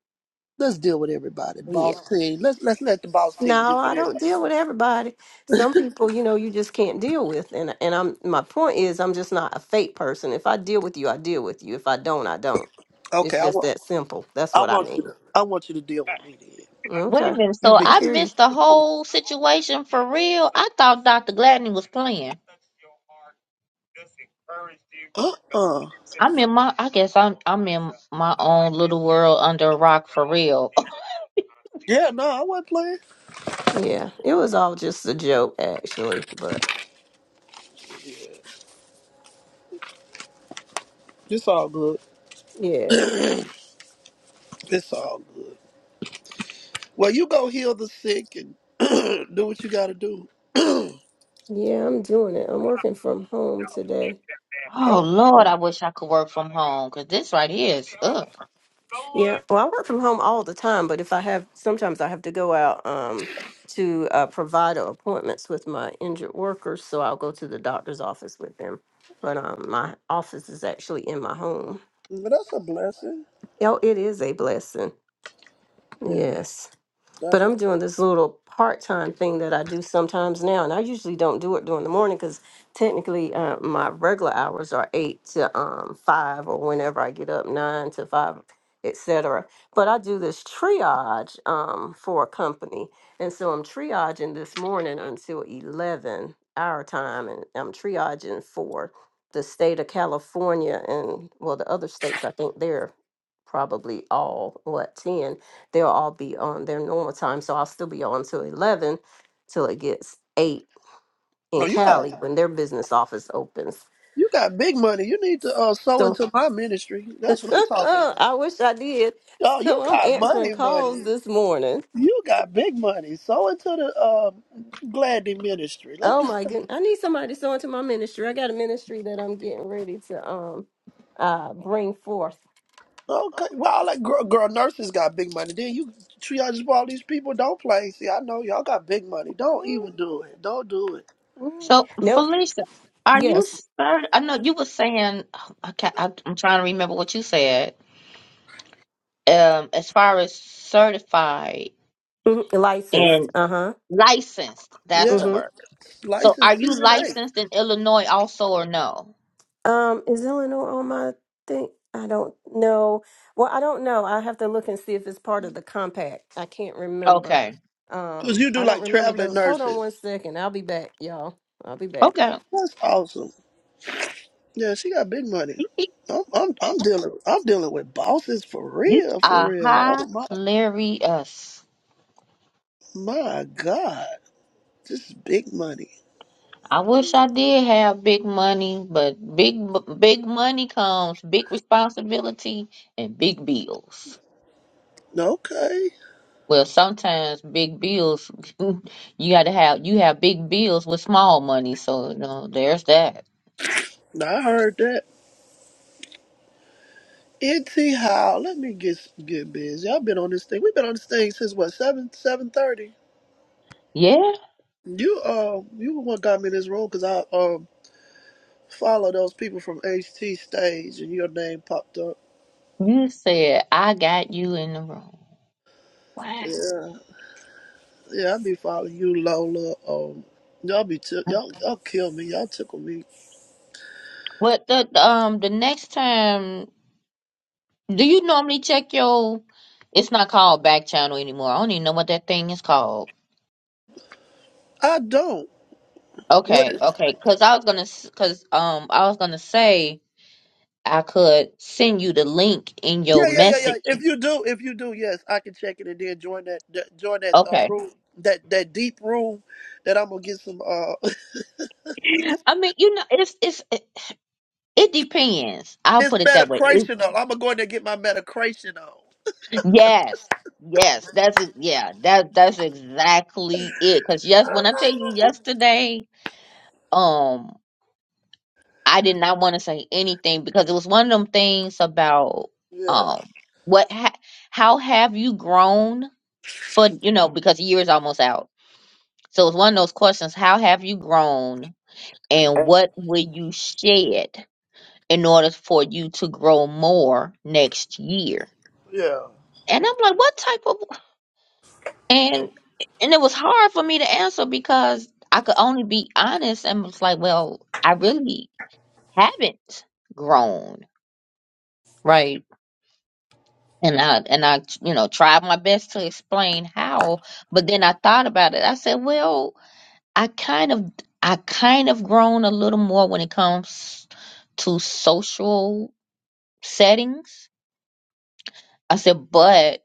Speaker 3: Let's deal with everybody. Boss team. Let's let's let the boss team
Speaker 5: No,
Speaker 3: do
Speaker 5: I
Speaker 3: it.
Speaker 5: don't deal with everybody. Some people, you know, you just can't deal with. And and I'm my point is I'm just not a fake person. If I deal with you, I deal with you. If I don't, I don't. It's
Speaker 3: Okay, I
Speaker 5: just
Speaker 3: want
Speaker 5: that simple. That's
Speaker 3: I
Speaker 5: what I
Speaker 3: want you
Speaker 5: mean.
Speaker 3: to I want you to deal with me then.
Speaker 1: wait a
Speaker 5: Okay.
Speaker 1: minute.
Speaker 3: You
Speaker 1: So
Speaker 3: be
Speaker 5: I
Speaker 1: I
Speaker 3: cool.
Speaker 5: hear you.
Speaker 1: missed the whole situation for real. I thought Dr. Gladney was playing.
Speaker 3: Uh uh
Speaker 1: I'm in my. I guess I'm. I'm in my own little world under a rock for real. *laughs*
Speaker 3: Yeah, no, I wasn't playing.
Speaker 5: Yeah. It was all just a joke actually, but
Speaker 3: It's all good.
Speaker 5: yeah.
Speaker 3: It's all good. Well, you go heal the sick and *clears throat* do what you got to do. *clears throat* oh,
Speaker 5: Yeah, I'm doing it. I'm working from home today.
Speaker 1: Oh
Speaker 3: but
Speaker 1: Lord,
Speaker 5: so
Speaker 1: I wish I could work from home because this right here is up.
Speaker 5: Yeah, well, I work from home all the time, but if I have, sometimes I have to go out um, to uh, provider appointments with my injured workers, so I'll go to the doctor's office with them. But um, my office is actually in my home.
Speaker 3: that's a blessing.
Speaker 5: Oh, it is a blessing.
Speaker 3: Yeah. that's
Speaker 5: But I'm doing this little part time thing that I do sometimes now, and I usually don't do it during the morning because technically uh, my regular hours are eight to um, five, or whenever I get up, nine to five, etc. But I do this triage um, for a company, and so I'm triaging this morning until eleven our time, and I'm triaging for the state of California and well, the other states. I think they're probably all what ten they'll all be on their normal time. So I'll still be on till eleven, till it gets eight in
Speaker 3: No, you
Speaker 5: Cali
Speaker 3: got
Speaker 5: when their business office opens.
Speaker 3: you got big money. You need to uh, sow
Speaker 5: So
Speaker 3: into my ministry.
Speaker 5: *laughs*
Speaker 3: That's what I'm talking about.
Speaker 5: I wish I did.
Speaker 3: Yo, you
Speaker 5: So I'm
Speaker 3: got
Speaker 5: answering
Speaker 3: money,
Speaker 5: calls
Speaker 3: money.
Speaker 5: this morning.
Speaker 3: You got big money. Sow into the um, Gladney ministry. Let
Speaker 5: Oh
Speaker 3: me.
Speaker 5: my goodness! I need somebody to sew into my ministry. I got a ministry that I'm getting ready to um uh bring forth.
Speaker 3: Okay. Well, all that girl, girl nurses got big money. Then you triage all these people. Don't play. See, I know y'all got big money. Don't
Speaker 5: Mm,
Speaker 3: even do it. Don't do it.
Speaker 5: mm.
Speaker 1: So
Speaker 5: Nope.
Speaker 1: Felicia, are you
Speaker 5: Yes.
Speaker 1: certain? I know you were saying. I can't, I, I'm trying to remember what you said. Um, as far as certified.
Speaker 5: Mhm. Licensed.
Speaker 1: and
Speaker 5: Uh
Speaker 1: licensed. That's
Speaker 3: Yeah,
Speaker 5: huh.
Speaker 1: the word. So
Speaker 3: license
Speaker 1: are you
Speaker 3: CNA.
Speaker 1: licensed in Illinois also or no?
Speaker 5: Um, is Eleanor on my thing? I don't know. Well, I don't know. I have to look and see if it's part of the compact. I can't remember.
Speaker 1: Okay.
Speaker 3: Cause
Speaker 5: Um,
Speaker 3: you
Speaker 5: I
Speaker 3: do
Speaker 5: don't
Speaker 3: like
Speaker 5: remember
Speaker 3: traveling
Speaker 5: those. Hold on
Speaker 3: nurses.
Speaker 5: one second. I'll be back, y'all. I'll be back.
Speaker 1: Okay.
Speaker 3: That's awesome. Yeah, she got big money. I'm I'm I'm dealing I'm dealing with bosses for
Speaker 1: You
Speaker 3: real, for
Speaker 1: are
Speaker 3: real. Oh my
Speaker 1: hilarious.
Speaker 3: my God. This is big money.
Speaker 1: I wish I did have big money, but big big money comes big responsibility and big bills.
Speaker 3: Okay.
Speaker 1: Well, sometimes big bills *laughs* you got to have you have big bills with small money, so you know there's that.
Speaker 3: I heard that. NT how let me get get busy. I've been on this thing. We've been on this thing since what, seven seven thirty.
Speaker 1: Yeah,
Speaker 3: You uh you the one got me in this room because I um follow those people from HT stage and your name popped up.
Speaker 1: you said I got you in the room.
Speaker 3: Yeah, yeah, I be following you, Lola. Um, y'all be t- y'all y'all kill me. Y'all tickle me
Speaker 1: What the um the next time do you normally check your it's not called back channel anymore. I don't even know what that thing is called.
Speaker 3: I don't. What?
Speaker 1: Okay,
Speaker 3: Is,
Speaker 1: okay. Cause I was gonna s- cause um I was gonna say I could send you the link in
Speaker 3: yeah,
Speaker 1: your
Speaker 3: yeah, yeah, yeah.
Speaker 1: message.
Speaker 3: If you do, if you do, yes, I can check it and then join that, that join that uh,
Speaker 1: Okay.
Speaker 3: room, that that deep room, that I'm gonna get some. uh *laughs*
Speaker 1: I mean, you know, it's it's it, it depends. I'll
Speaker 3: It's
Speaker 1: put it that way. It,
Speaker 3: metacration on. I'm gonna go in there and get my metacration on.
Speaker 1: yes. Yes, that's it. Yeah, that that's exactly it. Cause yes, when I tell you yesterday, um. I did not want to say anything because it was one of them things about
Speaker 3: Yeah,
Speaker 1: um what ha- how have you grown for you know because the year is almost out. So it's one of those questions, how have you grown and what will you shed in order for you to grow more next year?
Speaker 3: yeah.
Speaker 1: And I'm like, what type of and and it was hard for me to answer because I could only be honest and was like, well, I really haven't grown, right? and I and I you know tried my best to explain how, but then I thought about it. I said, well, I kind of I kind of grown a little more when it comes to social settings. I said, but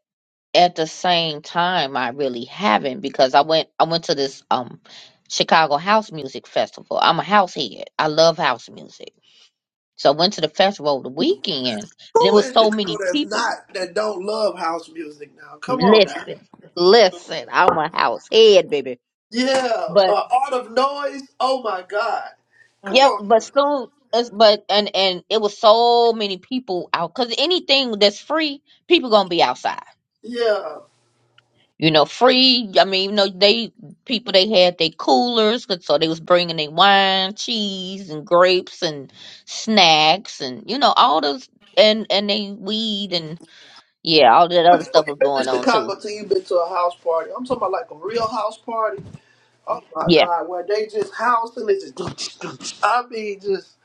Speaker 1: at the same time, I really haven't because I went I went to this um Chicago House Music Festival. I'm a house head. I love house music. So I went to the festival over the weekend and it
Speaker 3: Who
Speaker 1: was
Speaker 3: in
Speaker 1: so
Speaker 3: Chicago
Speaker 1: many
Speaker 3: that's
Speaker 1: people
Speaker 3: not that don't love house music now? Come on now.
Speaker 1: Listen, listen, I'm a house head, baby.
Speaker 3: Yeah, uh,
Speaker 1: But
Speaker 3: Art of Noise. Oh my God. Come
Speaker 1: yep,
Speaker 3: on.
Speaker 1: but
Speaker 3: Now.
Speaker 1: soon, it's- but and and it was so many people out because anything that's free, people gonna be outside.
Speaker 3: Yeah.
Speaker 1: You know, free. I mean, you know, they people they had their coolers, 'cause- so they was bringing their wine, cheese, and grapes and snacks, and you know all those and and they weed and yeah, all that
Speaker 3: But
Speaker 1: other
Speaker 3: you
Speaker 1: stuff
Speaker 3: ain't
Speaker 1: was
Speaker 3: been to
Speaker 1: going on too.
Speaker 3: Chicago till you been to a house party. I'm talking about like a real house party. Oh my
Speaker 1: Yeah,
Speaker 3: God, where they just housing it just *laughs* I mean just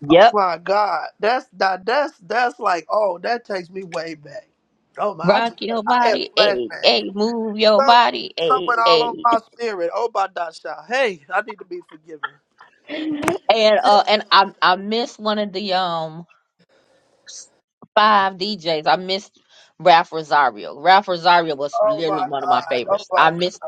Speaker 1: yep.
Speaker 3: oh my God. That's that that's that's like oh that takes me way back. Oh my I
Speaker 1: Rock
Speaker 3: just had
Speaker 1: your
Speaker 3: I had
Speaker 1: body, a
Speaker 3: flashbacks.
Speaker 1: a move your
Speaker 3: Some
Speaker 1: body, a
Speaker 3: something all over
Speaker 1: a.
Speaker 3: my spirit. Oh my dasha. Hey, I need to be forgiven.
Speaker 1: And uh, and I I missed one of the um s- five DJs. I missed Ralph Rosario. Ralph Rosario was
Speaker 3: Oh
Speaker 1: literally
Speaker 3: my
Speaker 1: one of my
Speaker 3: God. Oh
Speaker 1: favorites.
Speaker 3: my
Speaker 1: I
Speaker 3: God.
Speaker 1: missed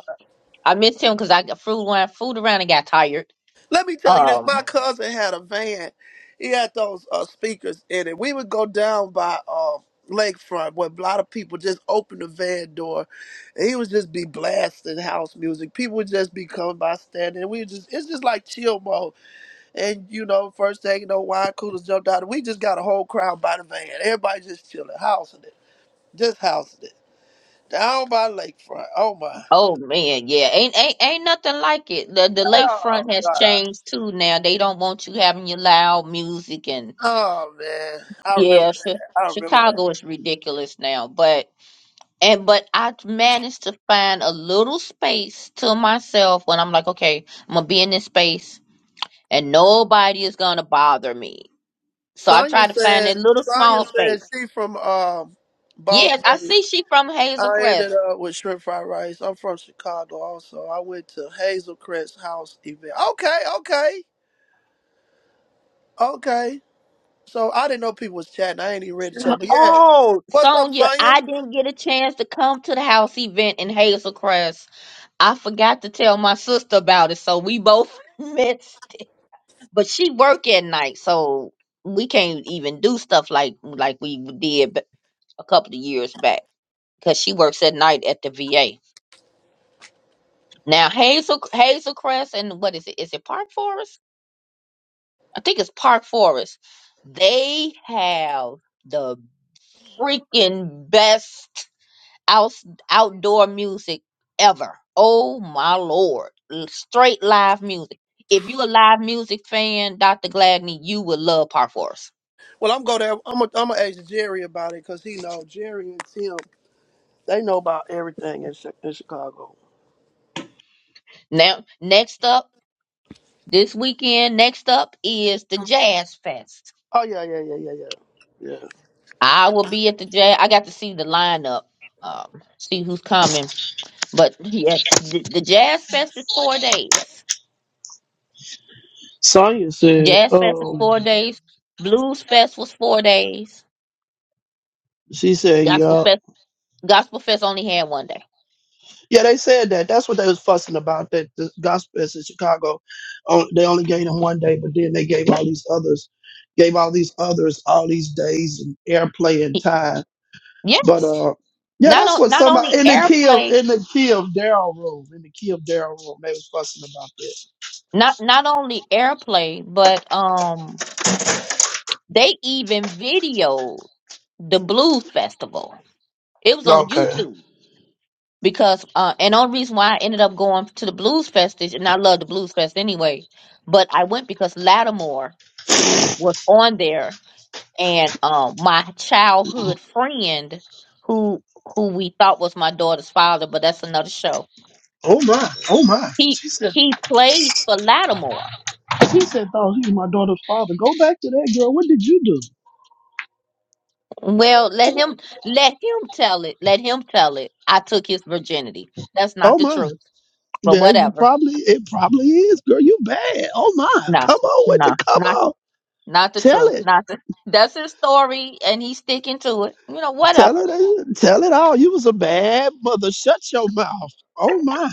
Speaker 1: I missed him because I got fooled around, fooled around and got tired.
Speaker 3: Let me tell you this. My
Speaker 1: Um.
Speaker 3: cousin had a van. He had those uh, speakers in it. We would go down by uh, Lakefront where a lot of people just open the van door. And he would just be blasting house music. People would just be coming by standing. And we would just, it's just like chill mode. And, you know, first thing you know, wine coolers jumped out. And we just got a whole crowd by the van. Everybody just chilling, housing it. Just housing it. Down by Lakefront. Oh, my.
Speaker 1: Oh man, yeah. Ain't ain't ain't nothing like it. The the
Speaker 3: Oh,
Speaker 1: lakefront has
Speaker 3: God.
Speaker 1: changed too now. They don't want you having your loud music and
Speaker 3: Oh, man. I
Speaker 1: yeah.
Speaker 3: remember
Speaker 1: Chi-
Speaker 3: that. I remember that.
Speaker 1: Chicago is ridiculous now, but. And but I managed to find a little space to myself when I'm like, okay, I'm gonna be in this space and nobody is gonna bother me. So I
Speaker 3: Sonya
Speaker 1: try to find that
Speaker 3: said
Speaker 1: little
Speaker 3: Sonya
Speaker 1: small
Speaker 3: said
Speaker 1: space.
Speaker 3: she from um Boss
Speaker 1: Yes, I
Speaker 3: Lady.
Speaker 1: see she from Hazel
Speaker 3: I
Speaker 1: Crest.
Speaker 3: ended up with shrimp fried rice. I'm from Chicago also. I went to Hazel Crest's house event. Okay, okay, okay. So I didn't know people was chatting. I ain't even ready to chat, but yeah.
Speaker 1: Oh,
Speaker 3: What's up,
Speaker 1: Sonia,
Speaker 3: Sonya?
Speaker 1: I didn't get a chance to come to the house event in Hazel Crest. I forgot to tell my sister about it, so we both *laughs* missed. But she work at night, so we can't even do stuff like like we did b- a couple of years back. because she works at night at the VA. Now Hazel Hazelcrest and what is it? Is it Park Forest? I think it's Park Forest. They have the freaking best out, outdoor music ever. Oh my lord. L- Straight live music. If you're a live music fan, Dr. Gladney, you would love Park Forest.
Speaker 3: Well, I'm go there. I'm gonna I'm gonna ask Jerry about it because he know Jerry and Tim. They know about everything in, Chi- in Chicago.
Speaker 1: Now, next up, this weekend, next up is the Jazz Fest.
Speaker 3: Oh yeah, yeah, yeah, yeah, yeah, yeah.
Speaker 1: I will be at the jazz. I got to see the lineup, um, see who's coming. But yeah, the, the jazz fest is four days.
Speaker 3: Sonya said,
Speaker 1: Jazz fest is
Speaker 3: um,
Speaker 1: four days. Blues fest was four days.
Speaker 3: she said,
Speaker 1: Gospel
Speaker 3: "Yup."
Speaker 1: fest, gospel fest only had one day.
Speaker 3: Yeah, they said that. That's what they was fussing about. That the gospel is in Chicago, oh, they only gave them one day, but then they gave
Speaker 1: Yep.
Speaker 3: all these others, gave all these others all these days and airplay and
Speaker 1: Y-
Speaker 3: time. But
Speaker 1: Yes.
Speaker 3: uh, yeah,
Speaker 1: Not
Speaker 3: that's
Speaker 1: on,
Speaker 3: what
Speaker 1: not only
Speaker 3: somebody in the key of
Speaker 1: airplay,
Speaker 3: in the key of Daryl room in the key of Daryl room they was fussing about
Speaker 1: not not only airplay, but um, they even videoed the blues festival. It was on
Speaker 3: that. Okay.
Speaker 1: YouTube. because uh and only reason why I ended up going to the Blues Fest is and I love the Blues Fest anyway, but I went because Lattimore was on there and um my childhood friend who who we thought was my daughter's father, but that's another show.
Speaker 3: Oh my, oh my.
Speaker 1: He
Speaker 3: She said,
Speaker 1: he plays for Lattimore.
Speaker 3: she said, thought he was my daughter's father. Go back to that girl. What did you do?
Speaker 1: Well, let him let him tell it. Let him tell it. I took his virginity. That's not
Speaker 3: Oh
Speaker 1: the
Speaker 3: my.
Speaker 1: truth. But
Speaker 3: Yeah, you
Speaker 1: whatever.
Speaker 3: probably it probably is, girl. You bad. Oh my,
Speaker 1: No.
Speaker 3: come on with
Speaker 1: No.
Speaker 3: the come
Speaker 1: not.
Speaker 3: on.
Speaker 1: Not the
Speaker 3: Tell
Speaker 1: truth.
Speaker 3: it,
Speaker 1: Not the, that's his story, and he's sticking to it. You know,
Speaker 3: tell
Speaker 1: whatever.
Speaker 3: it, uh, tell it all. You was a bad mother. Shut your mouth. Oh my.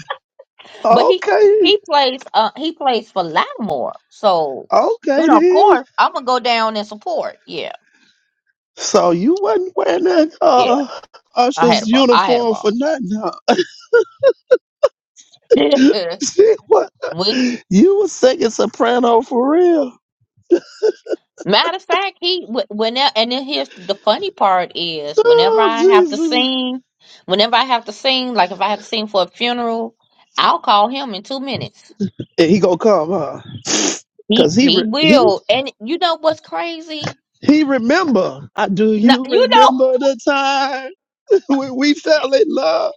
Speaker 1: But he
Speaker 3: Okay,
Speaker 1: he plays uh he plays for Lattimore, so you
Speaker 3: okay
Speaker 1: know, of
Speaker 3: then.
Speaker 1: course, I'm gonna go down and support. Yeah,
Speaker 3: So you wasn't wearing that
Speaker 1: yeah.
Speaker 3: uh
Speaker 1: I
Speaker 3: Usher's
Speaker 1: had a ball. I had a
Speaker 3: uniform for
Speaker 1: ball.
Speaker 3: nothing, huh? *laughs* See what?
Speaker 1: *laughs* we
Speaker 3: You was singing soprano for real.
Speaker 1: matter of fact, he whenever and then here's the funny part is whenever
Speaker 3: Oh
Speaker 1: I have to
Speaker 3: Jesus.
Speaker 1: sing, whenever I have to sing, like if I have to sing for a funeral, I'll call him in two minutes.
Speaker 3: And he gonna come, huh? *sniffs*
Speaker 1: He
Speaker 3: Cause he
Speaker 1: he
Speaker 3: re- he
Speaker 1: will. And you know what's crazy?
Speaker 3: He remember. I do
Speaker 1: No,
Speaker 3: you
Speaker 1: you know.
Speaker 3: remember the time *laughs* when we fell in love?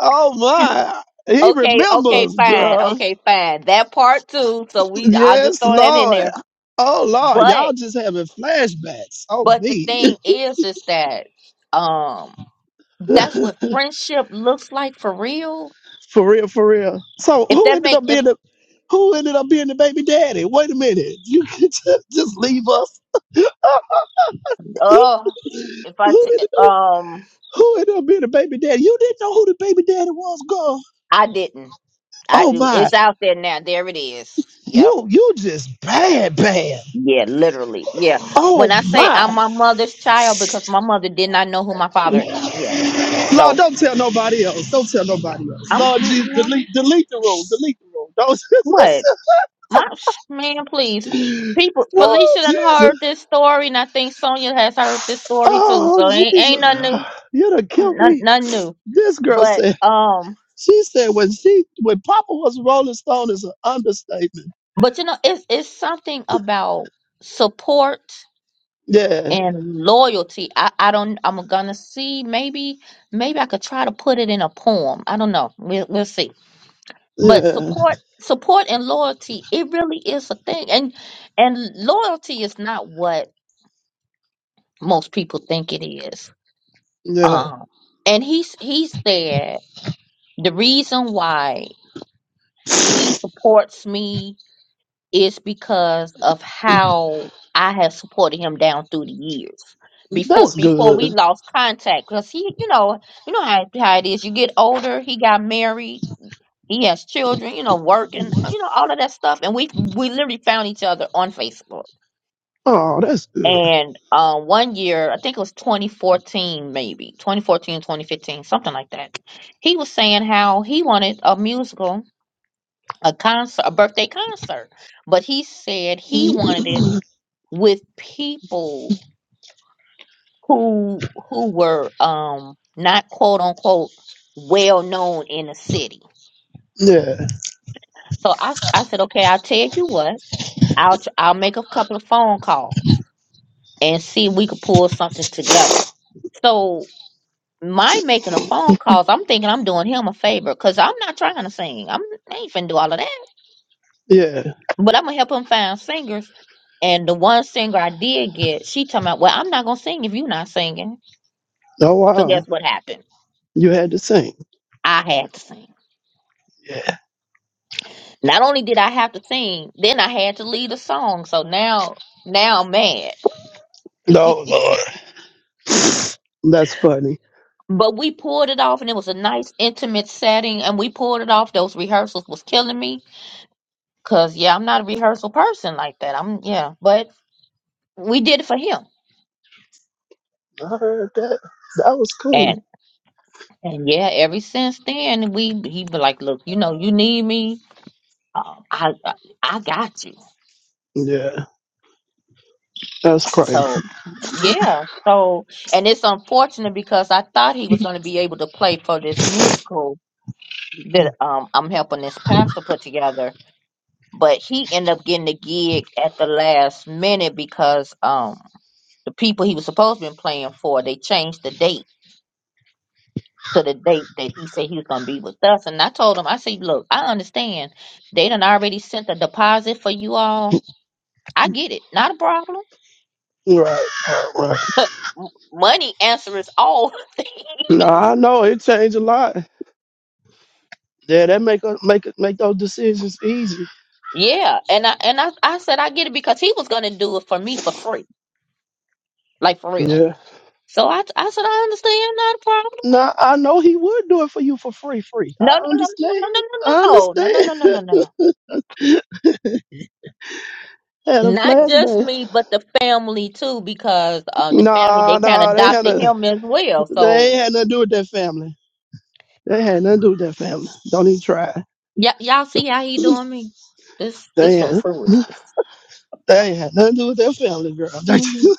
Speaker 3: Oh my. He
Speaker 1: Okay, okay,
Speaker 3: remembers,
Speaker 1: fine.
Speaker 3: girl.
Speaker 1: Okay, fine. That part too. So we, I'll just
Speaker 3: Yes,
Speaker 1: throw that in
Speaker 3: Lord.
Speaker 1: there.
Speaker 3: Oh Lord,
Speaker 1: But,
Speaker 3: y'all just having flashbacks on
Speaker 1: but the
Speaker 3: me.
Speaker 1: thing is, is that, um,
Speaker 3: *laughs*
Speaker 1: that's what friendship looks like for real.
Speaker 3: for real, for real. So
Speaker 1: If
Speaker 3: who
Speaker 1: that
Speaker 3: ended
Speaker 1: make,
Speaker 3: up
Speaker 1: if,
Speaker 3: being the who ended up being the baby daddy? Wait a minute. You *laughs* can just, just leave us. *laughs* who
Speaker 1: oh, if I, t-
Speaker 3: ended up
Speaker 1: um,
Speaker 3: who ended up being the baby daddy? You didn't know who the baby daddy was, girl.
Speaker 1: I didn't. I,
Speaker 3: Oh my.
Speaker 1: it's out there now. There it is. Yep.
Speaker 3: You you just bad, bad.
Speaker 1: Yeah, literally. Yeah. When
Speaker 3: Oh
Speaker 1: I say I'm
Speaker 3: my.
Speaker 1: my mother's child, because my mother did not know who my father. i- Yeah. So
Speaker 3: Lord, don't tell nobody else. Don't tell nobody else.
Speaker 1: I'm.
Speaker 3: Lord
Speaker 1: mm,
Speaker 3: Jesus,
Speaker 1: mm,
Speaker 3: delete delete the room. Delete the room. Don't
Speaker 1: What?
Speaker 3: *laughs*
Speaker 1: My man, please.
Speaker 3: listen.
Speaker 1: People,
Speaker 3: Lord
Speaker 1: Felicia done heard
Speaker 3: Jesus.
Speaker 1: this story, and I think Sonia has heard this story too.
Speaker 3: Oh
Speaker 1: So ain't ain't
Speaker 3: Jesus.
Speaker 1: nothing new,
Speaker 3: You done killed
Speaker 1: nothing,
Speaker 3: me.
Speaker 1: nothing new.
Speaker 3: This girl
Speaker 1: But
Speaker 3: said,
Speaker 1: um,
Speaker 3: she said when she when Papa was a Rolling Stone is an understatement.
Speaker 1: but you know, it's it's something about support
Speaker 3: Yeah.
Speaker 1: and loyalty. I I don't. I'm gonna see. Maybe maybe I could try to put it in a poem. I don't know. We'll we'll see. But
Speaker 3: Yeah.
Speaker 1: support support and loyalty, it really is a thing. And and loyalty is not what most people think it is
Speaker 3: Yeah.
Speaker 1: Um, and he s- he said the reason why he supports me is because of how I have supported him down through the years. Before
Speaker 3: That's
Speaker 1: before we
Speaker 3: good.
Speaker 1: lost contact, because he, you know, you know how how it is. You get older. He got married. He has children. You know, working. You know, all of that stuff. And we we literally found each other on Facebook
Speaker 3: Oh, that's good.
Speaker 1: And um, one year, I think it was 2014, maybe 2014, 2015, something like that. He was saying how he wanted a musical, a concert, a birthday concert, but he said he wanted it
Speaker 3: Yeah.
Speaker 1: with people who who were um not quote unquote well known in the city. So I s- I said, okay, I'll tell you what, I'll tr- I'll make a couple of phone calls and see if we could pull something together. So my making a phone calls, I'm thinking I'm doing him a favor because I'm not trying to sing. I'm I ain't finna do all of that.
Speaker 3: Yeah.
Speaker 1: But I'm gonna help him find singers. And the one singer I did get, she talking about, well, I'm not gonna sing if you're not singing.
Speaker 3: Oh
Speaker 1: So
Speaker 3: wow.
Speaker 1: guess what happened?
Speaker 3: You had to sing.
Speaker 1: I had to sing.
Speaker 3: Yeah.
Speaker 1: Not only did I have to sing, then I had to lead a song. So now, now I'm mad.
Speaker 3: No, Lord. That's funny.
Speaker 1: But we pulled it off, and it was a nice, intimate setting, and we pulled it off. Those rehearsals was killing me, cause yeah, I'm not a rehearsal person like that. I'm yeah, but we did it for him
Speaker 3: I heard that. That was cool.
Speaker 1: And and yeah, ever since then, we he be like, look, you know, you need me, uh, I I I got you.
Speaker 3: Yeah. That's crazy.
Speaker 1: So yeah, so and it's unfortunate because I thought he was going to be able to play for this musical that um I'm helping this pastor put together, but he ended up getting the gig at the last minute because um the people he was supposed to be playing for they changed the date to the date that he said he was going to be with us. And I told him, I said, look, I understand. They done already sent a deposit for you all. I get it. Not a problem.
Speaker 3: Right. Right. right.
Speaker 1: *laughs* Money answers all *laughs* things.
Speaker 3: No, I know it changed a lot. Yeah, that make us make us- make those decisions easy.
Speaker 1: Yeah. And I, and I, I said, I get it because he was going to do it for me for free. Like for real.
Speaker 3: Yeah.
Speaker 1: So I, I said, I understand. Not a problem.
Speaker 3: Now I know he would do it for you for free, free.
Speaker 1: No,
Speaker 3: I
Speaker 1: no, no, no,
Speaker 3: understand.
Speaker 1: no, no, no,
Speaker 3: I
Speaker 1: no, no, no, no,
Speaker 3: understand.
Speaker 1: no, no,
Speaker 3: *laughs*
Speaker 1: no, no. no.
Speaker 3: had a
Speaker 1: Not just
Speaker 3: flashback.
Speaker 1: me, but the family too, because uh, the family they
Speaker 3: Nah,
Speaker 1: kind of
Speaker 3: nah, they had
Speaker 1: adopted
Speaker 3: a
Speaker 1: him as well.
Speaker 3: they ain't
Speaker 1: So
Speaker 3: had nothing to do with that family. They had nothing to do with that family. Don't even try.
Speaker 1: Y- y'all see how he
Speaker 3: *laughs*
Speaker 1: doing me? This this
Speaker 3: They
Speaker 1: some
Speaker 3: had.
Speaker 1: foolishness.
Speaker 3: They ain't had nothing to do with their family, girl. *laughs* They, just-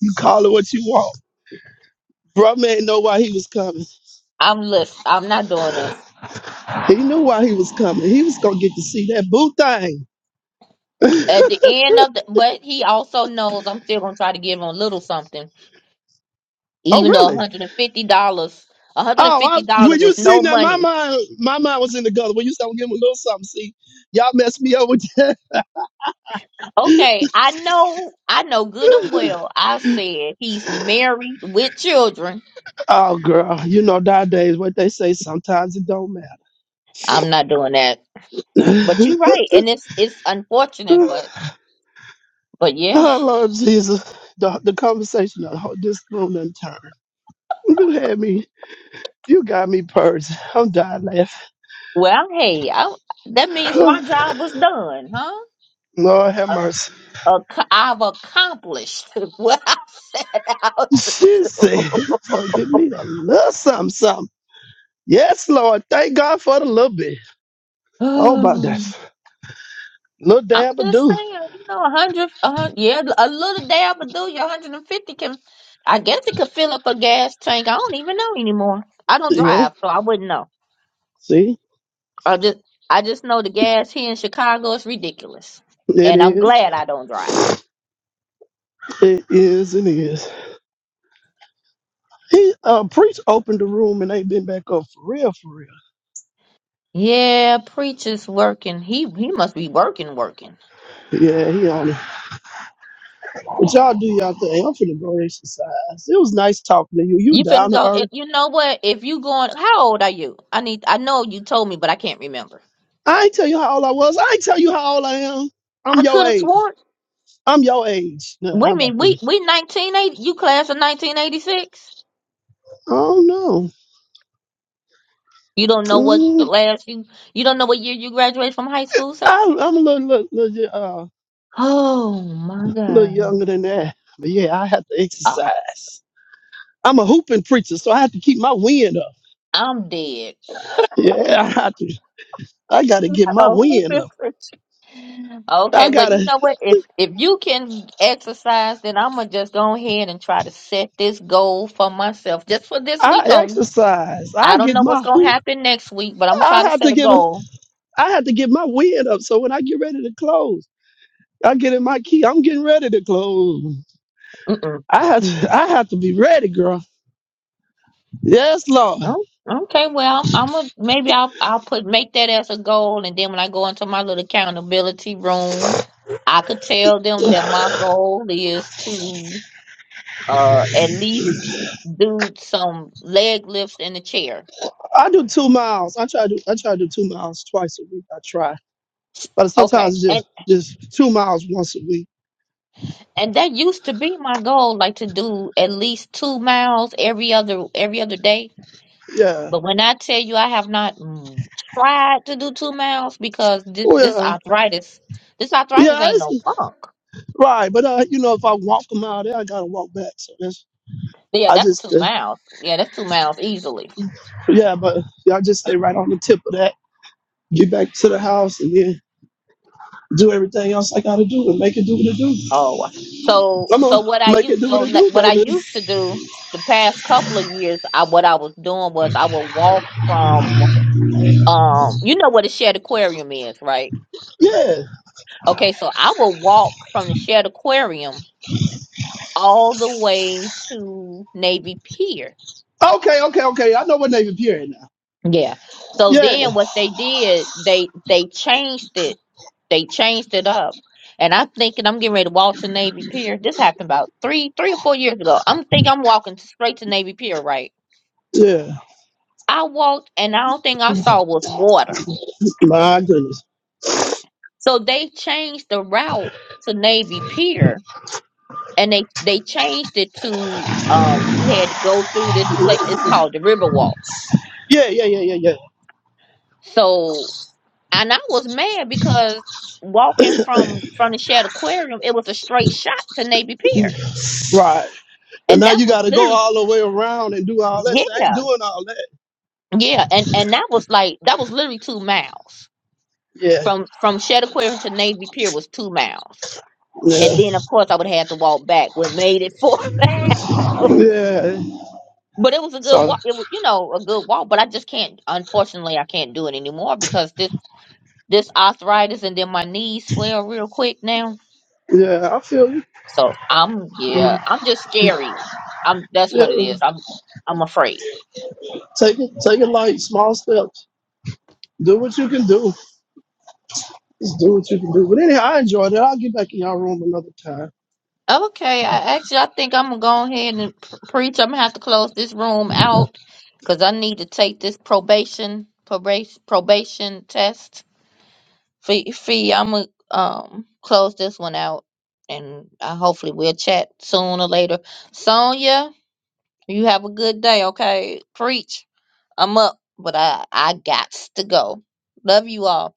Speaker 3: you call it what you want. Bro man know why he was coming.
Speaker 1: I'm listen, I'm not doing this.
Speaker 3: He knew why he was coming. He was gonna get to see that boo thing. *laughs*
Speaker 1: At the end of the but he also knows I'm still gonna try to give him a little something.
Speaker 3: oh
Speaker 1: Even though one
Speaker 3: really?
Speaker 1: hundred and fifty dollars one hundred and
Speaker 3: Oh, I,
Speaker 1: fifty dollars
Speaker 3: when you
Speaker 1: is
Speaker 3: see
Speaker 1: no
Speaker 3: that, my
Speaker 1: money.
Speaker 3: mind, my mind was in the gutter. When you said giving am him a little something, see, y'all messed me up with
Speaker 1: Okay, I know I know good and well I said he's
Speaker 3: that.
Speaker 1: married with children.
Speaker 3: *laughs* oh, girl, you know nowadays what they say. Sometimes it don't matter.
Speaker 1: I'm not doing that. But you're
Speaker 3: *laughs*
Speaker 1: right, and it's it's unfortunate, but
Speaker 3: oh
Speaker 1: but yeah.
Speaker 3: Lord Jesus, the, the conversation, of this room done turned. You had me. You got me purged. I'm dying laughing.
Speaker 1: Well, hey, I, that means my
Speaker 3: *sighs*
Speaker 1: job was done, huh?
Speaker 3: Lord have mercy.
Speaker 1: Ac- I've accomplished *laughs* what I set out to
Speaker 3: She said, it's
Speaker 1: do. *sighs*
Speaker 3: going to give me a little something, something. Yes, Lord. Thank God for the little bit. Oh, about
Speaker 1: Um,
Speaker 3: that. Little
Speaker 1: I'm
Speaker 3: dab of
Speaker 1: just
Speaker 3: do.
Speaker 1: saying, you know, a hundred, a hun- yeah, a little dab will do you. 150 can, I guess it could fill up a gas tank. I don't even know anymore. I don't
Speaker 3: Yeah.
Speaker 1: drive, so I wouldn't know.
Speaker 3: See?
Speaker 1: I just, I just know the gas here in Chicago is ridiculous,
Speaker 3: It
Speaker 1: and I'm
Speaker 3: is.
Speaker 1: glad I don't drive.
Speaker 3: It is. It is. He, uh, Preach opened the room and ain't been back up for real, for real.
Speaker 1: Yeah, preacher's working. He he must be working, working.
Speaker 3: Yeah, he on it. But y'all do y'all thing. I'm finna go exercise. It was nice talking to you. You
Speaker 1: You finna
Speaker 3: down to
Speaker 1: go.
Speaker 3: earth.
Speaker 1: If, you know what? If you going, how old are you? I need. I know you told me, but I can't remember.
Speaker 3: I ain't tell you how old I was. I ain't tell you how old I am. I'm
Speaker 1: I
Speaker 3: your
Speaker 1: could have
Speaker 3: age.
Speaker 1: sworn.
Speaker 3: I'm your age. Nah,
Speaker 1: Wait
Speaker 3: how
Speaker 1: a
Speaker 3: about
Speaker 1: minute. We
Speaker 3: this?
Speaker 1: we nineteen eighty. You class of nineteen eighty six.
Speaker 3: Oh no,
Speaker 1: You don't know what
Speaker 3: mm,
Speaker 1: class you. You don't know what year you graduated from high school, sir.
Speaker 3: I, I'm a little, little, little, uh,
Speaker 1: Oh my
Speaker 3: little
Speaker 1: God.
Speaker 3: younger than that. But yeah, I have to
Speaker 1: Oh,
Speaker 3: exercise. I'm a hooping preacher, so I have to keep my wind up.
Speaker 1: I'm dead.
Speaker 3: Yeah, I have to. I gotta get my
Speaker 1: Oh.
Speaker 3: wind up.
Speaker 1: *laughs* okay.
Speaker 3: I
Speaker 1: Well, you
Speaker 3: gotta.
Speaker 1: know what? If if you can exercise, then I'm gonna just go ahead and try to set this goal for myself, just for this
Speaker 3: I
Speaker 1: week only
Speaker 3: exercise.
Speaker 1: I
Speaker 3: I
Speaker 1: don't
Speaker 3: get
Speaker 1: know what's
Speaker 3: my
Speaker 1: gonna
Speaker 3: hoop.
Speaker 1: happen next week, but I'm gonna
Speaker 3: I
Speaker 1: try to
Speaker 3: have
Speaker 1: set
Speaker 3: to
Speaker 1: a
Speaker 3: give. A,
Speaker 1: goal.
Speaker 3: I have to get my wind up. So when I get ready to close, I get in my key. I'm getting ready to close.
Speaker 1: Mm-mm.
Speaker 3: I have to, I have to be ready, girl. Yes, Lord.
Speaker 1: Oh, Okay, well, I'm gonna maybe I'll I'll put make that as a goal, and then when I go into my little accountability room, I could tell them that my goal is to uh at least do some leg lifts in the chair.
Speaker 3: I do two miles. I try to do I try to do two miles twice a week. I try, but
Speaker 1: Okay,
Speaker 3: sometimes
Speaker 1: and
Speaker 3: just just two miles once a week.
Speaker 1: and that used to be my goal, like to do at least two miles every other every other day
Speaker 3: Yeah.
Speaker 1: But when I tell you I have not mm, tried to do two miles because this this
Speaker 3: Well,
Speaker 1: arthritis, this arthritis
Speaker 3: yeah,
Speaker 1: ain't no
Speaker 3: it's
Speaker 1: punk.
Speaker 3: right. But uh, you know, if I walk a mile, there, I gotta walk back. So that's
Speaker 1: Yeah,
Speaker 3: I
Speaker 1: that's
Speaker 3: just
Speaker 1: two
Speaker 3: uh,
Speaker 1: miles. Yeah, that's two miles easily.
Speaker 3: yeah, but yeah, I just stay right on the tip of that. Get back to the house and then do everything else I gotta do and make it do what it do.
Speaker 1: Oh, so
Speaker 3: Come
Speaker 1: so
Speaker 3: on,
Speaker 1: what I
Speaker 3: make it
Speaker 1: used
Speaker 3: do
Speaker 1: so
Speaker 3: what it
Speaker 1: le-
Speaker 3: do,
Speaker 1: what I
Speaker 3: baby.
Speaker 1: used to do the past couple of years, I what I was doing was I would walk from um you know what a shared aquarium is, right?
Speaker 3: Yeah.
Speaker 1: Okay, so I would walk from the shared aquarium all the way to Navy Pier
Speaker 3: Okay, okay, okay. I know what Navy Pier is now.
Speaker 1: Yeah. So
Speaker 3: Yeah,
Speaker 1: then what they did, they they changed it. They changed it up. And I'm thinking I'm getting ready to walk to Navy Pier. This happened about three, three or four years ago. I'm thinking I'm walking straight to Navy Pier, right?
Speaker 3: yeah.
Speaker 1: I walked and I don't think I saw was water.
Speaker 3: My goodness.
Speaker 1: So they changed the route to Navy Pier and they they changed it to um you had to go through this place it's called the Riverwalk.
Speaker 3: Yeah, yeah, yeah, yeah, yeah.
Speaker 1: So and I was mad because walking from from the Shad Aquarium, it was a straight shot to Navy Pier,
Speaker 3: Right. But
Speaker 1: and
Speaker 3: now
Speaker 1: that
Speaker 3: you
Speaker 1: was
Speaker 3: got to go
Speaker 1: literally
Speaker 3: all the way around and do all that. So I ain't
Speaker 1: yeah,
Speaker 3: doing all that.
Speaker 1: yeah, and and that was like that was literally two miles
Speaker 3: Yeah,
Speaker 1: from from Shad Aquarium to Navy Pier was two miles, and
Speaker 3: yeah,
Speaker 1: then of course I would have had to walk back. What made it four *laughs* miles?
Speaker 3: yeah.
Speaker 1: But it was a good
Speaker 3: So
Speaker 1: walk. It was, you know, a good walk. But I just can't. Unfortunately, I can't do it anymore because this this arthritis and then my knees swell real quick now
Speaker 3: yeah, I feel you.
Speaker 1: So I'm yeah, I'm just scary. I'm that's
Speaker 3: Yeah,
Speaker 1: what it is. I'm I'm afraid.
Speaker 3: take it, take it light, small steps. Do what you can do. Just do what you can do. But anyhow, I enjoyed it. I'll get back in y'all room another time.
Speaker 1: Okay, I actually I think I'm gonna go ahead and pr- preach. I'm gonna have to close this room out because I need to take this probation probation probation test fee. fee. I'm gonna um close this one out, and uh, hopefully we'll chat sooner or later. Sonia, you have a good day. Okay, preach. I'm up, but I I got to go. Love you all.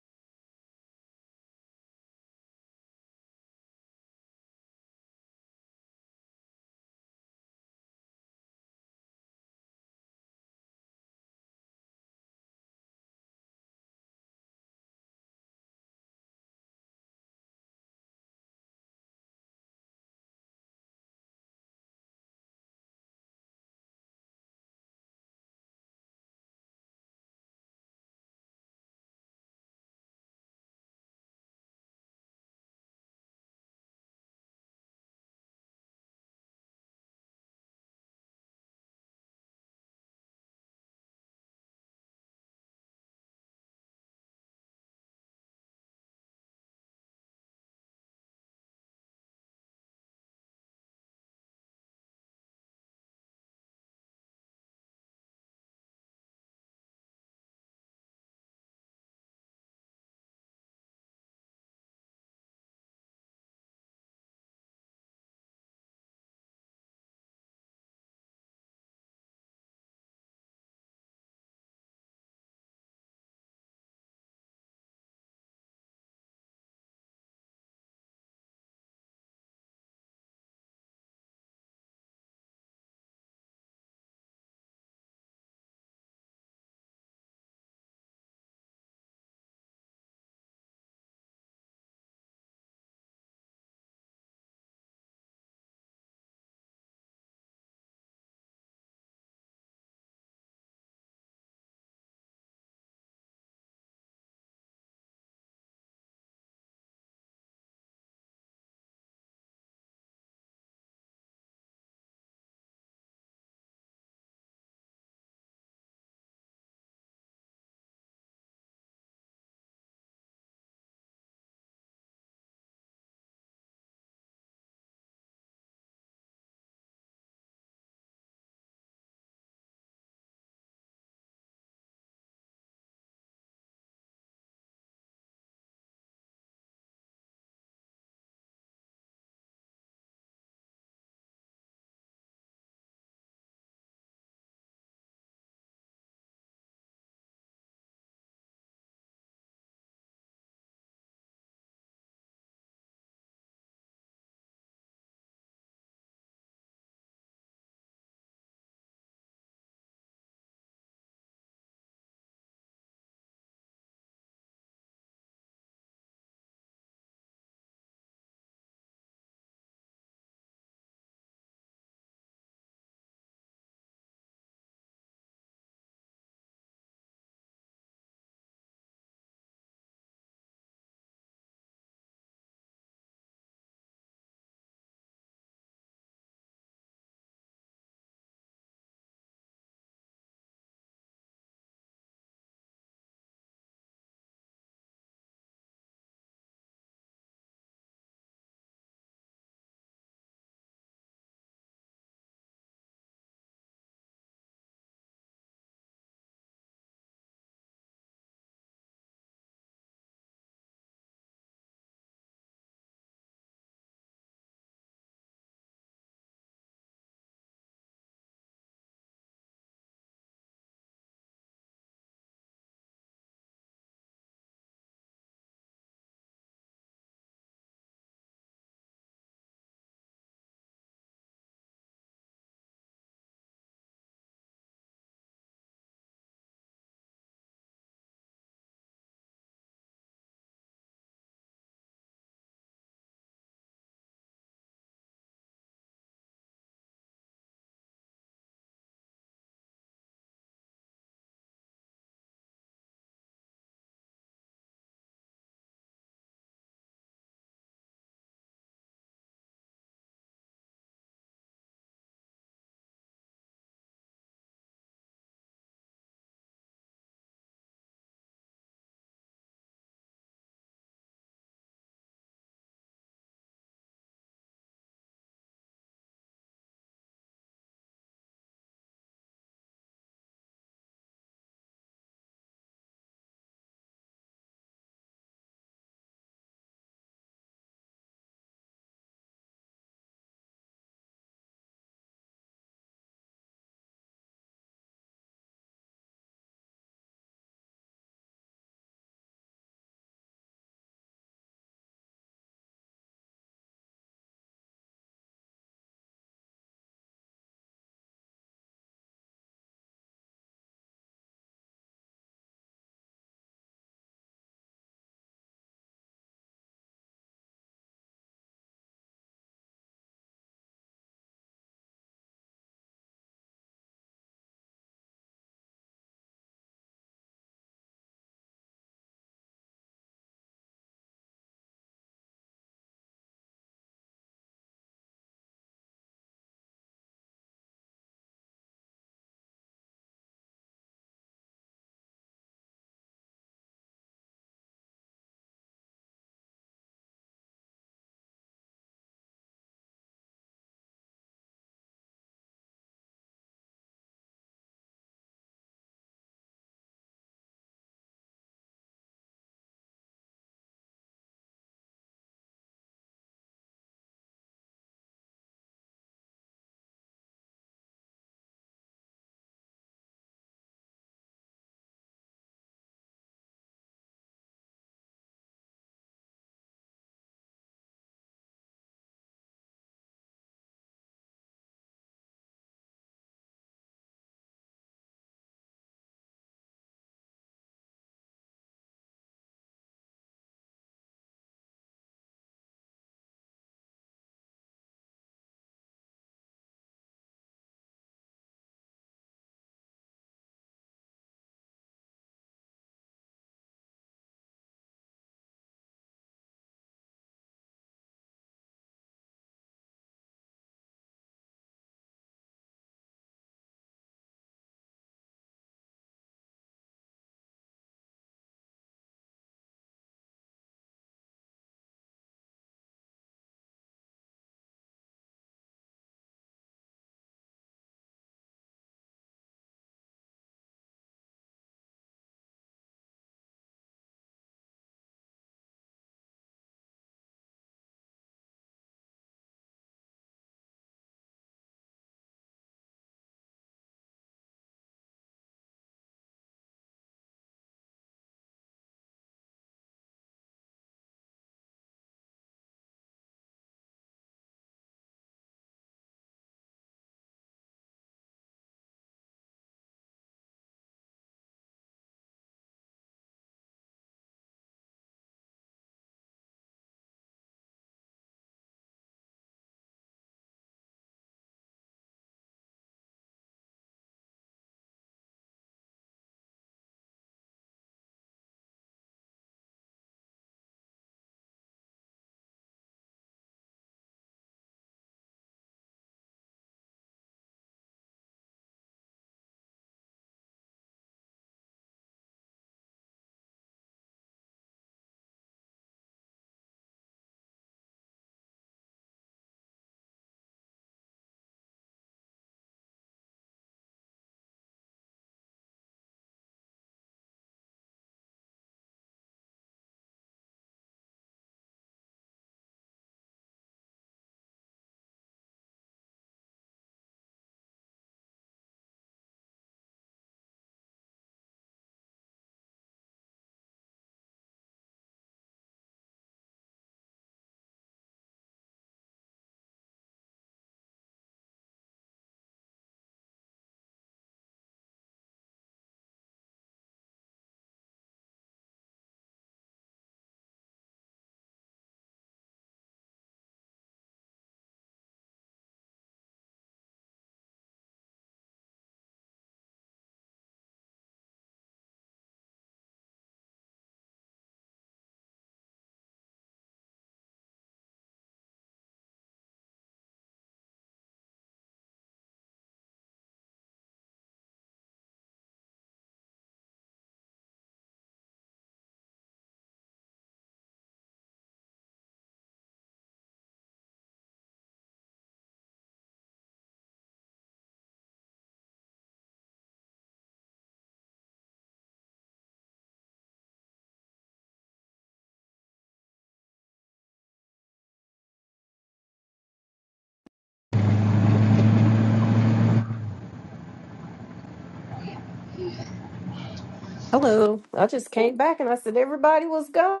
Speaker 5: Hello. I just came back and I said, everybody was gone.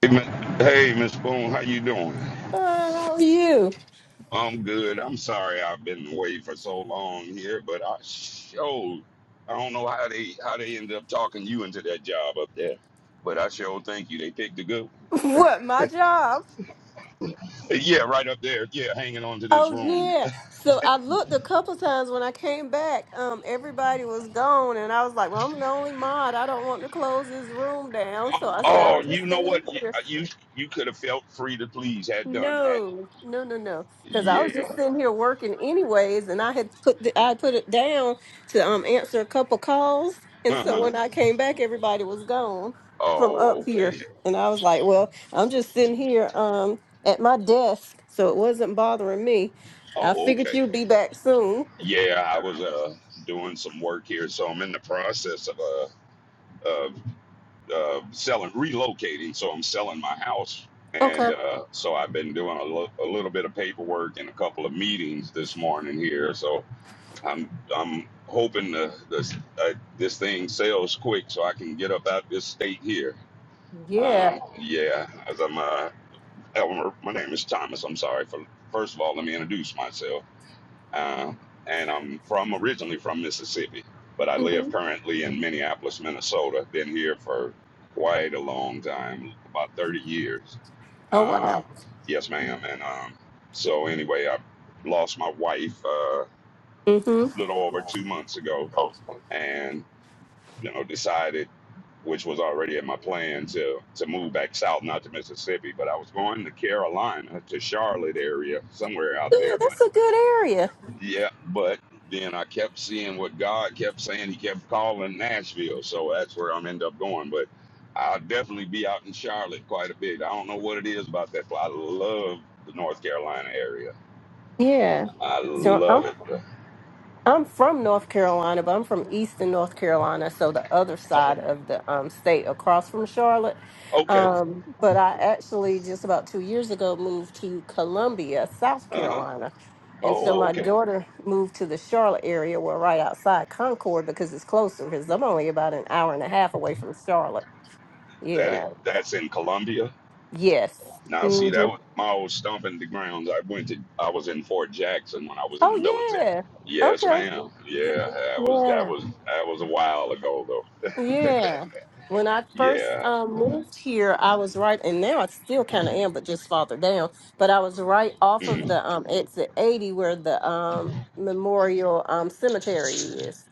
Speaker 2: Hey, Mi- hey, Miss Boone, how you doing?
Speaker 5: How are you?
Speaker 2: I'm good. I'm sorry I've been away for so long here, but I sure I don't know how they how they ended up talking you into that job up there. But I sure thank you. They picked a good one. *laughs*
Speaker 5: *laughs* What, my job?
Speaker 2: Yeah, right up there. Yeah, hanging on to this
Speaker 5: Oh
Speaker 2: room.
Speaker 5: yeah. So I looked a couple times when I came back. Um, everybody was gone, and I was like, "Well, I'm the only mod. I don't want to close this room down." So I said,
Speaker 2: Oh,
Speaker 5: "I'll just
Speaker 2: you know
Speaker 5: stay in
Speaker 2: what? You
Speaker 5: here."
Speaker 2: you you could have felt free to please had done that.
Speaker 5: No, no, no, no. Because I was just
Speaker 2: Yeah.
Speaker 5: sitting here working anyways, and I had put the, I put it down to um answer a couple calls, and so
Speaker 2: Uh-huh.
Speaker 5: when I came back, everybody was gone from
Speaker 2: Oh,
Speaker 5: up here,
Speaker 2: okay.
Speaker 5: and I was like, well, I'm just sitting here um at my desk, so it wasn't bothering me. I
Speaker 2: Oh,
Speaker 5: figured
Speaker 2: okay.
Speaker 5: you'd be back soon.
Speaker 2: Yeah, I was uh doing some work here, so I'm in the process of uh, uh uh, selling, relocating. So I'm selling my house. And
Speaker 5: Okay.
Speaker 2: uh, so I've been doing a, lo- a little bit of paperwork and a couple of meetings this morning here. So I'm I'm hoping the, the, uh, this thing sells quick so I can get up out this state here.
Speaker 5: Yeah.
Speaker 2: Uh, yeah, as I'm uh, Elmer. My name is Thomas. I'm sorry for. First of all, let me introduce myself uh, and I'm from originally from Mississippi, but I
Speaker 5: hmm
Speaker 2: live currently in Minneapolis, Minnesota. Been here for quite a long time, about 30 years.
Speaker 5: Oh
Speaker 2: Um,
Speaker 5: wow.
Speaker 2: yes, ma'am. And um, so anyway, I lost my wife uh,
Speaker 5: Mm-hmm.
Speaker 2: a little over two months ago, and you know decided. Which was already in my plan to to move back south, not to Mississippi, but I was going to Carolina, to Charlotte area, somewhere out
Speaker 5: Yeah,
Speaker 2: there. But
Speaker 5: that's a good area.
Speaker 2: Yeah, but then I kept seeing what God kept saying. He kept calling Nashville, so that's where I'm end up going. But I'll definitely be out in Charlotte quite a bit. I don't know what it is about that, but I love the North Carolina area.
Speaker 5: Yeah.
Speaker 2: I
Speaker 5: So I'm
Speaker 2: love it.
Speaker 5: I'm from North Carolina, but I'm from Eastern North Carolina, so the other
Speaker 2: Oh,
Speaker 5: side of the um, state across from Charlotte.
Speaker 2: okay.
Speaker 5: Um, but I actually just about two years ago moved to Columbia, South
Speaker 2: Uh-huh.
Speaker 5: Carolina. And so
Speaker 2: Oh,
Speaker 5: my
Speaker 2: okay.
Speaker 5: daughter moved to the Charlotte area, well, right outside Concord because it's closer, because I'm only about an hour and a half away from Charlotte.
Speaker 2: That it,
Speaker 5: Yeah.
Speaker 2: that's in Columbia.
Speaker 5: Yes.
Speaker 2: Now, see,
Speaker 5: hmm
Speaker 2: that was my old stomping the grounds. I went to. I was in Fort Jackson when I was in
Speaker 5: Oh,
Speaker 2: the military.
Speaker 5: yeah.
Speaker 2: Yes,
Speaker 5: Okay.
Speaker 2: ma'am. Yeah, that was
Speaker 5: Yeah.
Speaker 2: that was that was a while ago though. *laughs*
Speaker 5: Yeah. When I first
Speaker 2: Yeah.
Speaker 5: um, moved here, I was right, and now I still kind of am, but just farther down. But I was right off of
Speaker 2: Mm.
Speaker 5: the um, exit 80 where the um, memorial um, cemetery is.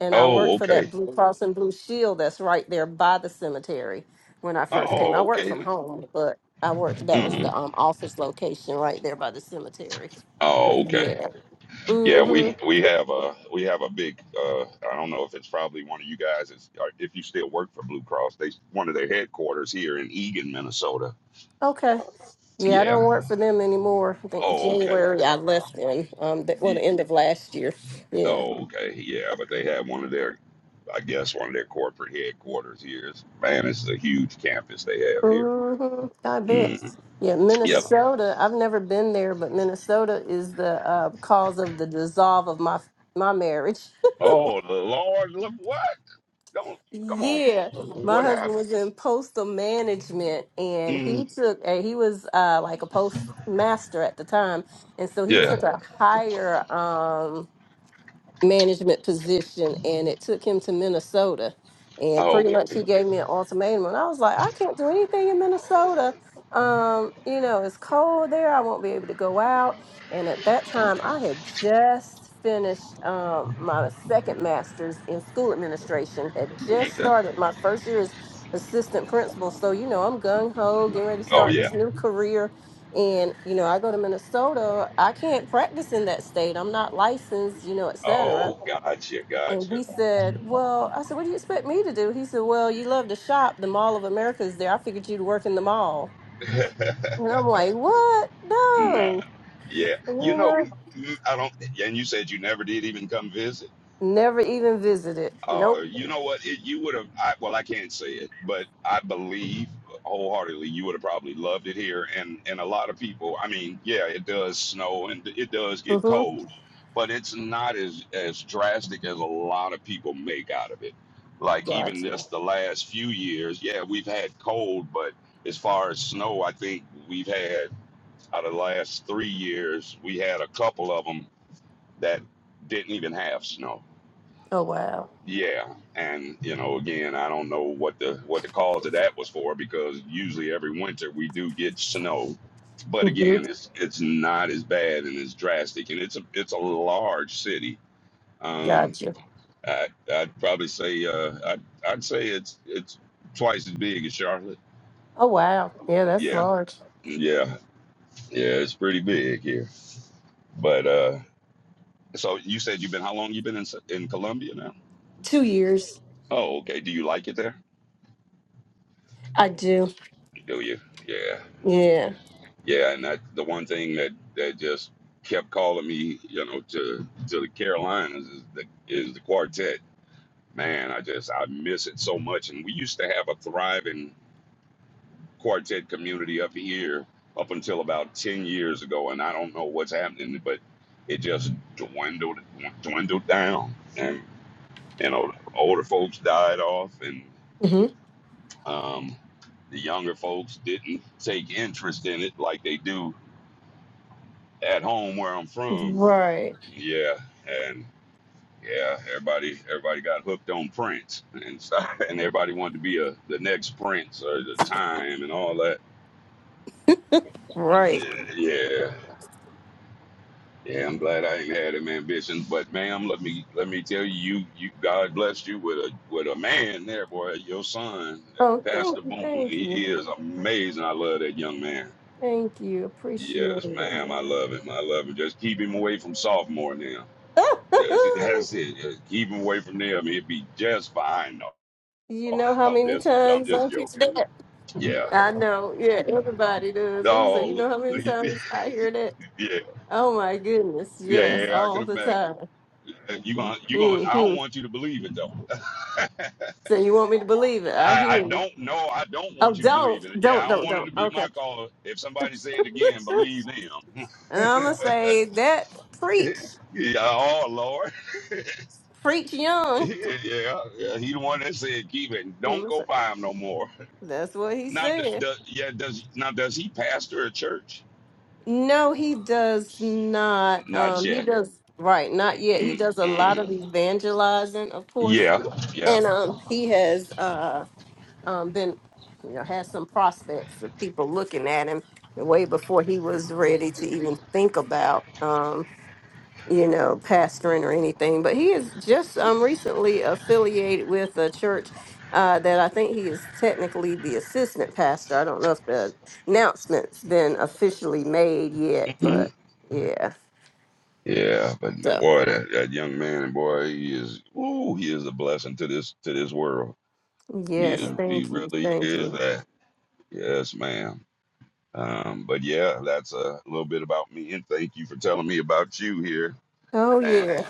Speaker 5: And I worked
Speaker 2: Oh,
Speaker 5: for
Speaker 2: okay.
Speaker 5: that Blue Cross and Blue Shield that's right there by the cemetery when I first came. I
Speaker 2: Oh,
Speaker 5: worked
Speaker 2: okay.
Speaker 5: from home, but I worked, that was
Speaker 2: hmm
Speaker 5: the um, office location right there by the cemetery.
Speaker 2: Oh,
Speaker 5: But
Speaker 2: okay.
Speaker 5: yeah.
Speaker 2: Yeah,
Speaker 5: Mm-hmm.
Speaker 2: we we have a we have a big. Uh, I don't know if it's probably one of you guys. Is or if you still work for Blue Cross, they one of their headquarters here in Eagan, Minnesota.
Speaker 5: Okay. Yeah, I don't
Speaker 2: Yeah.
Speaker 5: work for them anymore. I think
Speaker 2: Oh, okay.
Speaker 5: January I left them. Um, the, well, the
Speaker 2: Ye-
Speaker 5: end of last year. Yeah.
Speaker 2: Oh, okay. Yeah, but they have one of their, I guess one of their corporate headquarters here. It's- Man, this is a huge campus they have here.
Speaker 5: hmm I bet.
Speaker 2: Mm.
Speaker 5: Yeah,
Speaker 2: Yep.
Speaker 5: Minnesota. I've never been there, but Minnesota is the uh, cause of the dissolve of my my marriage.
Speaker 2: Oh, the Lord, look what? Don't come on.
Speaker 5: yeah, my
Speaker 2: What happened?
Speaker 5: husband was in postal management, and
Speaker 2: Mm,
Speaker 5: he took a he was uh, like a postmaster at the time, and so he
Speaker 2: yeah.
Speaker 5: took a higher. Um, management position and it took him to Minnesota. And pretty
Speaker 2: Okay.
Speaker 5: Yeah. much he gave me an ultimatum. And I was like, I can't do anything in Minnesota. Um, you know, it's cold there. I won't be able to go out. And at that time, I had just finished um, my second master's in school administration, had just
Speaker 2: Okay.
Speaker 5: started my first year as assistant principal. So, you know, I'm gung ho, getting ready to
Speaker 2: Oh
Speaker 5: start
Speaker 2: yeah.
Speaker 5: this new career and you know i go to minnesota i can't practice in that state i'm not licensed you know et cetera.
Speaker 2: Oh, gotcha,
Speaker 5: and
Speaker 2: gotcha.
Speaker 5: he said well i said what do you expect me to do he said well you love to shop the mall of america is there i figured you'd work in the mall and i'm like what
Speaker 2: *laughs* nah.
Speaker 5: no
Speaker 2: Yeah.
Speaker 5: you
Speaker 2: You know,
Speaker 5: know?
Speaker 2: mm, I don't. And you said you never did even come visit.
Speaker 5: never even visited nope
Speaker 2: Uh, you know what? It, you would have. I, well, I can't say it, but I believe wholeheartedly you would have probably loved it here. And and a lot of people. I mean, yeah, it does snow and it does get
Speaker 5: mm-hmm.
Speaker 2: cold, but it's not as as drastic as a lot of people make out of it. Like even
Speaker 5: gotcha
Speaker 2: this the last few years, yeah, we've had cold, but as far as snow, I think we've had out of the last three years, we had a couple of them that didn't even have snow
Speaker 5: oh wow
Speaker 2: yeah, and you know, again, I don't know what the what the cause of that was for because usually every winter we do get snow, but
Speaker 5: hmm
Speaker 2: again, it's it's not as bad and as drastic, and it's a it's a large city. Um,
Speaker 5: gotcha
Speaker 2: I, I'd probably say uh, I'd I'd say it's it's twice as big as Charlotte.
Speaker 5: oh wow yeah that's
Speaker 2: Yeah,
Speaker 5: large
Speaker 2: yeah, yeah, it's pretty big here. But uh, so you said you've been how long you been in in Columbia now?
Speaker 5: two years
Speaker 2: Oh, okay. Do you like it there?
Speaker 5: i do
Speaker 2: Do you? Yeah.
Speaker 5: yeah
Speaker 2: Yeah, and that's the one thing that that just kept calling me, you know, to to the Carolinas is the is the quartet. Man, I just I miss it so much. And we used to have a thriving quartet community up here up until about ten years ago, and I don't know what's happening, but it just dwindled dwindled down, and you know, the older folks died off, and
Speaker 5: hmm
Speaker 2: um, the younger folks didn't take interest in it like they do at home where I'm from
Speaker 5: right
Speaker 2: Yeah, and yeah, everybody everybody got hooked on Prince and stuff, *laughs* and everybody wanted to be a the next Prince or the time and all that.
Speaker 5: right
Speaker 2: Yeah, yeah, yeah. I'm glad I ain't had them ambitions, but ma'am, let me let me tell you, you, you God blessed you with a with a man there, boy. Your son,
Speaker 5: Oh, thank
Speaker 2: Pastor
Speaker 5: you,
Speaker 2: Boone,
Speaker 5: thank
Speaker 2: he
Speaker 5: you,
Speaker 2: is amazing. I love that young man.
Speaker 5: thank you. Appreciate
Speaker 2: Yes,
Speaker 5: it.
Speaker 2: ma'am, I love him. I love him. Just keep him away from sophomore now. yes That's
Speaker 5: *laughs*
Speaker 2: it. Just keep him away from them. He'd be just fine.
Speaker 5: you know
Speaker 2: *laughs*
Speaker 5: how
Speaker 2: I'm
Speaker 5: many
Speaker 2: just, I'm
Speaker 5: times
Speaker 2: just
Speaker 5: I hear
Speaker 2: joking.
Speaker 5: that?
Speaker 2: Yeah.
Speaker 5: I know, yeah, everybody does. So you
Speaker 2: No.
Speaker 5: know how
Speaker 2: *laughs*
Speaker 5: many times I hear that?
Speaker 2: Yeah,
Speaker 5: Oh my goodness,
Speaker 2: yeah,
Speaker 5: yes,
Speaker 2: yeah. I
Speaker 5: all
Speaker 2: can
Speaker 5: the
Speaker 2: imagine.
Speaker 5: time.
Speaker 2: You gonna, you gonna. I don't
Speaker 5: hmm
Speaker 2: want you to believe it though.
Speaker 5: So you want me to believe it? I
Speaker 2: I,
Speaker 5: hear
Speaker 2: I
Speaker 5: you.
Speaker 2: don't know. I don't
Speaker 5: Oh,
Speaker 2: want you to believe
Speaker 5: don't,
Speaker 2: it. Yeah,
Speaker 5: don't,
Speaker 2: I don't
Speaker 5: don't,
Speaker 2: want it
Speaker 5: don't.
Speaker 2: to be
Speaker 5: Okay.
Speaker 2: my call. If somebody say it again,
Speaker 5: *laughs*
Speaker 2: believe them.
Speaker 5: and I'm gonna say that
Speaker 2: *laughs*
Speaker 5: preach,
Speaker 2: yeah. Oh Lord.
Speaker 5: preach
Speaker 2: *laughs*
Speaker 5: young.
Speaker 2: yeah, yeah. He the one that said keep it. Don't
Speaker 5: I'ma say,
Speaker 2: go by him no more.
Speaker 5: That's what he
Speaker 2: Now, d-
Speaker 5: said.
Speaker 2: d- yeah. Does now does he pastor a church?
Speaker 5: No, he does not.
Speaker 2: Not
Speaker 5: Um, he
Speaker 2: yet.
Speaker 5: does right, not yet. He does a lot of
Speaker 2: Mm-mm.
Speaker 5: evangelizing, of course,
Speaker 2: Yeah, yeah.
Speaker 5: and um, he has uh, um, been, you know, has some prospects of people looking at him way before he was ready to even think about. um, you know, pastoring or anything, but he is just um recently affiliated with a church uh that I think he is technically the assistant pastor. I don't know if the announcement's been officially made yet,
Speaker 2: *clears throat*
Speaker 5: but yeah.
Speaker 2: Yeah, but
Speaker 5: So
Speaker 2: boy, that, that young man, boy, he is. Ooh, he is a blessing to this to this world. He
Speaker 5: yes,
Speaker 2: is. He
Speaker 5: thank you,
Speaker 2: really
Speaker 5: thank
Speaker 2: is
Speaker 5: you.
Speaker 2: that. Yes, ma'am. Um, but yeah, that's a little bit about me, and thank you for telling me about you here,
Speaker 5: Oh
Speaker 2: and
Speaker 5: yeah,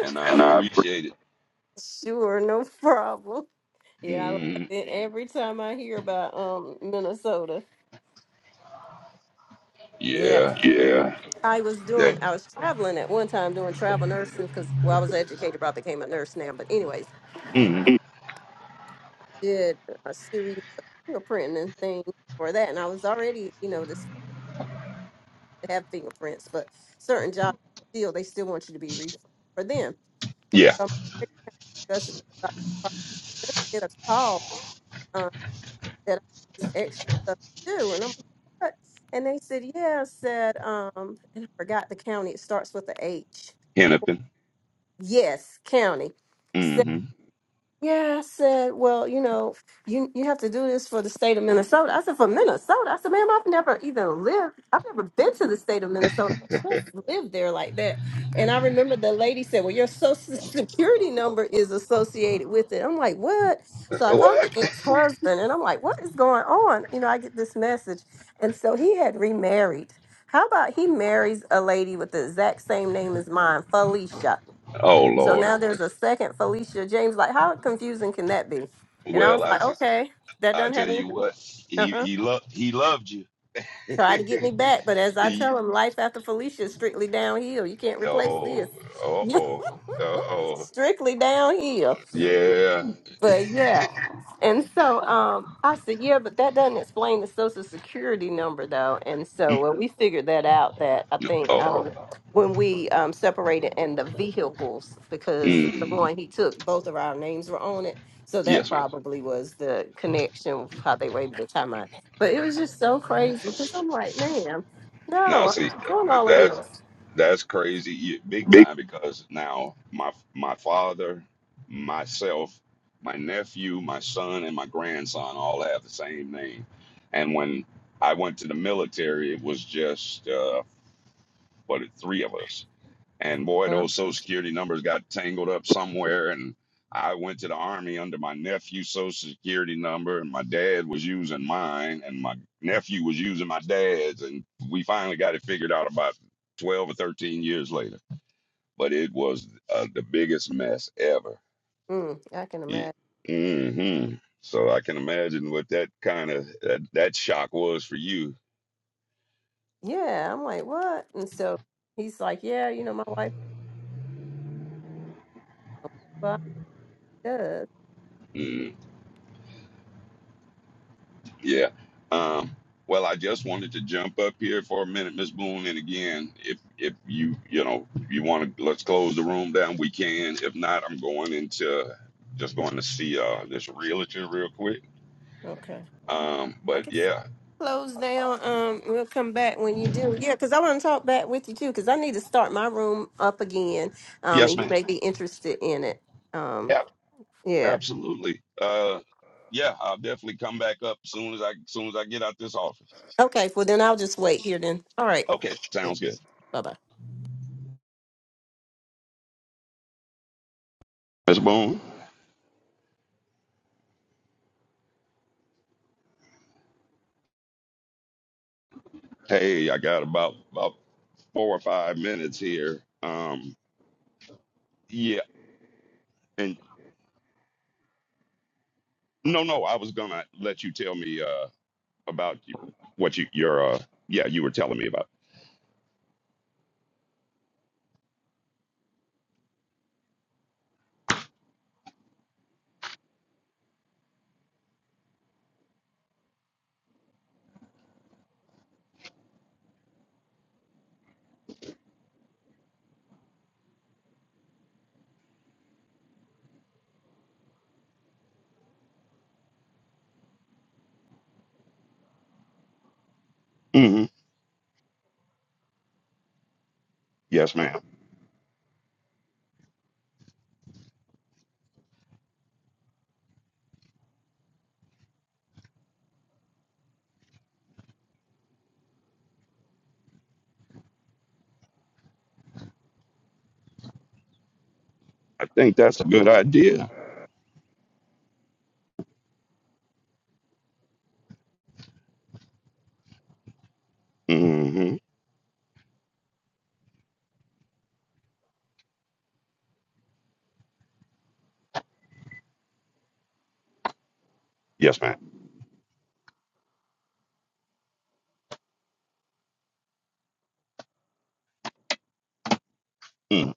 Speaker 2: and I
Speaker 5: And I appreciate
Speaker 2: appreciate it.
Speaker 5: sure, no *laughs* problem. Yeah, I like
Speaker 2: Mm,
Speaker 5: it every time I hear about um Minnesota. Yeah.
Speaker 2: yeah,
Speaker 5: Yeah. I was
Speaker 2: that.
Speaker 5: doing, I was traveling at one time doing travel nursing because, well, I was educated, educator, but I became a nurse now. But, anyways,
Speaker 2: Mm,
Speaker 5: Mm. did a series of fingerprinting and things for that. And I was already, you know, just to have fingerprints, but certain jobs still, they still want you to be re for them. And
Speaker 2: yeah,
Speaker 5: so I'm discussing about that process. Get a call um, that this extra stuff to do. And I'm like, what? And they said, yeah, I said, um, and I forgot the county, it starts with a H.
Speaker 2: Hennepin.
Speaker 5: Yes, county. Said,
Speaker 2: hmm
Speaker 5: yeah, I said, well, you know, you you have to do this for the state of Minnesota. I said, for Minnesota? I said, ma'am, I've never even lived, I've never been to the state of Minnesota. I just lived there like that. And I remember the lady said, well, your social *laughs* security number is associated with it. I'm like, what? So I called the
Speaker 2: What?
Speaker 5: ex-husband and I'm like, what is going on? You know, I get this message. And so he had remarried. How about he marries a lady with the exact same name as mine, Felicia?
Speaker 2: Oh
Speaker 5: So
Speaker 2: Lord.
Speaker 5: now there's a second Felicia James. Like, how confusing can that be? And I was
Speaker 2: Well, I
Speaker 5: like,
Speaker 2: t-
Speaker 5: okay, that
Speaker 2: I
Speaker 5: doesn't
Speaker 2: tell
Speaker 5: have
Speaker 2: you
Speaker 5: anything.
Speaker 2: what, he
Speaker 5: Uh-huh.
Speaker 2: he loved he loved you.
Speaker 5: Try to get
Speaker 2: *laughs*
Speaker 5: me back. But as I
Speaker 2: he
Speaker 5: tell him, life after Felicia is strictly downhill. You can't replace this.
Speaker 2: Oh, uh
Speaker 5: *laughs*
Speaker 2: oh, uh oh,
Speaker 5: strictly downhill.
Speaker 2: yeah.
Speaker 5: But yeah. And so um, I said, yeah, but that doesn't explain the social security number though. And
Speaker 2: Mm,
Speaker 5: so uh, we figured that out that I think
Speaker 2: Oh,
Speaker 5: um, when we um, separated and the vehicles, because the
Speaker 2: mm,
Speaker 5: one he took, both of our names were on it. So that
Speaker 2: yes, ma'am.
Speaker 5: probably was the connection of how they were able to time out. But it was just so crazy because I'm like, man,
Speaker 2: Now,
Speaker 5: no, I'm
Speaker 2: see,
Speaker 5: not doing all of
Speaker 2: that's
Speaker 5: this.
Speaker 2: that's crazy, yeah, big
Speaker 5: Big
Speaker 2: time. Because now my my father, myself, my nephew, my son, and my grandson all have the same name. And when I went to the military, it was just uh, what three of us. And boy,
Speaker 5: Huh?
Speaker 2: those social security numbers got tangled up somewhere. And I went to the army under my nephew's social security number, and my dad was using mine, and my nephew was using my dad's. And we finally got it figured out about 12 or 13 years later. But it was uh, the biggest mess ever.
Speaker 5: Mm, I can imagine.
Speaker 2: hmm So I can imagine what that kind of that, that shock was for you.
Speaker 5: Yeah, I'm like, what? And so he's like, yeah, you know, my wife. Well, it does.
Speaker 2: Mm-hmm. Yeah. Um, well, I just wanted to jump up here for a minute, Miss Boone, and again, if if you you know you want to, let's close the room down. We can. If not, I'm going into just going to see uh this realtor real quick.
Speaker 5: Okay.
Speaker 2: Um,
Speaker 5: I
Speaker 2: but
Speaker 5: guess
Speaker 2: yeah,
Speaker 5: close down. Um, we'll come back when you do. Yeah, because I want to talk back with you too. Because I need to start my room up again. Um,
Speaker 2: yes,
Speaker 5: and you
Speaker 2: ma'am.
Speaker 5: may be interested in it. Um,
Speaker 2: Yeah,
Speaker 5: yeah.
Speaker 2: absolutely. Uh, yeah, I'll definitely come back up soon as I soon as I get out this office.
Speaker 5: Okay. Well, then I'll just wait here. Then. All right.
Speaker 2: Okay, sounds good,
Speaker 5: Bye bye.
Speaker 2: Miss Boone. Hey, I got about about four or five minutes here. Um, yeah. and No, no, I was gonna let you tell me uh, about you, what you your uh, yeah you were telling me about. hmm Yes, ma'am. I think that's a good idea. hmm Yes, madam Mm-hmm.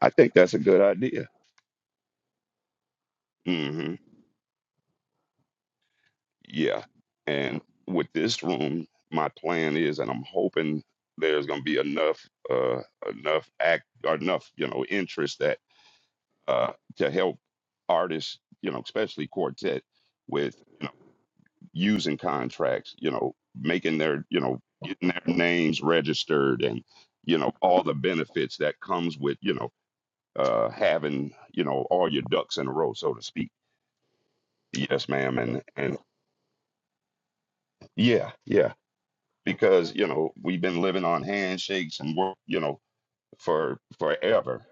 Speaker 2: I think that's a good idea. hmm Yeah. And with this room, my plan is, and I'm hoping there's gonna be enough uh, enough act or enough you know interest that uh, to help artists you know especially quartet with using contracts, you know, making their, you know, getting their names registered and, you know, all the benefits that comes with, you know, uh, having, you know, all your ducks in a row, so to speak. Yes, ma'am. And, and yeah, yeah, because, you know, we've been living on handshakes and work, you know, for forever.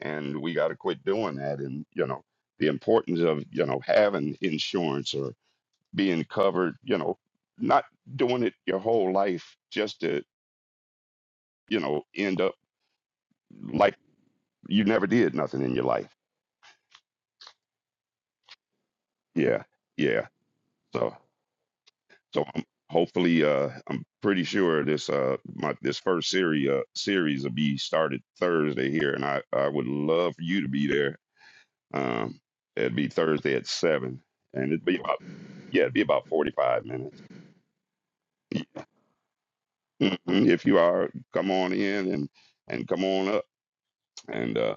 Speaker 2: And we got to quit doing that. And, you know, the importance of, you know, having insurance or being covered, you know, not doing it your whole life just to you know, end up like you never did nothing in your life. Yeah, yeah. So, so I'm hopefully, uh, I'm pretty sure this uh my this first series uh, series will be started Thursday here, and I I would love for you to be there. Um, it'd be Thursday at seven, and it'd be about yeah, it'd be about forty five minutes. Mhm. If you are, come on in and and come on up. And uh,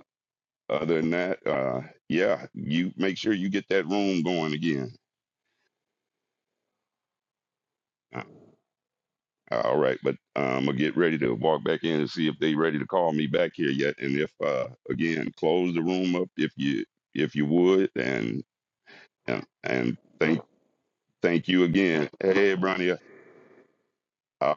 Speaker 2: other than that, uh, yeah, you make sure you get that room going again. Uh, All right, but I'm gonna get ready to walk back in and see if they ready to call me back here yet. And if uh again, close the room up if you if you would, and and, and thank thank you again. Hey, Bronya, I'm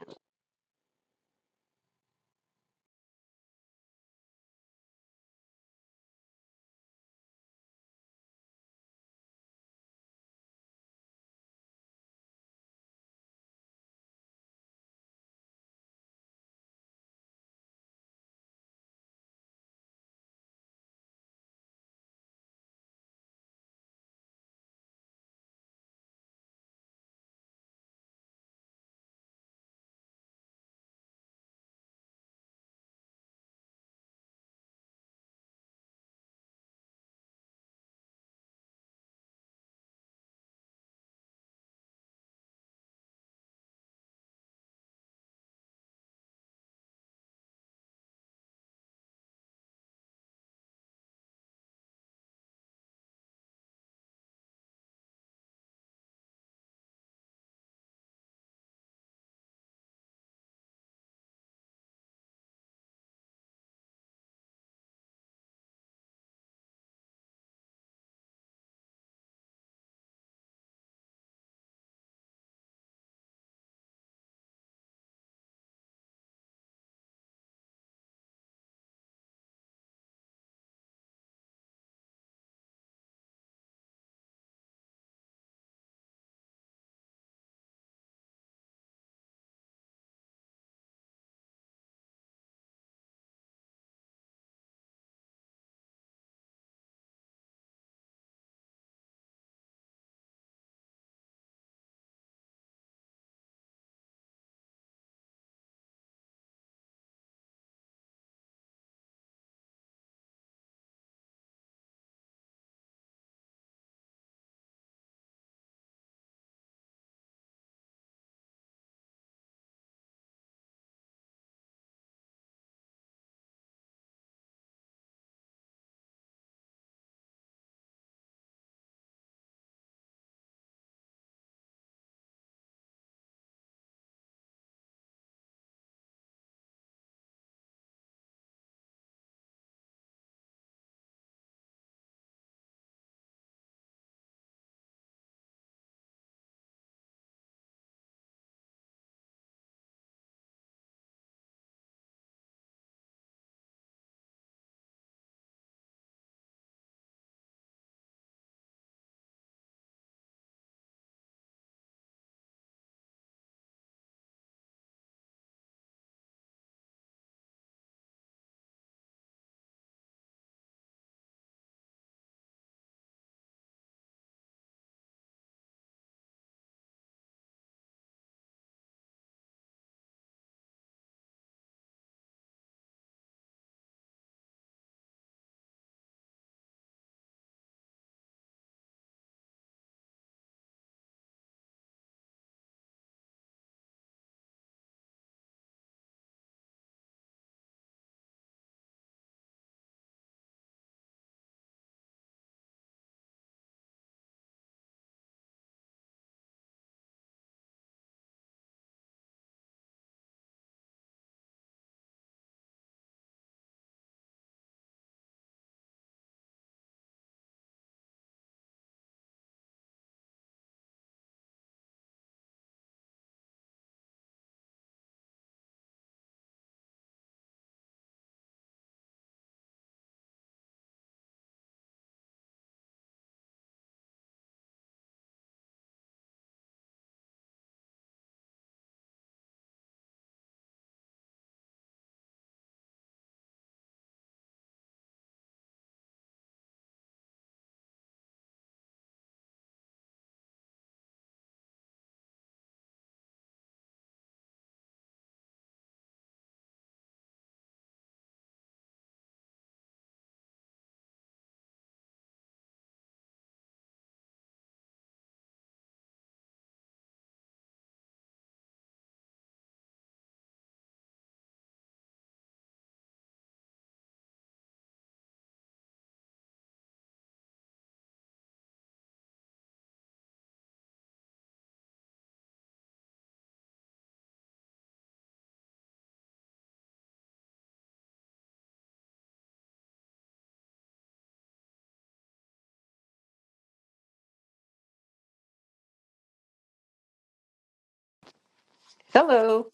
Speaker 5: Hello.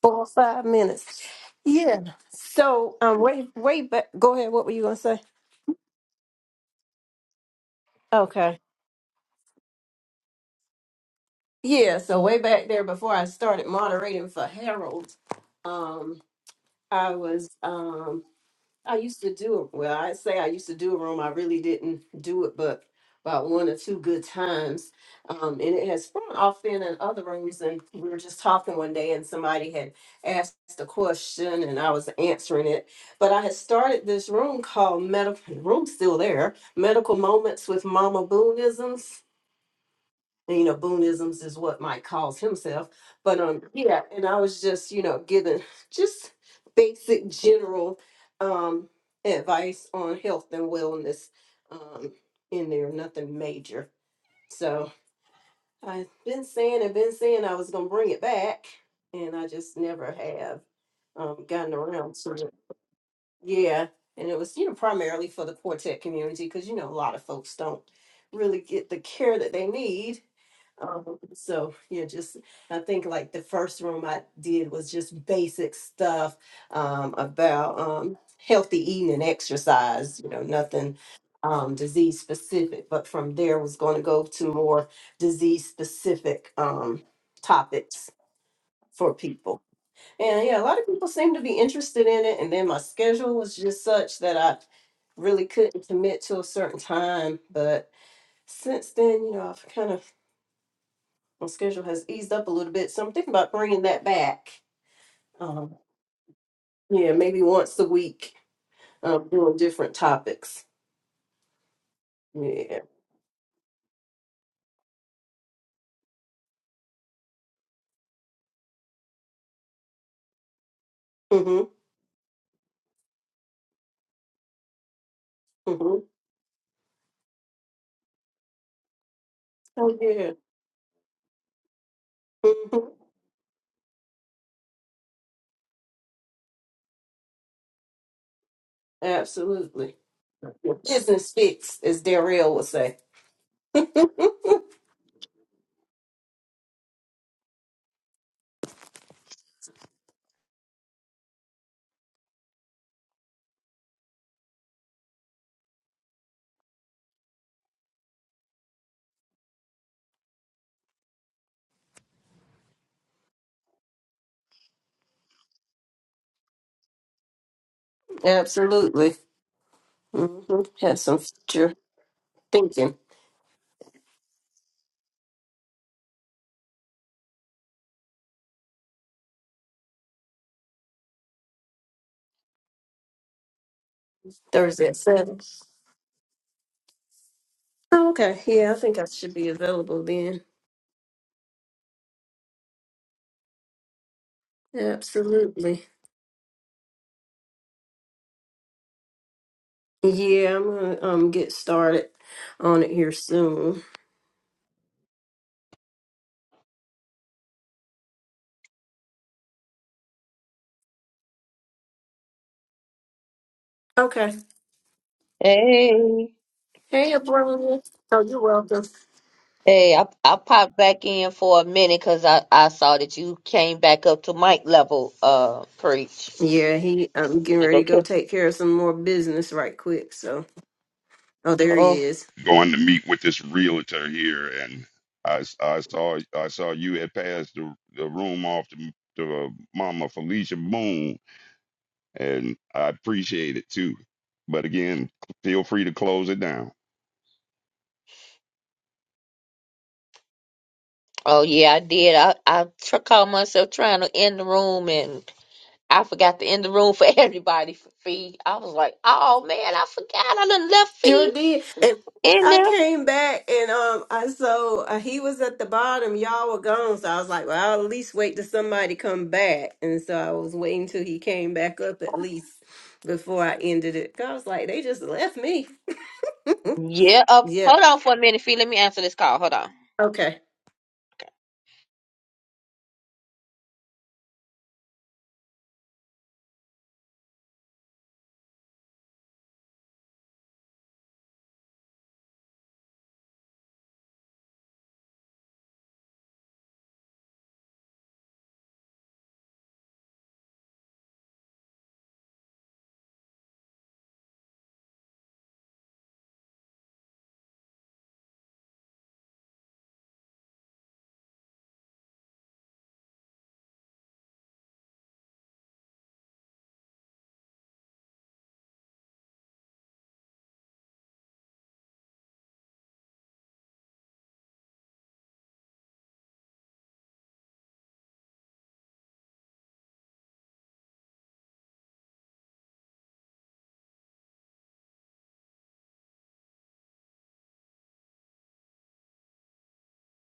Speaker 5: Four or five minutes. Yeah. So um, way way back. Go ahead. What were you gonna say? Okay. Yeah. So way back there before I started moderating for Harold, um, I was um I used to do it. Well, I say I used to do a room. I really didn't do it, but about one or two good times. Um, and it has sprung off then in other rooms. And we were just talking one day, and somebody had asked a question, and I was answering it. But I had started this room called Medical Room, still there. Medical Moments with Mama Boonisms. And, you know, Boonisms is what Mike calls himself. But um, yeah, and I was just, you know, giving just basic general um advice on health and wellness um in there, nothing major. So I've been saying and been saying I was gonna bring it back, and I just never have um gotten around to it. Yeah. And it was, you know, primarily for the quartet community because you know a lot of folks don't really get the care that they need um, so yeah, just I think like the first room I did was just basic stuff um, about um, healthy eating and exercise. You know, nothing um, disease specific. But from there, was going to go to more disease specific um, topics for people. And yeah, a lot of people seem to be interested in it. And then my schedule was just such that I really couldn't commit to a certain time. But since then, you know, I've kind of my schedule has eased up a little bit, so I'm thinking about bringing that back. Um, yeah, maybe once a week, um, doing different topics. Yeah. Mm-hmm. Mm-hmm. Oh yeah. Mm-hmm. Absolutely. Business fits, as Darrell would say. *laughs* Absolutely. Mm-hmm. Have some future thinking. Thursday at seven. Oh, okay. Yeah, I think I should be available then. Absolutely. Yeah, I'm gonna um get started on it here soon. Okay.
Speaker 1: Hey.
Speaker 5: Hey, Abronia. Oh, you're welcome.
Speaker 1: Hey, I, I popped back in for a minute because I, I saw that you came back up to mic level, uh, preach.
Speaker 5: Yeah, he I'm
Speaker 1: I'm
Speaker 5: getting
Speaker 1: like,
Speaker 5: ready to go
Speaker 1: okay.
Speaker 5: take care of some more business right quick. So oh there he
Speaker 1: Oh,
Speaker 5: is.
Speaker 2: going to meet with this realtor here, and I, s- I saw I saw you had passed the the room off to to uh, Mama Felicia Moon, and I appreciate it too. But again, feel free to close it down.
Speaker 1: oh yeah, I did. I, I tr- caught myself trying to end the room and I forgot to end the room for *laughs* everybody for fee. I was like, oh man, I forgot. I done left
Speaker 5: Sure
Speaker 1: fee
Speaker 5: did. And
Speaker 1: in
Speaker 5: I
Speaker 1: there.
Speaker 5: came back and um I saw uh, he was at the bottom, y'all were gone. So I was like, well I'll at least wait till somebody come back. And so I was waiting till he came back up at least before I ended it. 'Cause I was like, they just left me. *laughs*
Speaker 1: Yeah. Uh,
Speaker 5: Yep.
Speaker 1: hold on for a minute, fee. Let me answer this call. Hold on.
Speaker 5: Okay.